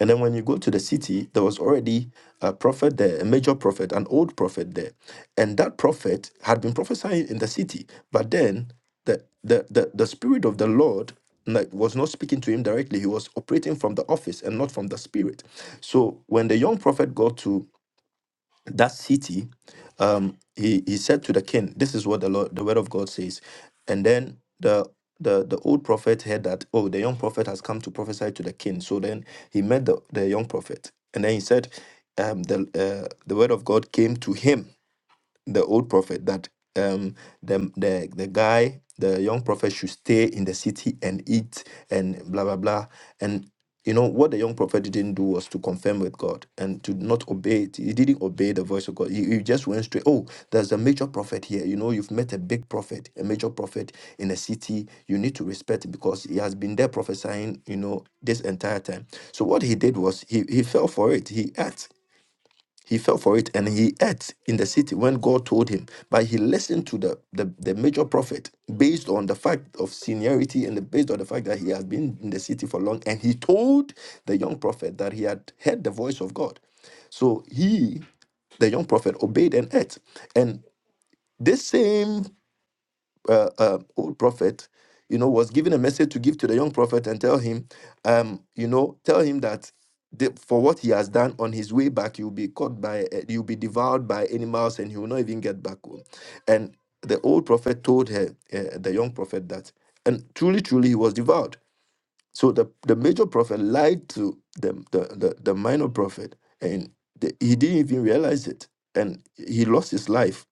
S2: And then when you go to the city, there was already a prophet there, a major prophet, an old prophet there. And that prophet had been prophesying in the city. But then the the the, the spirit of the Lord like, was not speaking to him directly. He was operating from the office and not from the spirit. So when the young prophet got to that city, um, he, he said to the king, This is what the Lord, the word of God says. And then the the, the old prophet heard that, oh, the young prophet has come to prophesy to the king. So then he met the, the young prophet. And then he said, um, the, uh, the word of God came to him the old prophet that um the the the guy the young prophet should stay in the city and eat and blah blah blah and you know what the young prophet didn't do was to confirm with God and to not obey it. He didn't obey the voice of God. He, he just went straight. Oh, there's a major prophet here. You know, you've met a big prophet, a major prophet in a city. You need to respect him because he has been there prophesying. You know, this entire time. So what he did was he he fell for it. He acted. He fell for it and he ate in the city when God told him. But he listened to the, the, the major prophet based on the fact of seniority and the- based on the fact that he had been in the city for long. And he told the young prophet that he had heard the voice of God. So he, the young prophet, obeyed and ate. And this same uh, uh, old prophet, you know, was given a message to give to the young prophet and tell him, um, you know, tell him that the, for what he has done on his way back, you'll be caught by, uh, you'll be devoured by animals, and he will not even get back home. And the old prophet told her, uh, the young prophet, that, and truly, truly, he was devoured. So the, the major prophet lied to the, the, the, the minor prophet, and the, he didn't even realize it, and he lost his life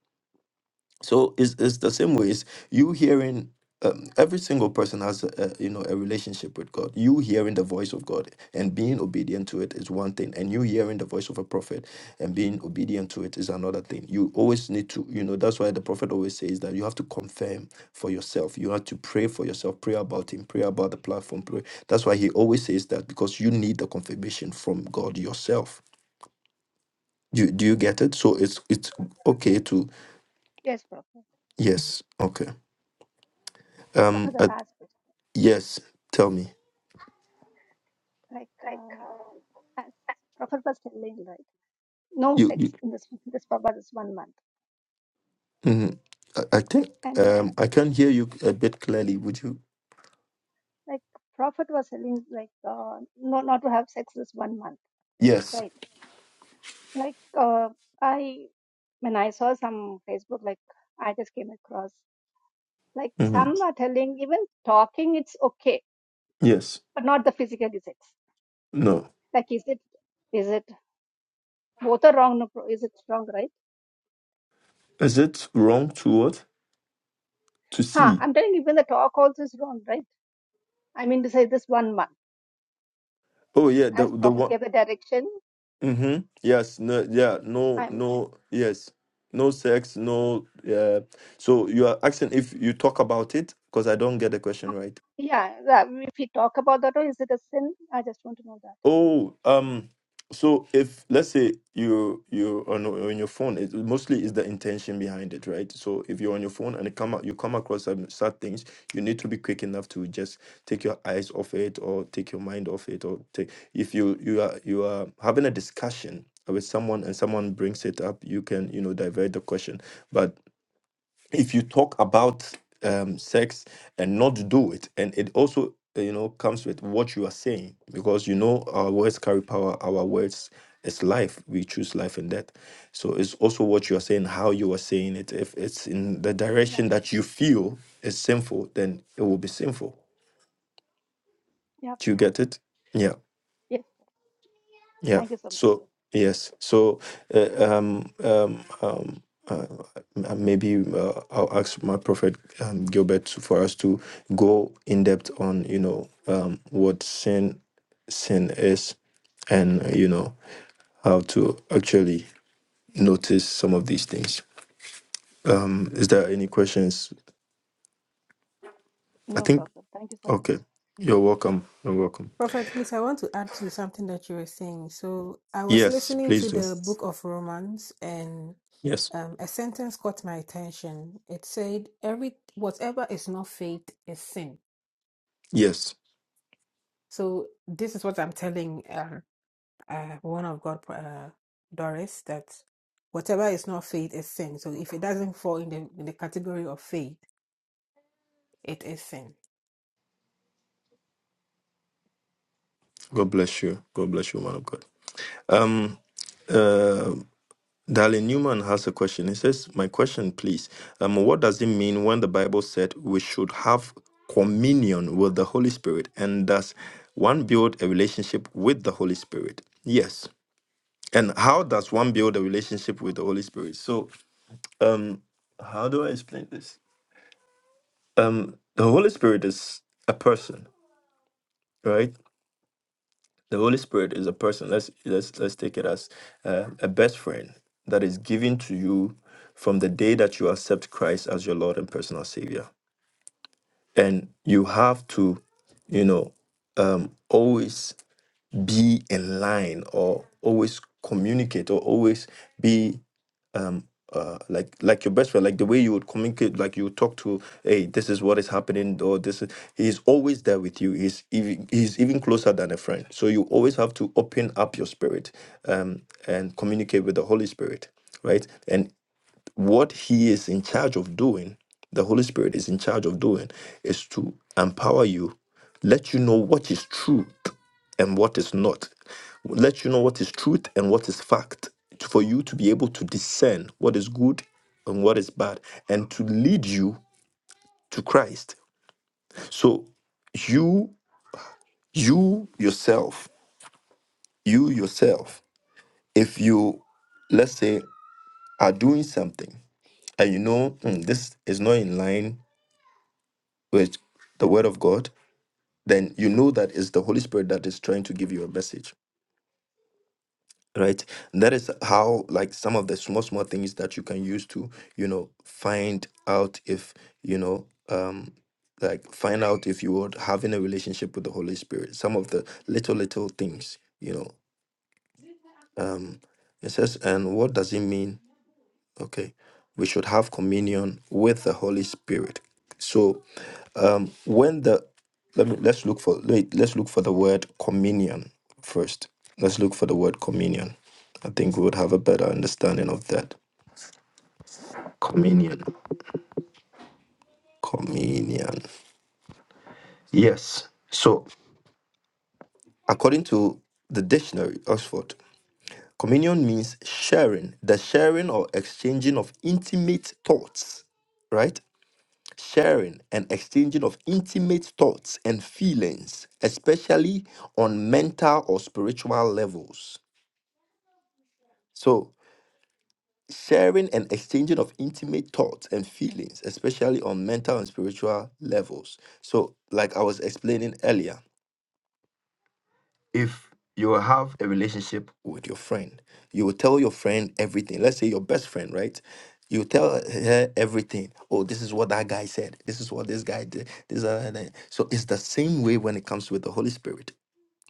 S2: so it's, it's the same way. It's you hearing um, every single person has a, a, you know a relationship with God. You hearing the voice of God and being obedient to it is one thing, and you hearing the voice of a prophet and being obedient to it is another thing. You always need to you know that's why the prophet always says that you have to confirm for yourself. You have to pray for yourself, pray about him, pray about the platform, pray. That's why he always says that because you need the confirmation from God yourself. Do, do you get it? So it's it's okay to
S3: yes prophet
S2: yes okay.
S3: so for
S2: Um,
S3: the last question
S2: Yes, tell me.
S3: like Um, as Prophet was telling, right, no
S2: You, you
S3: sex in this this for this one month,
S2: hmm I, I think
S3: and uh,
S2: um I can hear you a bit clearly. Would you?
S3: like Prophet was telling, like, uh, no, not to have sex this one month,
S2: Yes.
S3: right? Like, uh, I when I saw some Facebook, like, I just came across, like,
S2: hmm
S3: some are telling even talking it's okay,
S2: Yes.
S3: but not the physical sex.
S2: No.
S3: Like, is it is it both are wrong? no pro- Is it wrong, right?
S2: Is it wrong to what? To
S3: Huh?
S2: see?
S3: I'm telling you, even the talk also is wrong, right? I mean to say this one month,
S2: Oh yeah, the
S3: as
S2: the
S3: Prophet
S2: one.
S3: gave the direction.
S2: Mm-hmm. Yes. No. Yeah. No.
S3: I'm
S2: No. Yes. No sex. No. Yeah. So you are asking if you talk about it because I don't get the question right.
S3: Yeah, that, if we talk about that, or is it a sin? I just want to know that.
S2: Oh, um, so if let's say you you on on your phone, it mostly is the intention behind it, right? So if you're on your phone and it come out, you come across some sad things, you need to be quick enough to just take your eyes off it or take your mind off it, or take if you you are you are having a discussion with someone and someone brings it up, you can you know divert the question. But if you talk about um, sex and not do it, and it also uh, you know comes with what you are saying because you know our words carry power. Our words is life. We choose life and death. So it's also what you are saying, how you are saying it. If it's in the
S3: Yeah,
S2: direction that you feel is sinful, then it will be sinful.
S3: yeah,
S2: Do you get it? Yeah.
S3: yes.
S2: Yeah.
S3: Thank you so much.
S2: So yes. So uh, um um um uh, m- maybe uh, I'll ask my prophet um, Gilbert to- for us to go in depth on you know um what sin sin is and uh, you know how to actually notice some of these things. Um, is there any questions? I
S3: No
S2: think
S3: problem. Thank you so much.
S2: okay. You're welcome. You're welcome.
S4: Prophet, please, I want to add to something that you were saying. So I was
S2: Yes,
S4: listening to
S2: please do.
S4: the book of Romans and
S2: Yes.
S4: um, a sentence caught my attention. It said, "Every whatever is not faith is sin."
S2: Yes.
S4: So this is what I'm telling. um, uh, one of God, uh, Doris, that whatever is not faith is sin. So if it doesn't fall in the in the category of faith, it is sin.
S2: God bless you. God bless you, man of God. Um, uh, Darlene Newman has a question. He says, "My question, please. Um, what does it mean when the Bible said we should have communion with the Holy Spirit, and does one build a relationship with the Holy Spirit? Yes. And how does one build a relationship with the Holy Spirit? So, um, how do I explain this? Um, the Holy Spirit is a person, right? The Holy Spirit is a person. Let's let's let's take it as uh, a best friend that is given to you from the day that you accept Christ as your Lord and personal Savior, and you have to, you know, um, always be in line or always communicate or always be um uh like like your best friend like the way you would communicate like you would talk to hey this is what is happening or this is, he's always there with you he's even he's even closer than a friend so you always have to open up your spirit um and communicate with the holy spirit right And what he is in charge of doing, the Holy Spirit is in charge of doing, is to empower you, let you know what is truth and what is not, let you know what is truth and what is fact, for you to be able to discern what is good and what is bad, and to lead you to Christ. So you, you yourself, you yourself, if you, let's say, are doing something and you know "Hmm, this is not in line with the word of God, then you know that it's the Holy Spirit that is trying to give you a message, right? And that is how, like, some of the small, small things that you can use to, you know, find out if, you know, um, like find out if you are having a relationship with the Holy Spirit. Some of the little, little things, you know. Um, it says, and what does it mean? Okay, we should have communion with the Holy Spirit. so. when the let me let's look for wait, let's look for the word communion first. Let's look for the word communion. I think we would have a better understanding of that. Communion. Communion. Yes. So according to the dictionary, Oxford, communion means sharing, the sharing or exchanging of intimate thoughts, right? Sharing and exchanging of intimate thoughts and feelings, especially on mental or spiritual levels So, sharing and exchanging of intimate thoughts and feelings, especially on mental and spiritual levels. So, like I was explaining earlier, if you have a relationship with your friend, you will tell your friend everything. Let's say your best friend, right? You tell her everything. Oh, this is what that guy said. This is what this guy did. This, that, that." So it's the same way when it comes with the Holy Spirit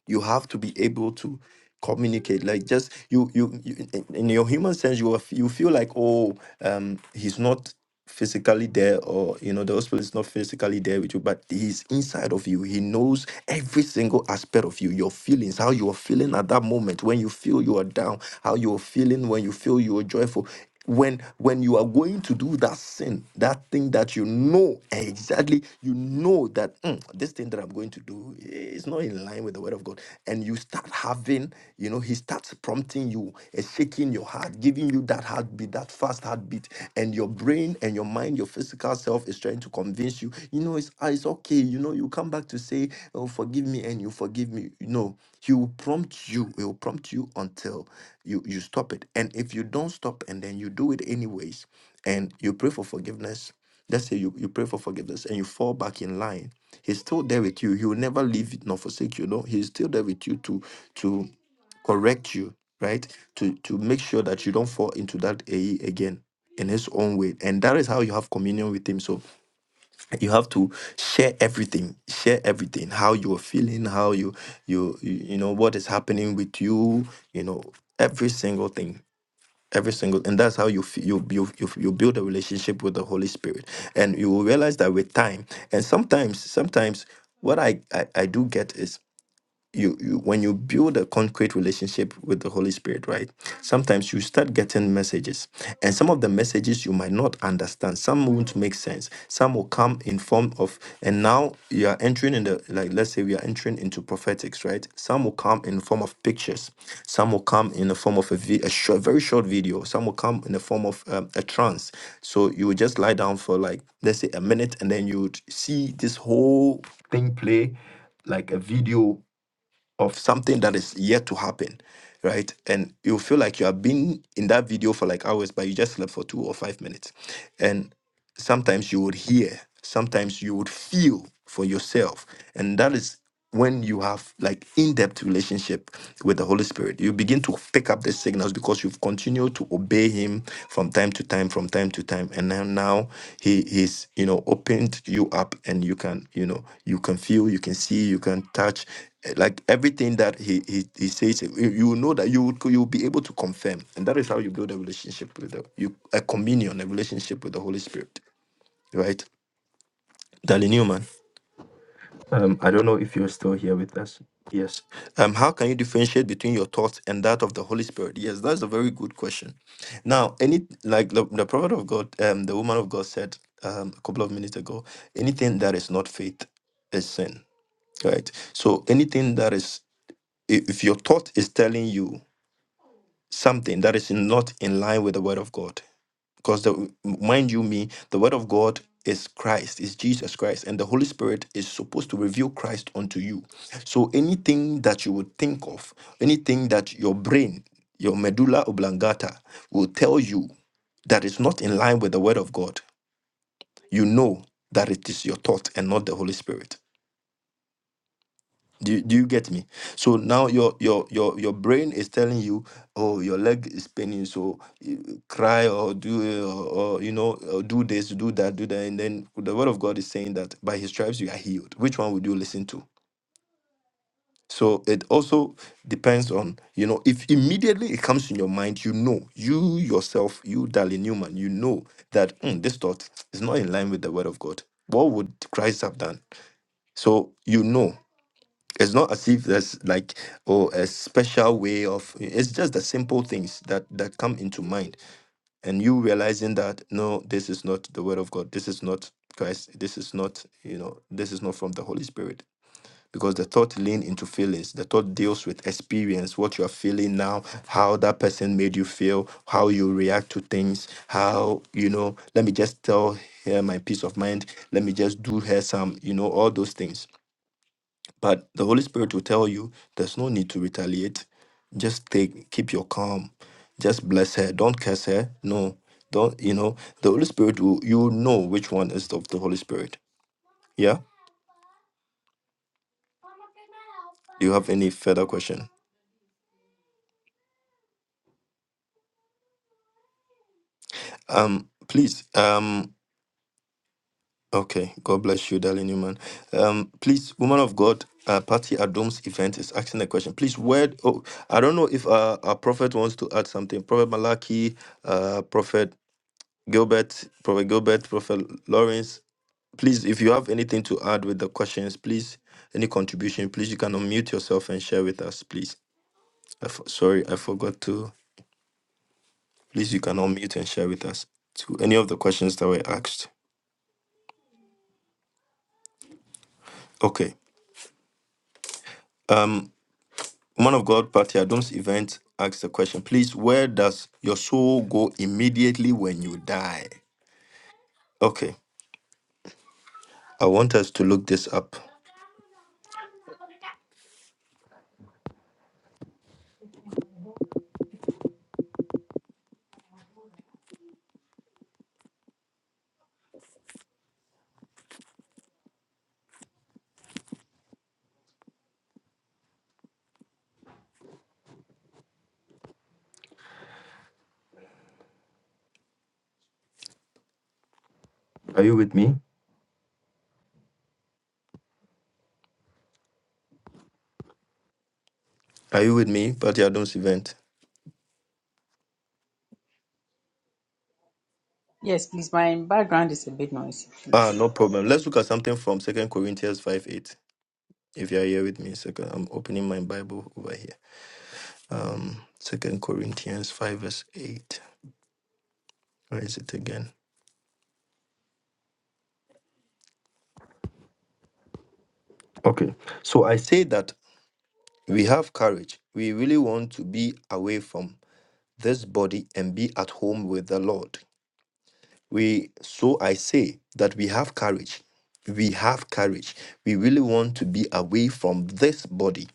S2: you have to be able to communicate like just you you, you in in your human sense you will you feel like oh um he's not physically there or you know the hospital is not physically there with you but he's inside of you he knows every single aspect of you your feelings how you are feeling at that moment when you feel you are down how you are feeling when you feel you are joyful when when you are going to do that sin that thing that you know exactly you know that "Mm, this thing that i'm going to do is not in line with the word of god and you start having you know he starts prompting you and shaking your heart giving you that heartbeat, that fast heartbeat, and your brain and your mind, your physical self is trying to convince you, you know, it's, ah, it's okay. You know, you come back to say, oh, forgive me, and you forgive me. No, he will prompt you. He will prompt you until you, you stop it. And if you don't stop and then you do it anyways, and you pray for forgiveness, let's say you, you pray for forgiveness and you fall back in line, he's still there with you. He will never leave it nor forsake you. No, he's still there with you to, to correct you, right? To to make sure that you don't fall into that AE again in his own way. And that is how you have communion with him. So you have to share everything. Share everything. How you're feeling, how you you you you know what is happening with you, you know, every single thing. Every single and that's how you f- you you you you build a relationship with the Holy Spirit. And you will realize that with time and sometimes sometimes what I, I, I do get is you, you when you build a concrete relationship with the holy spirit right sometimes you start getting messages and some of the messages you might not understand some won't make sense some will come in form of and now you are entering in the like let's say we are entering into prophetics right some will come in form of pictures some will come in the form of a, vi- a short, very short video some will come in the form of um, a trance so you would just lie down for like let's say a minute and then you would see this whole thing play like a video of something that is yet to happen, right? And you feel like you have been in that video for like hours, but you just slept for two or five minutes. And sometimes you would hear, sometimes you would feel for yourself. And that is when you have like in-depth relationship with the Holy Spirit. You begin to pick up the signals because you've continued to obey him from time to time, from time to time. And then now he he's, you know, opened you up and you can, you know, you can feel, you can see, you can touch eh, like everything that he he, he says eh, you you know that you would you'll be able to confirm and that is how you build a relationship with the you a communion a relationship with the holy spirit right? Dali Newman, Um, I don't know if you're still here with us. Yes. um, how can you differentiate between your thoughts and that of the Holy Spirit? Yes, that's a very good question. Now, any like the, the prophet of God, um, the woman of God said um, a couple of minutes ago, anything that is not faith is sin, right? So anything that is, if if your thought is telling you something that is not in line with the word of God, because the mind you me the word of god is christ is jesus christ and the holy spirit is supposed to reveal christ unto you so anything that you would think of anything that your brain your medulla oblongata will tell you that is not in line with the word of god you know that it is your thought and not the holy spirit do you, do you get me? So now your your your your brain is telling you, oh, your leg is paining, so you cry or do it or, or you know or do this, do that, do that, and then the word of God is saying that by His stripes you are healed. Which one would you listen to? So it also depends on you know if immediately it comes in your mind, you know you yourself, you darling Newman, you know that "Hmm, this thought is not in line with the word of God. What would Christ have done? So you know it's not as if there's like oh a special way of it's just the simple things that that come into mind and you realizing that no this is not the word of god this is not christ this is not you know this is not from the holy spirit because the thought lean into feelings the thought deals with experience what you are feeling now how that person made you feel how you react to things how you know let me just tell her my peace of mind let me just do her some you know all those things but the Holy Spirit will tell you there's no need to retaliate. Just take keep your calm. Just bless her. Don't curse her. No. Don't you know the Holy Spirit will you know which one is of the Holy Spirit. Yeah? Do you have any further question? Um please um okay God bless you darling Newman. Um please woman of God uh, Patty Adom's event is asking a question. Please, where? Oh, I don't know if uh, our prophet wants to add something. Prophet Malachi, uh, prophet Gilbert, Prophet Gilbert, Prophet Lawrence, please, if you have anything to add with the questions, please, any contribution, please, you can unmute yourself and share with us, please. I f- sorry, I forgot to. Please, you can unmute and share with us to any of the questions that were asked. Okay. Um, man of God, Patty Adams event asked a question. Please, where does your soul go immediately when you die? Okay. I want us to look this up. Are you with me? Are you with me, Patty Adams event?
S5: Yes, please. My background is a bit noisy,
S2: Ah,
S5: please.
S2: no problem. Let's look at something from Second Corinthians five eight. If you are here with me, second, I'm opening my Bible over here. Um, Second Corinthians five verse eight. Where is it again? Okay. So I say that we have courage. We really want to be away from this body and be at home with the Lord. we so i say that we have courage we have courage we really want to be away from this body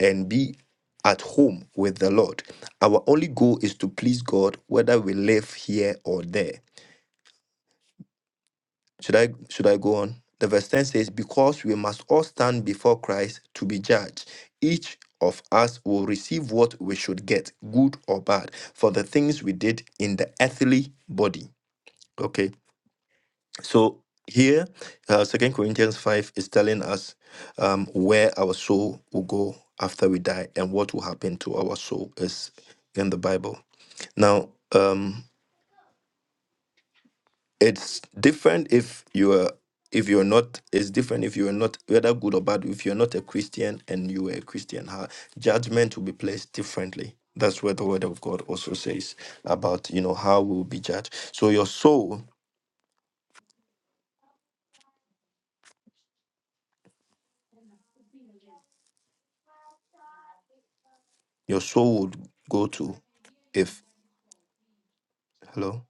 S2: and be at home with the lord our only goal is to please god whether we live here or there should i should i go on the verse 10 says because we must all stand before christ to be judged each of us will receive what we should get good or bad for the things we did in the earthly body okay So here, uh, Second Corinthians five is telling us um, where our soul will go after we die, and what will happen to our soul is in the Bible. Now, um, it's different if you are if you're not it's different if you're not whether good or bad if you're not a christian and you were a christian how judgment will be placed differently that's what the word of god also says about you know how we will be judged so your soul your soul would go to if hello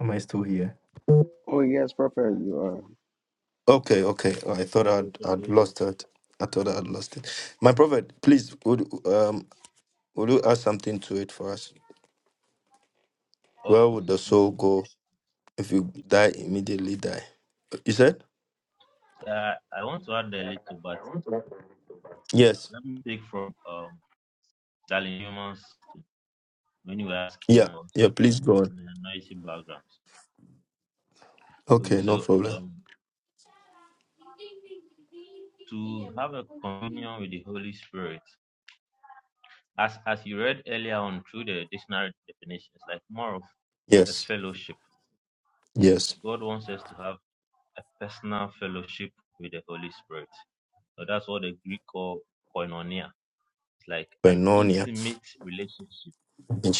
S2: Am I still here?
S1: Oh, yes, Prophet, you are
S2: Okay, okay. Oh, I
S6: Oh,
S2: thought I'd I'd lost it. I thought I'd lost it. My prophet, please would um would you add something to it for us?
S6: so,
S2: Where would the soul go if you die immediately die? You said?
S6: uh, I want to add a little, but
S2: Yes.
S6: let me take from um Darling Humans when you were asking
S2: Yeah.
S6: about
S2: Yeah, please go on.
S6: noisy backgrounds. Okay,
S2: Okay, no
S6: so
S2: problem.
S6: um to have a communion with the Holy Spirit, as as you read earlier on through the dictionary definitions, like more of a
S2: Yes.
S6: fellowship.
S2: Yes.
S6: God wants us to have a personal fellowship with the Holy Spirit. So that's what the Greek call koinonia. It's like an
S2: Koinonia.
S6: intimate relationship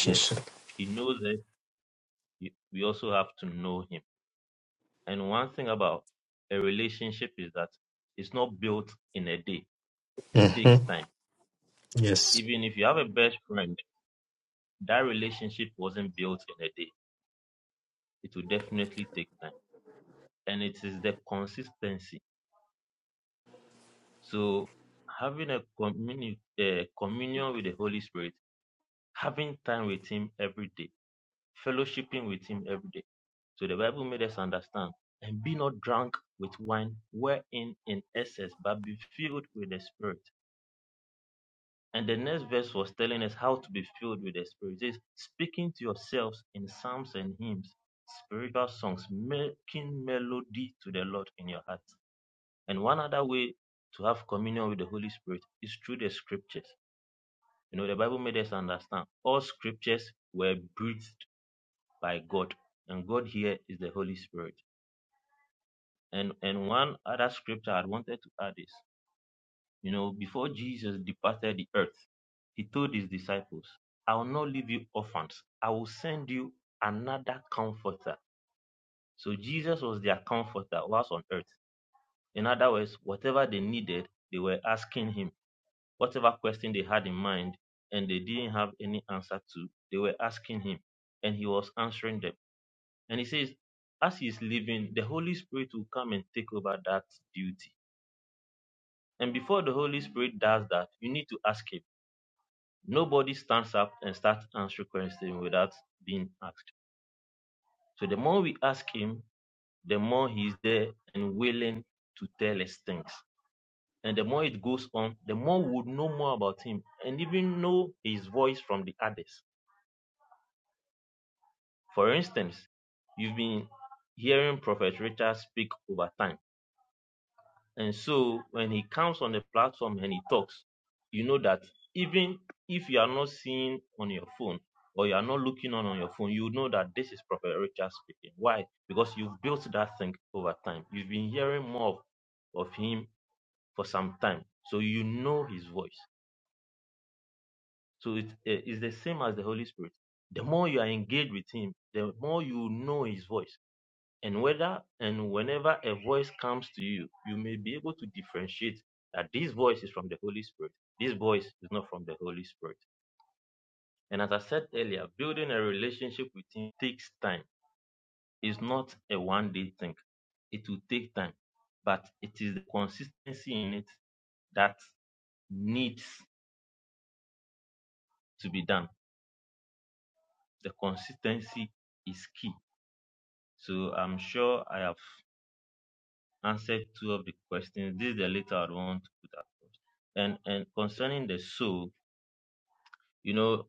S6: Yes, he knows it. y- We also have to know him. And one thing about a relationship is that it's not built in a day. It takes time.
S2: Yes.
S6: Even if you have a best friend, that relationship wasn't built in a day. It will definitely take time. And it is the consistency. So having a communi- uh, communion with the Holy Spirit, having time with him every day, fellowshipping with him every day. So the Bible made us understand and be not drunk with wine wherein in excess, but be filled with the Spirit. And the next verse was telling us how to be filled with the Spirit. It says, speaking to yourselves in psalms and hymns, spiritual songs, making melody to the Lord in your heart. And one other way to have communion with the Holy Spirit is through the scriptures. You know, the Bible made us understand all scriptures were breathed by God, and God here is the Holy Spirit. And and one other scripture I wanted to add is, you know, before Jesus departed the earth, he told his disciples, I will not leave you orphans. I will send you another comforter. So Jesus was their comforter whilst on earth. In other words, whatever they needed, they were asking him. Whatever question they had in mind and they didn't have any answer to, they were asking him. And he was answering them. And he says, as he is leaving, the Holy Spirit will come and take over that duty And before the Holy Spirit does that, you need to ask Him. Nobody stands up and starts answering questions without being asked. So the more we ask Him, the more He is there and willing to tell us things. And the more it goes on, the more we would know more about Him and even know His voice from the others. For instance, you've been hearing Prophet Richard speak over time And so when he comes on the platform and he talks, you know that even if you are not seeing on your phone or you are not looking on on your phone, you know that this is Prophet Richard speaking. Why? Because you've built that thing over time. You've been hearing more of, of him for some time. So you know his voice. So it is the same as the Holy Spirit. The more you are engaged with him, the more you know his voice. And whether and whenever a voice comes to you, you may be able to differentiate that this voice is from the Holy Spirit. This voice is not from the Holy Spirit. And as I said earlier, building a relationship with Him takes time. It's not a one day thing. It will take time, but it is the consistency in it that needs to be done. The consistency is key. So I'm sure I have answered two of the questions. This is the later I want to put at first. And and concerning the soul, you know,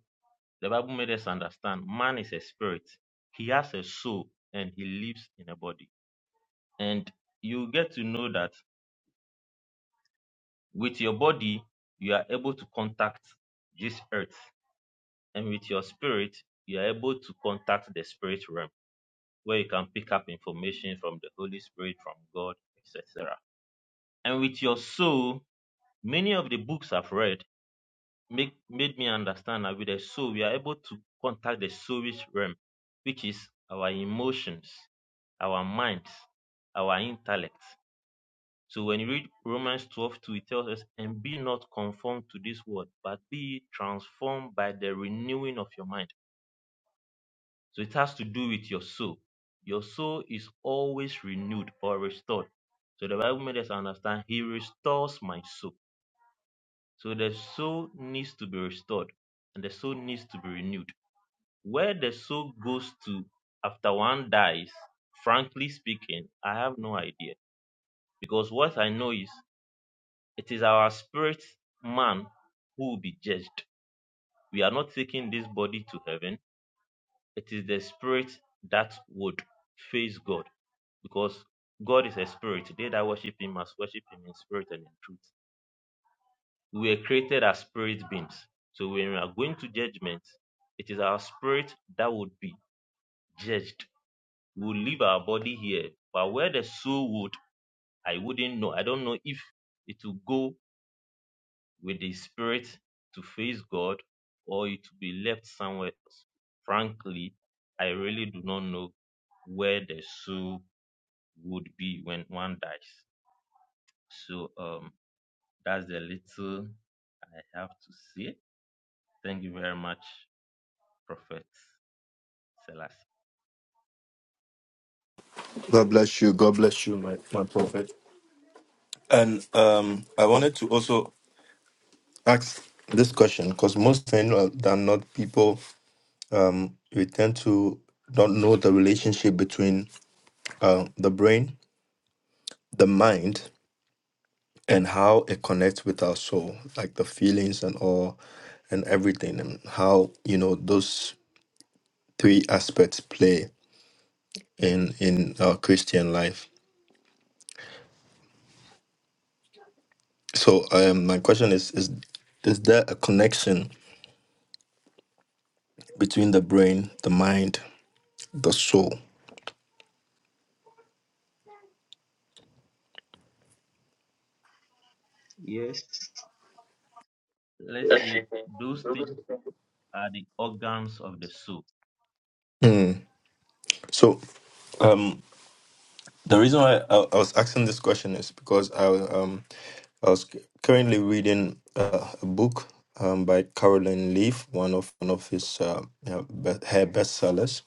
S6: the Bible made us understand man is a spirit. He has a soul and he lives in a body. And you get to know that with your body, you are able to contact this earth. And with your spirit, you are able to contact the spirit realm where you can pick up information from the Holy Spirit, from God, etc. And with your soul, many of the books I've read make made me understand that with the soul we are able to contact the soulish realm, which is our emotions, our minds, our intellect. So when you read Romans 12 2, it tells us, and be not conformed to this world, but be transformed by the renewing of your mind. So it has to do with your soul. Your soul is always renewed or restored. So the Bible made us understand he restores my soul. So the soul needs to be restored and the soul needs to be renewed. Where the soul goes to after one dies, frankly speaking, I have no idea. Because what I know is it is our spirit man who will be judged. We are not taking this body to heaven. It is the spirit that would face God. Because God is a spirit. They that worship him must worship him in spirit and in truth. We were created as spirit beings. So when we are going to judgment, it is our spirit that would be judged we will leave our body here. But where the soul would, I wouldn't know. I don't know if it will go with the spirit to face God or it will be left somewhere else. Frankly, I really do not know where the soul would be when one dies. So um that's the little I have to say. Thank you very much, Prophet Selassie.
S2: God bless you. God bless you, my, my prophet. And um I wanted to also ask this question because most times than not people um we tend to don't know the relationship between uh, the brain the mind and how it connects with our soul like the feelings and all and everything and how you know those three aspects play in in our christian life so um my question is is is there a connection between the brain the mind the soul
S6: Yes. Let's see. Those things are the organs of the soul.
S2: Hmm. so um, The reason why I, I was asking this question is because I um I was currently reading uh, a book um by Caroline Leaf, one of one of his uh, you be- her bestsellers,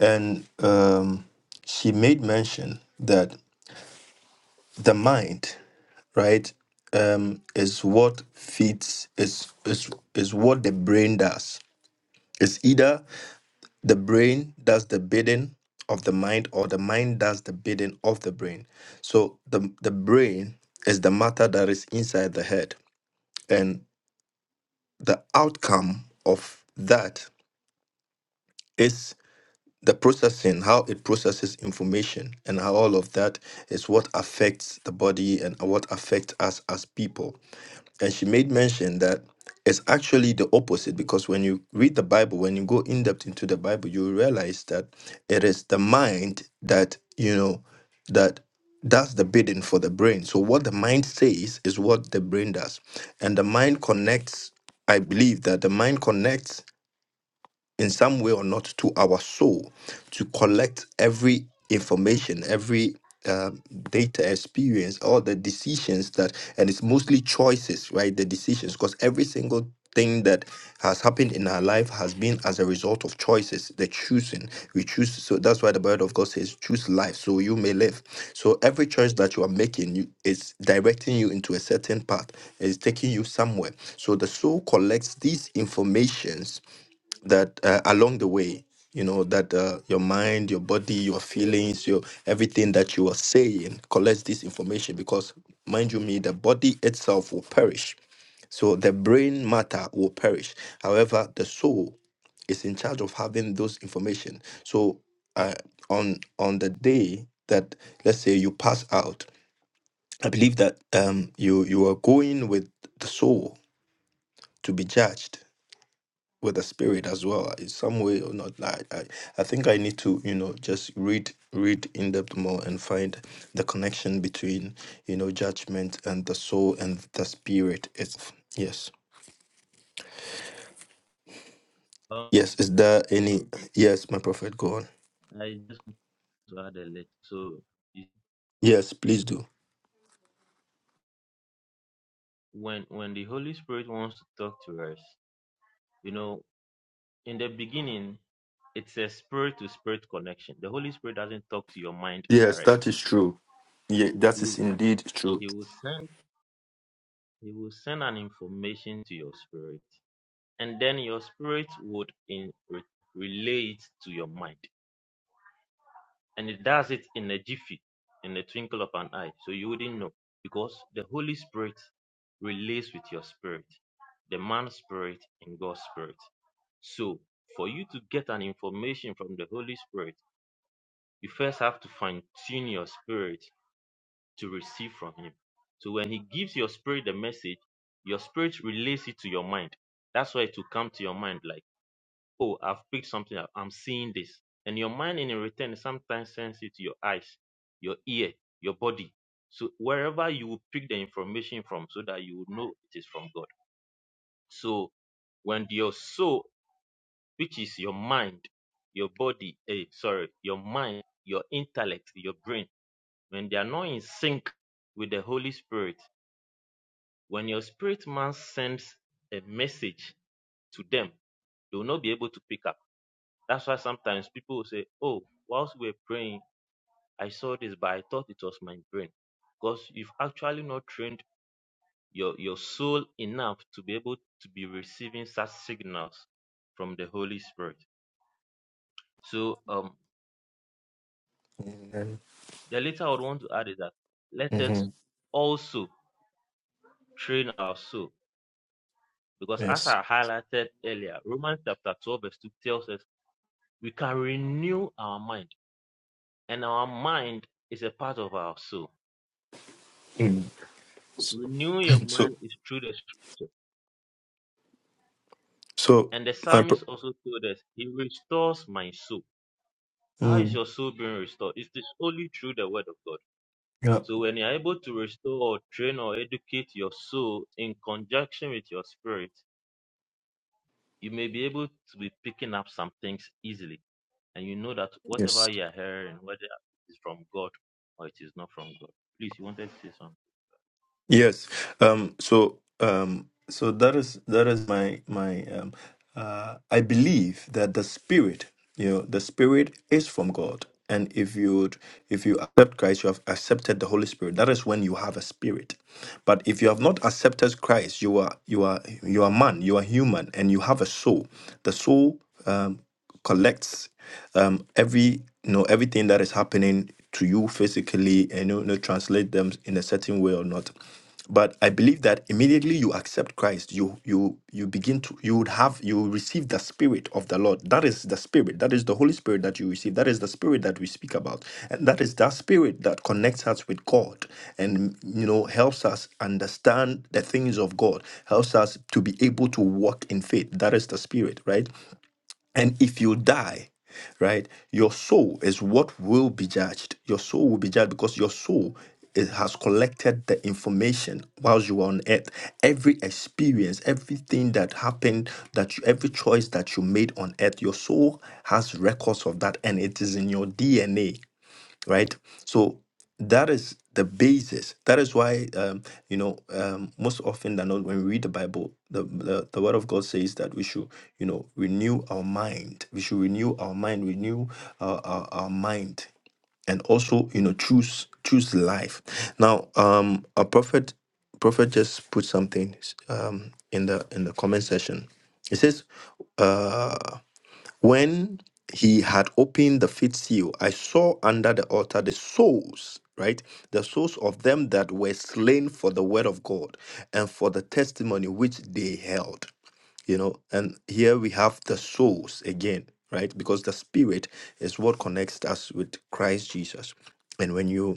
S2: and um she made mention that the mind, right, um is what feeds is is is what the brain does. It's either The brain does the bidding of the mind, or the mind does the bidding of the brain. So the, the brain is the matter that is inside the head. And the outcome of that is the processing, how it processes information, and how all of that is what affects the body and what affects us as people. and she made mention that it's actually the opposite because when you read the Bible, when you go in depth into the Bible, you realize that it is the mind that, you know, that does the bidding for the brain. So what the mind says is what the brain does. And the mind connects, I believe that the mind connects in some way or not to our soul to collect every information, every um, data experience, all the decisions that, and it's mostly choices, right? The decisions, because every single thing that has happened in our life has been as a result of choices, the choosing. We choose, so that's why the word of God says, choose life so you may live. So every choice that you are making you, is directing you into a certain path, is taking you somewhere. So the soul collects these informations that uh, along the way you know that uh, your mind your body your feelings your everything that you are saying collects this information because mind you me the body itself will perish so the brain matter will perish however the soul is in charge of having those information so uh, on on the day that let's say you pass out i believe that um you you are going with the soul to be judged with the spirit as well uh, in some way or not I, I i think i need to you know just read read in depth more and find the connection between you know judgment and the soul and the spirit itself yes
S6: Um,
S2: yes is there any yes my prophet go on
S6: I just want to add a little. So it-
S2: yes please do
S6: when when the Holy Spirit wants to talk to us, you know, in the beginning, it's a spirit to spirit connection. The Holy Spirit doesn't talk to your mind
S2: yes
S6: direct.
S2: that is true yeah that is
S6: You
S2: indeed true
S6: he will send he will send an information to your spirit, and then your spirit would in re, relate to your mind. and it does it in a jiffy, in the twinkle of an eye. So you wouldn't know because the Holy Spirit relates with your spirit, the man's spirit and God's spirit. So for you to get an information from the Holy Spirit, you first have to fine tune your spirit to receive from Him. So when He gives your spirit the message, your spirit relates it to your mind. That's why it will come to your mind like oh, I've picked something up. I'm seeing this. And your mind in return sometimes sends it to your eyes, your ear, your body. So wherever you will pick the information from so that you will know it is from God. So when your soul, which is your mind, your body, eh, sorry, your mind, your intellect, your brain, when they are not in sync with the Holy Spirit, when your spirit man sends a message to them, they will not be able to pick up That's why sometimes people will say, Oh, whilst we were praying, I saw this, but I thought it was my brain. Because you've actually not trained your, your soul enough to be able to be receiving such signals from the Holy Spirit. So um
S2: Amen.
S6: the little I would want to add is that let
S2: hmm
S6: us also train our soul. Because as
S2: yes
S6: I highlighted earlier, Romans chapter 12, verse 2 tells us we can renew our mind, and our mind is a part of our soul.
S2: Mm.
S6: Renew your
S2: so
S6: mind is through the scripture.
S2: so
S6: And the
S2: my pro-
S6: psalmist also told us, He restores my soul. How is
S2: Mm,
S6: your soul being restored? It is only through the word of God.
S2: yeah
S6: So when you are able to restore or train or educate your soul in conjunction with your spirit, you may be able to be picking up some things easily. And you know that
S2: yes
S6: whatever you are hearing, whether it is from God or it is not from God. Please, you wanted to say something?
S2: Yes. Um, so um, so that is that is my my um, uh, I believe that the spirit you know, the Spirit is from God. And if you if you accept Christ, you have accepted the Holy Spirit. That is when you have a spirit. But if you have not accepted Christ, you are you are you are man, you are human, and you have a soul. The soul um, collects um, every you know everything that is happening to you physically, and you know translate them in a certain way or not but i believe that immediately you accept christ you you you begin to you would have you receive the spirit of the lord that is the spirit that is the holy spirit that you receive that is the spirit that we speak about and that is that spirit that connects us with god and you know helps us understand the things of god helps us to be able to walk in faith that is the spirit right and if you die, right, your soul is what will be judged. Your soul will be judged because your soul it has collected the information whilst you were on earth. Every experience, everything that happened, that you, every choice that you made on earth, your soul has records of that, and it is in your DNA right? So that is the basis. That is why, um, you know, um, most often than not, when we read the Bible, the, the the Word of God says that we should, you know, renew our mind. We should renew our mind, renew our, our, our mind, and also, you know, choose choose life. Now, um, a prophet prophet just put something um in the in the comment section. It says, uh, when he had opened the fifth seal, I saw under the altar the souls, right? The souls of them that were slain for the word of God and for the testimony which they held, you know. And here we have the souls again, right? Because the spirit is what connects us with Christ Jesus. And when you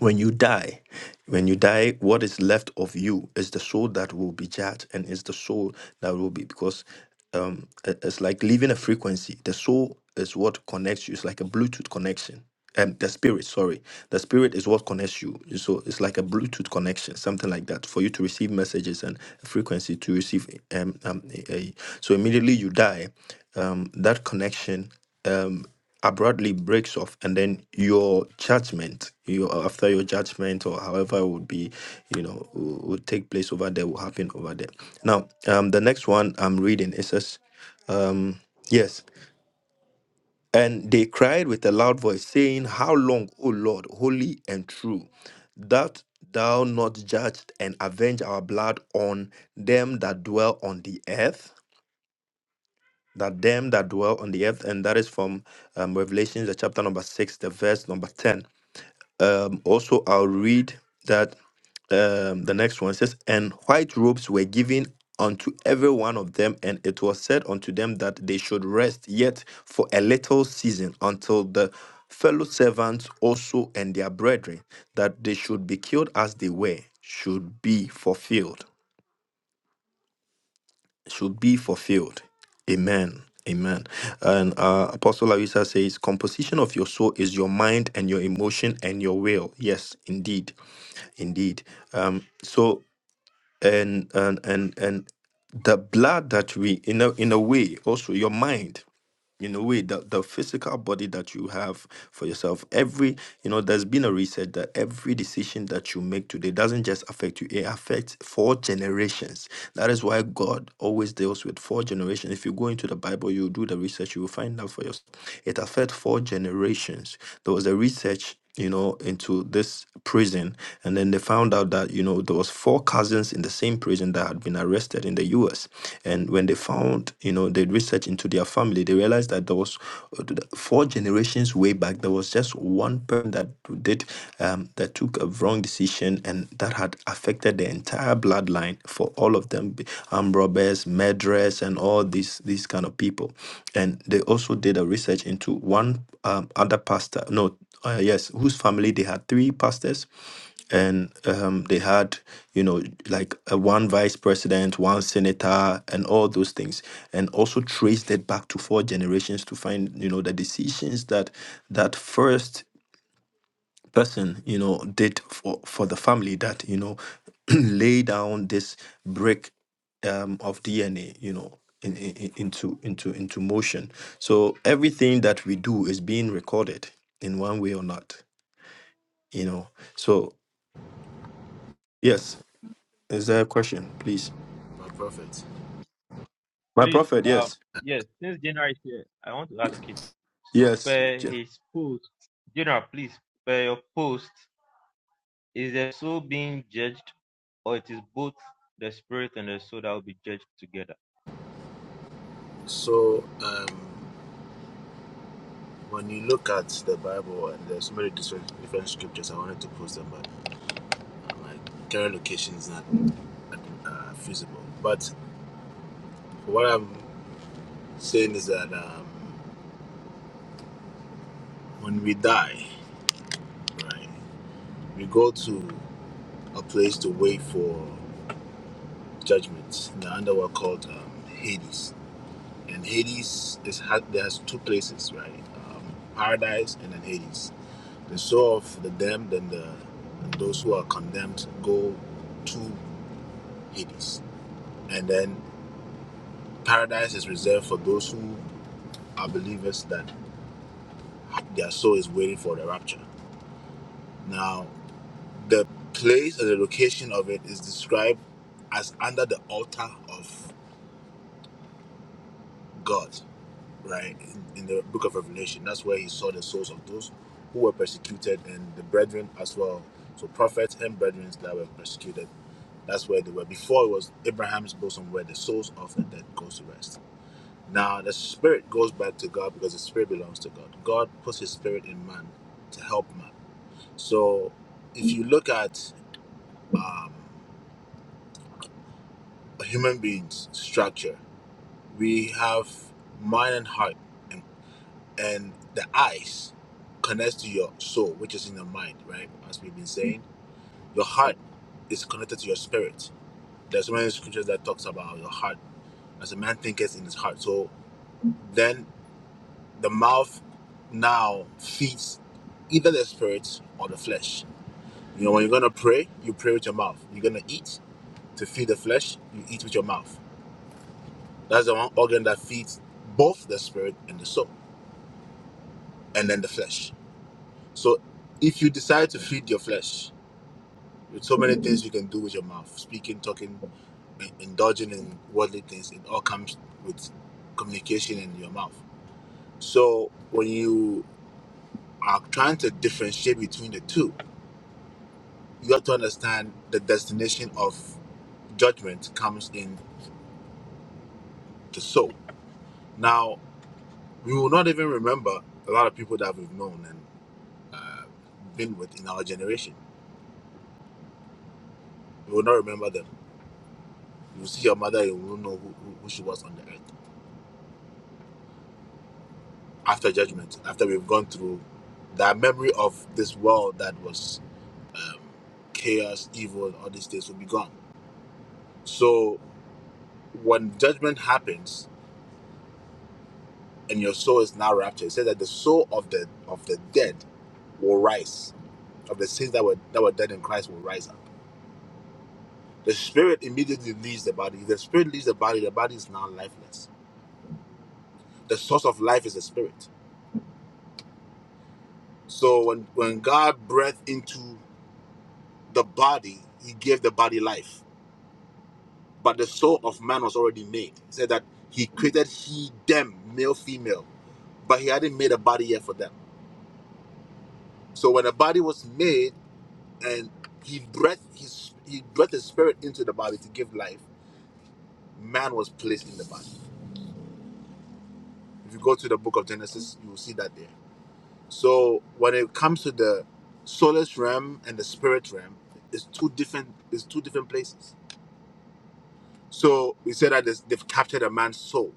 S2: when you die when you die what is left of you is the soul that will be judged and is the soul that will be because um it- it's like leaving a frequency the soul is what connects you it's like a bluetooth connection and the spirit sorry the spirit is what connects you so it's like a bluetooth connection something like that for you to receive messages and frequency to receive um, um a, a- so immediately you die um that connection Um, abruptly breaks off and then your judgment you after your judgment or however it would be you know will will take place over there will happen over there now um the next one i'm reading it says um yes and they cried with a loud voice saying how long o lord holy and true that thou not judged and avenge our blood on them that dwell on the earth that them that dwell on the earth, and that is from um, Revelation, the chapter number six, the verse number ten. Um, also, I'll read that um, the next one says, "And white robes were given unto every one of them, and it was said unto them that they should rest yet for a little season until the." Fellow servants also and their brethren, that they should be killed as they were, should be fulfilled should be fulfilled. Amen. Amen. And uh, Apostle Larissa says, composition of your soul is your mind and your emotion and your will. Yes, indeed, indeed. Um, so and and and and the blood that we in a in a way also your mind in a way the, the physical body that you have for yourself every you know there's been a research that every decision that you make today doesn't just affect you it affects four generations that is why god always deals with four generations if you go into the bible you do the research you will find out for yourself it affects four generations there was a research you know, into this prison. And then they found out that, you know, there was four cousins in the same prison that had been arrested in the US. And when they found, you know, they researched into their family, they realized that there was uh, th- four generations way back, there was just one person that did, um, that took a wrong decision and that had affected the entire bloodline for all of them, b- armed robbers, murderers, and all these, these kind of people. And they also did a research into one um, other pastor, no, uh, yes, whose family they had three pastors, and um, they had you know like uh, one vice president, one senator, and all those things, and also traced it back to four generations to find you know the decisions that that first person you know did for for the family that you know lay down this brick um, of DNA, you know, in, in, in- into into into motion. So everything that we do is being recorded in one way or not you know so yes is there a question please
S7: my prophet.
S2: my
S6: Please,
S2: prophet
S6: um,
S2: yes
S6: yes, since General is here, I want to
S2: Ye-
S6: ask him. So,
S2: yes
S6: per
S2: Je-
S6: his post, General, please, per your post, is the soul being judged, or it is both the spirit and the soul that will be judged together?
S7: So, um, when you look at the Bible, and there's so many different, different scriptures, I wanted to post them, but uh, like current location is not uh, feasible. But what I'm saying is that um, when we die, right, we go to a place to wait for judgment in the underworld called um, Hades. And Hades is ha- there's two places, right? Um, paradise and then Hades. The soul of the damned and, the, and those who are condemned go to Hades. And then paradise is reserved for those who are believers that their soul is waiting for the rapture. Now, the place and the location of it is described as under the altar of God, right? In, in the book of Revelation. That's where he saw the souls of those who were persecuted and the brethren as well. So, prophets and brethren that were persecuted That's where they were. Before it was Abraham's bosom where the souls of the dead goes to rest. Now the spirit goes back to God because the spirit belongs to God. God puts his spirit in man to help man. So if you look at um, a human being's structure, we have mind and heart and, and the eyes connects to your soul, which is in the mind, right? As we've been saying, your heart is connected to your spirit. There's so many scriptures that talks about your heart as a man thinketh in his heart. So Then the mouth now feeds either the spirit or the flesh. You know, when you're gonna pray, you pray with your mouth. You're gonna eat to feed the flesh, you eat with your mouth. That's the one organ that feeds both the spirit and the soul, and then the flesh. So if you decide to feed your flesh, there's so many things you can do with your mouth, speaking, talking, in- indulging in worldly things, it all comes with communication in your mouth. So when you are trying to differentiate between the two, you have to understand the destination of judgment comes in the soul. Now, we will not even remember a lot of people that we've known and uh, been with in our generation. We will not remember them. You will see your mother, you will not know who, who she was on the earth after judgment, after we've gone through that memory of this world that was um, chaos, evil, all these things will be gone. So, when judgment happens, and your soul is now raptured. It says that the soul of the of the dead will rise, of the saints that were that were dead in Christ will rise up. The spirit immediately leaves the body. The spirit leaves the body. The body is now lifeless. The source of life is the spirit. So when when God breathed into the body, He gave the body life. But the soul of man was already made. He said that He created he them male female, but He hadn't made a body yet for them. So when a body was made and he breathed his he breathed his spirit into the body to give life. Man was placed in the body. If you go to the book of Genesis, you will see that there. So when it comes to the soulless realm and the spirit realm, it's two different it's two different places. So we said that this- they've captured a man's soul.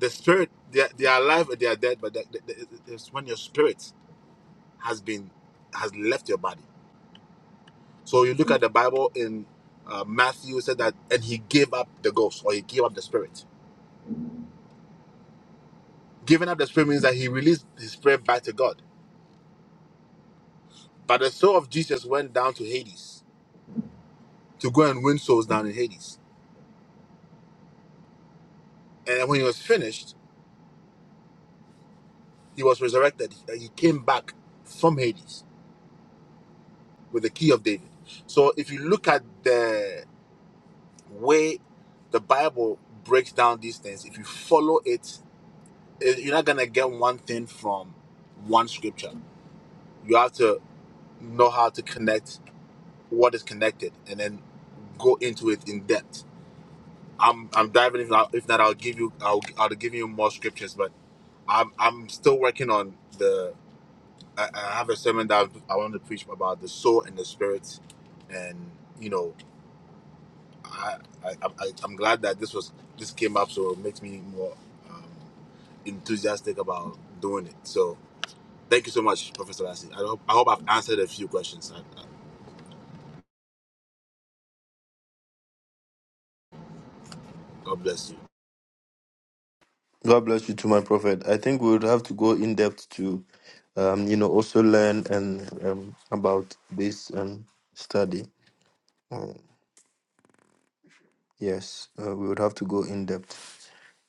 S7: The spirit, they are, they are alive or they are dead, but the, the, the- it's when your spirit has been has left your body. So you look at the Bible in uh, Matthew said that, and he gave up the ghost or he gave up the spirit Giving up the spirit means that he released his spirit back to God. But the soul of Jesus went down to Hades to go and win souls down in Hades. And then when he was finished, he was resurrected. He he came back from Hades with the key of David. So if you look at the way the Bible breaks down these things, if you follow it, eh, you're not going to get one thing from one scripture. You have to know how to connect what is connected and then go into it in depth I'm I'm diving. If, I, if not, I'll give you I'll I'll give you more scriptures. But I'm I'm still working on the. I, I have a sermon that I've- I want to preach about the soul and the spirit, and you know I, I, I I'm glad that this was this came up, so it makes me more uh, enthusiastic about doing it. So thank you so much, Professor Lassie. I hope I hope I've answered a few questions. And, uh, God bless you.
S2: god bless you to my prophet i think we would have to go in depth to um you know also learn and um, about this um study um, yes uh, we would have to go in depth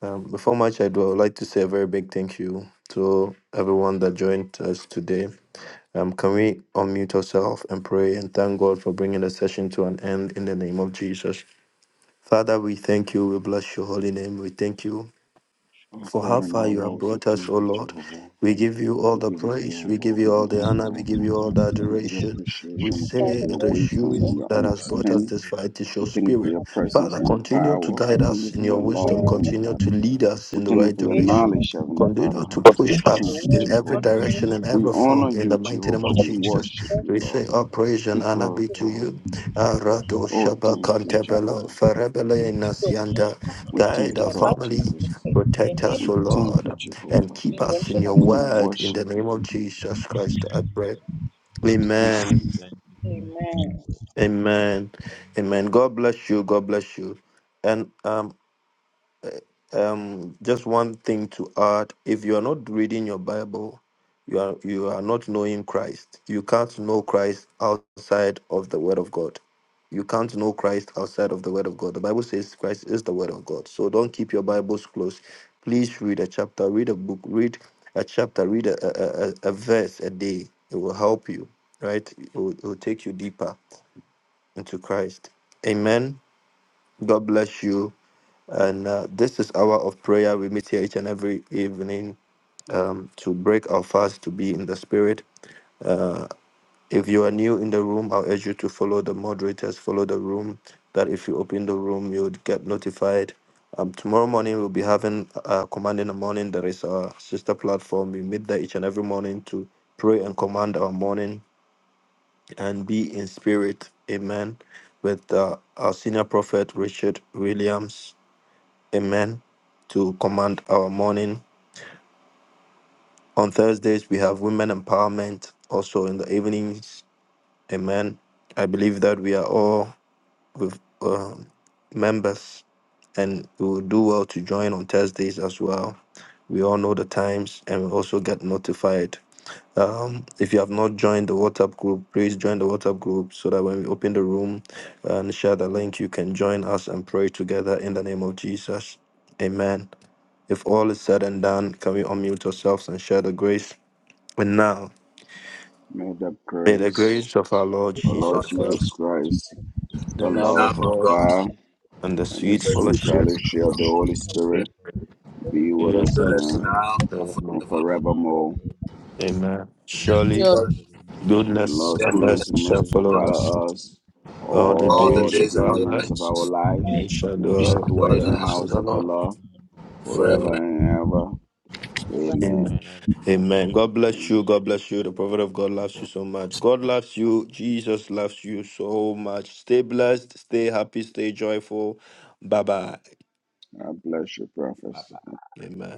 S2: um, before much i do i would like to say a very big thank you to everyone that joined us today um, can we unmute ourselves and pray and thank God for bringing the session to an end in the name of Jesus? Father, we thank you. We bless your holy name. We thank you
S1: our
S2: for
S1: God
S2: how
S1: and
S2: far
S1: our
S2: you
S1: Lord.
S2: have
S1: We say
S2: brought us,
S1: thank
S2: O
S1: you,
S2: Lord.
S1: Jehovah.
S2: We give you all
S1: We
S2: the
S1: give you
S2: praise, we
S1: glory.
S2: give
S1: We
S2: you
S1: give
S2: all
S1: you
S2: the honor, we
S1: honor,
S2: give
S1: Heavenly
S2: you all the
S1: Father. We give you the
S2: adoration. We
S1: appreciation. We thank you
S2: say
S1: for
S2: it
S1: your
S2: is
S1: wisdom and
S2: you
S1: your
S2: that has brought us
S1: understanding.
S2: this far, it is your
S1: We thank you for
S2: spirit.
S1: your presence
S2: Father,
S1: and your
S2: continue to
S1: power.
S2: guide
S1: We thank
S2: us
S1: you
S2: in
S1: for
S2: your
S1: your love,
S2: wisdom,
S1: Heavenly
S2: continue
S1: Father.
S2: to lead us
S1: We
S2: in the
S1: thank you
S2: right
S1: for your
S2: direction.
S1: knowledge, Heavenly Father.
S2: Continue to
S1: We say
S2: push
S1: thank
S2: us
S1: you,
S2: in every
S1: Jehovah.
S2: direction and
S1: We
S2: every form
S1: honor
S2: in the
S1: you,
S2: mighty name
S1: Jehovah.
S2: of
S1: We
S2: Jesus.
S1: worship you,
S2: We
S1: Lord.
S2: say all praise and
S1: We
S2: honor be to
S1: glorify
S2: you.
S1: you.
S2: Arado
S1: Oh, thank you,
S2: Shabakantebelo,
S1: Jehovah.
S2: Farebele Nasianda,
S1: We
S2: guide
S1: thank
S2: our
S1: you, Lord
S2: family,
S1: Jesus.
S2: Protect us,
S1: We
S2: O
S1: thank
S2: Lord,
S1: you,
S2: and
S1: Jehovah.
S2: keep us in your
S1: We
S2: word in
S1: worship
S2: the name
S1: you.
S2: of Jesus Christ. I pray.
S1: Thank you.
S2: Amen.
S6: Thank you, Father,
S5: Amen.
S2: Amen.
S6: for the Holy
S2: Amen. God bless you. God bless you. And um, Um, just one thing to add: if you are not reading your Bible, you are you are not knowing Christ. You can't know Christ outside of the Word of God. You can't know Christ outside of the Word of God. The Bible says Christ is the Word of God. So don't keep your Bibles closed. Please read a chapter, read a book, read a chapter, read a a, a, a verse a day. It will help you, right? It will, it will take you deeper into Christ. Amen. God bless you. And uh, this is hour of prayer. We meet here each and every evening um, to break our fast, to be in the spirit. If you are new in the room, I'll urge you to follow the moderators, follow the room. That if you open the room, you would get notified. Um, tomorrow morning we'll be having uh, command in the morning. There is our sister platform. We meet there each and every morning to pray and command our morning and be in spirit. Amen. With uh, our senior prophet Richard Williams. Amen to command our morning. On Thursdays, we have women empowerment. Also in the evenings, amen. I believe that we are all with um members, and we will do well to join on Thursdays as well. We all know the times, and we also get notified. Um, if you have not joined the WhatsApp group, please join the WhatsApp group so that when we open the room and share the link, you can join us and pray together in the name of Jesus. Amen. If all is said and done, can we unmute ourselves and share the grace? And now.
S1: May the
S2: May the
S1: grace
S2: grace of our Lord
S1: of
S7: A
S1: Lord
S7: lot.
S2: Jesus
S5: So,
S1: Jesus
S2: Christ,
S1: Christ,
S2: the
S1: the
S7: The
S2: love of
S1: love
S7: love
S1: of
S7: of
S2: God,
S7: God,
S1: God,
S2: and the
S1: and the
S2: sweet
S7: the
S1: sweet
S7: secret of
S2: fellowship
S1: fellowship
S7: the
S1: of the
S7: Holy
S1: Holy
S2: of the
S7: Spirit,
S1: Spirit
S6: Spirit.
S1: be with
S2: Spirit
S1: us
S7: be with
S2: that's
S7: us
S1: now
S2: done
S7: now and
S2: forevermore.
S6: It
S1: and
S6: is
S7: forevermore.
S6: now,
S1: forevermore.
S6: um,
S2: Amen.
S7: Amen.
S2: Surely
S5: your God be
S7: God,
S6: room, So
S1: And
S2: goodness
S1: Lord's
S7: bless
S2: and
S7: the message
S1: goodness
S2: mercy
S1: and
S7: of
S2: shall
S1: mercy shall
S7: God.
S2: follow us
S1: follow us
S2: all the
S7: All the
S1: all
S2: days
S1: the
S2: of
S7: days of
S2: our
S7: our
S1: days
S7: life,
S1: of
S2: lives,
S1: our
S6: let these
S2: and
S6: in
S5: all
S2: we
S1: lives,
S6: i
S2: shall
S6: heart,
S1: and we
S7: we shall
S1: shall
S2: dwell
S1: dwell
S2: in
S7: dwell in
S1: in
S2: the
S7: the
S1: the
S2: house
S7: house of
S2: of
S1: house
S2: the
S7: the
S1: of the
S7: Lord
S2: Lord
S1: Lord
S6: darken them in my heart,
S5: the glory,
S7: forever.
S5: Lord.
S2: forever.
S1: forever and ever.
S5: ever
S2: Amen.
S1: Amen.
S2: Amen. God bless you.
S1: Amen.
S2: God bless you. The prophet of God loves you so much. God loves you. Jesus loves you so much. Stay blessed. Stay happy. Stay joyful. Bye bye.
S1: God bless you,
S6: Bye.
S1: prophets.
S2: Amen.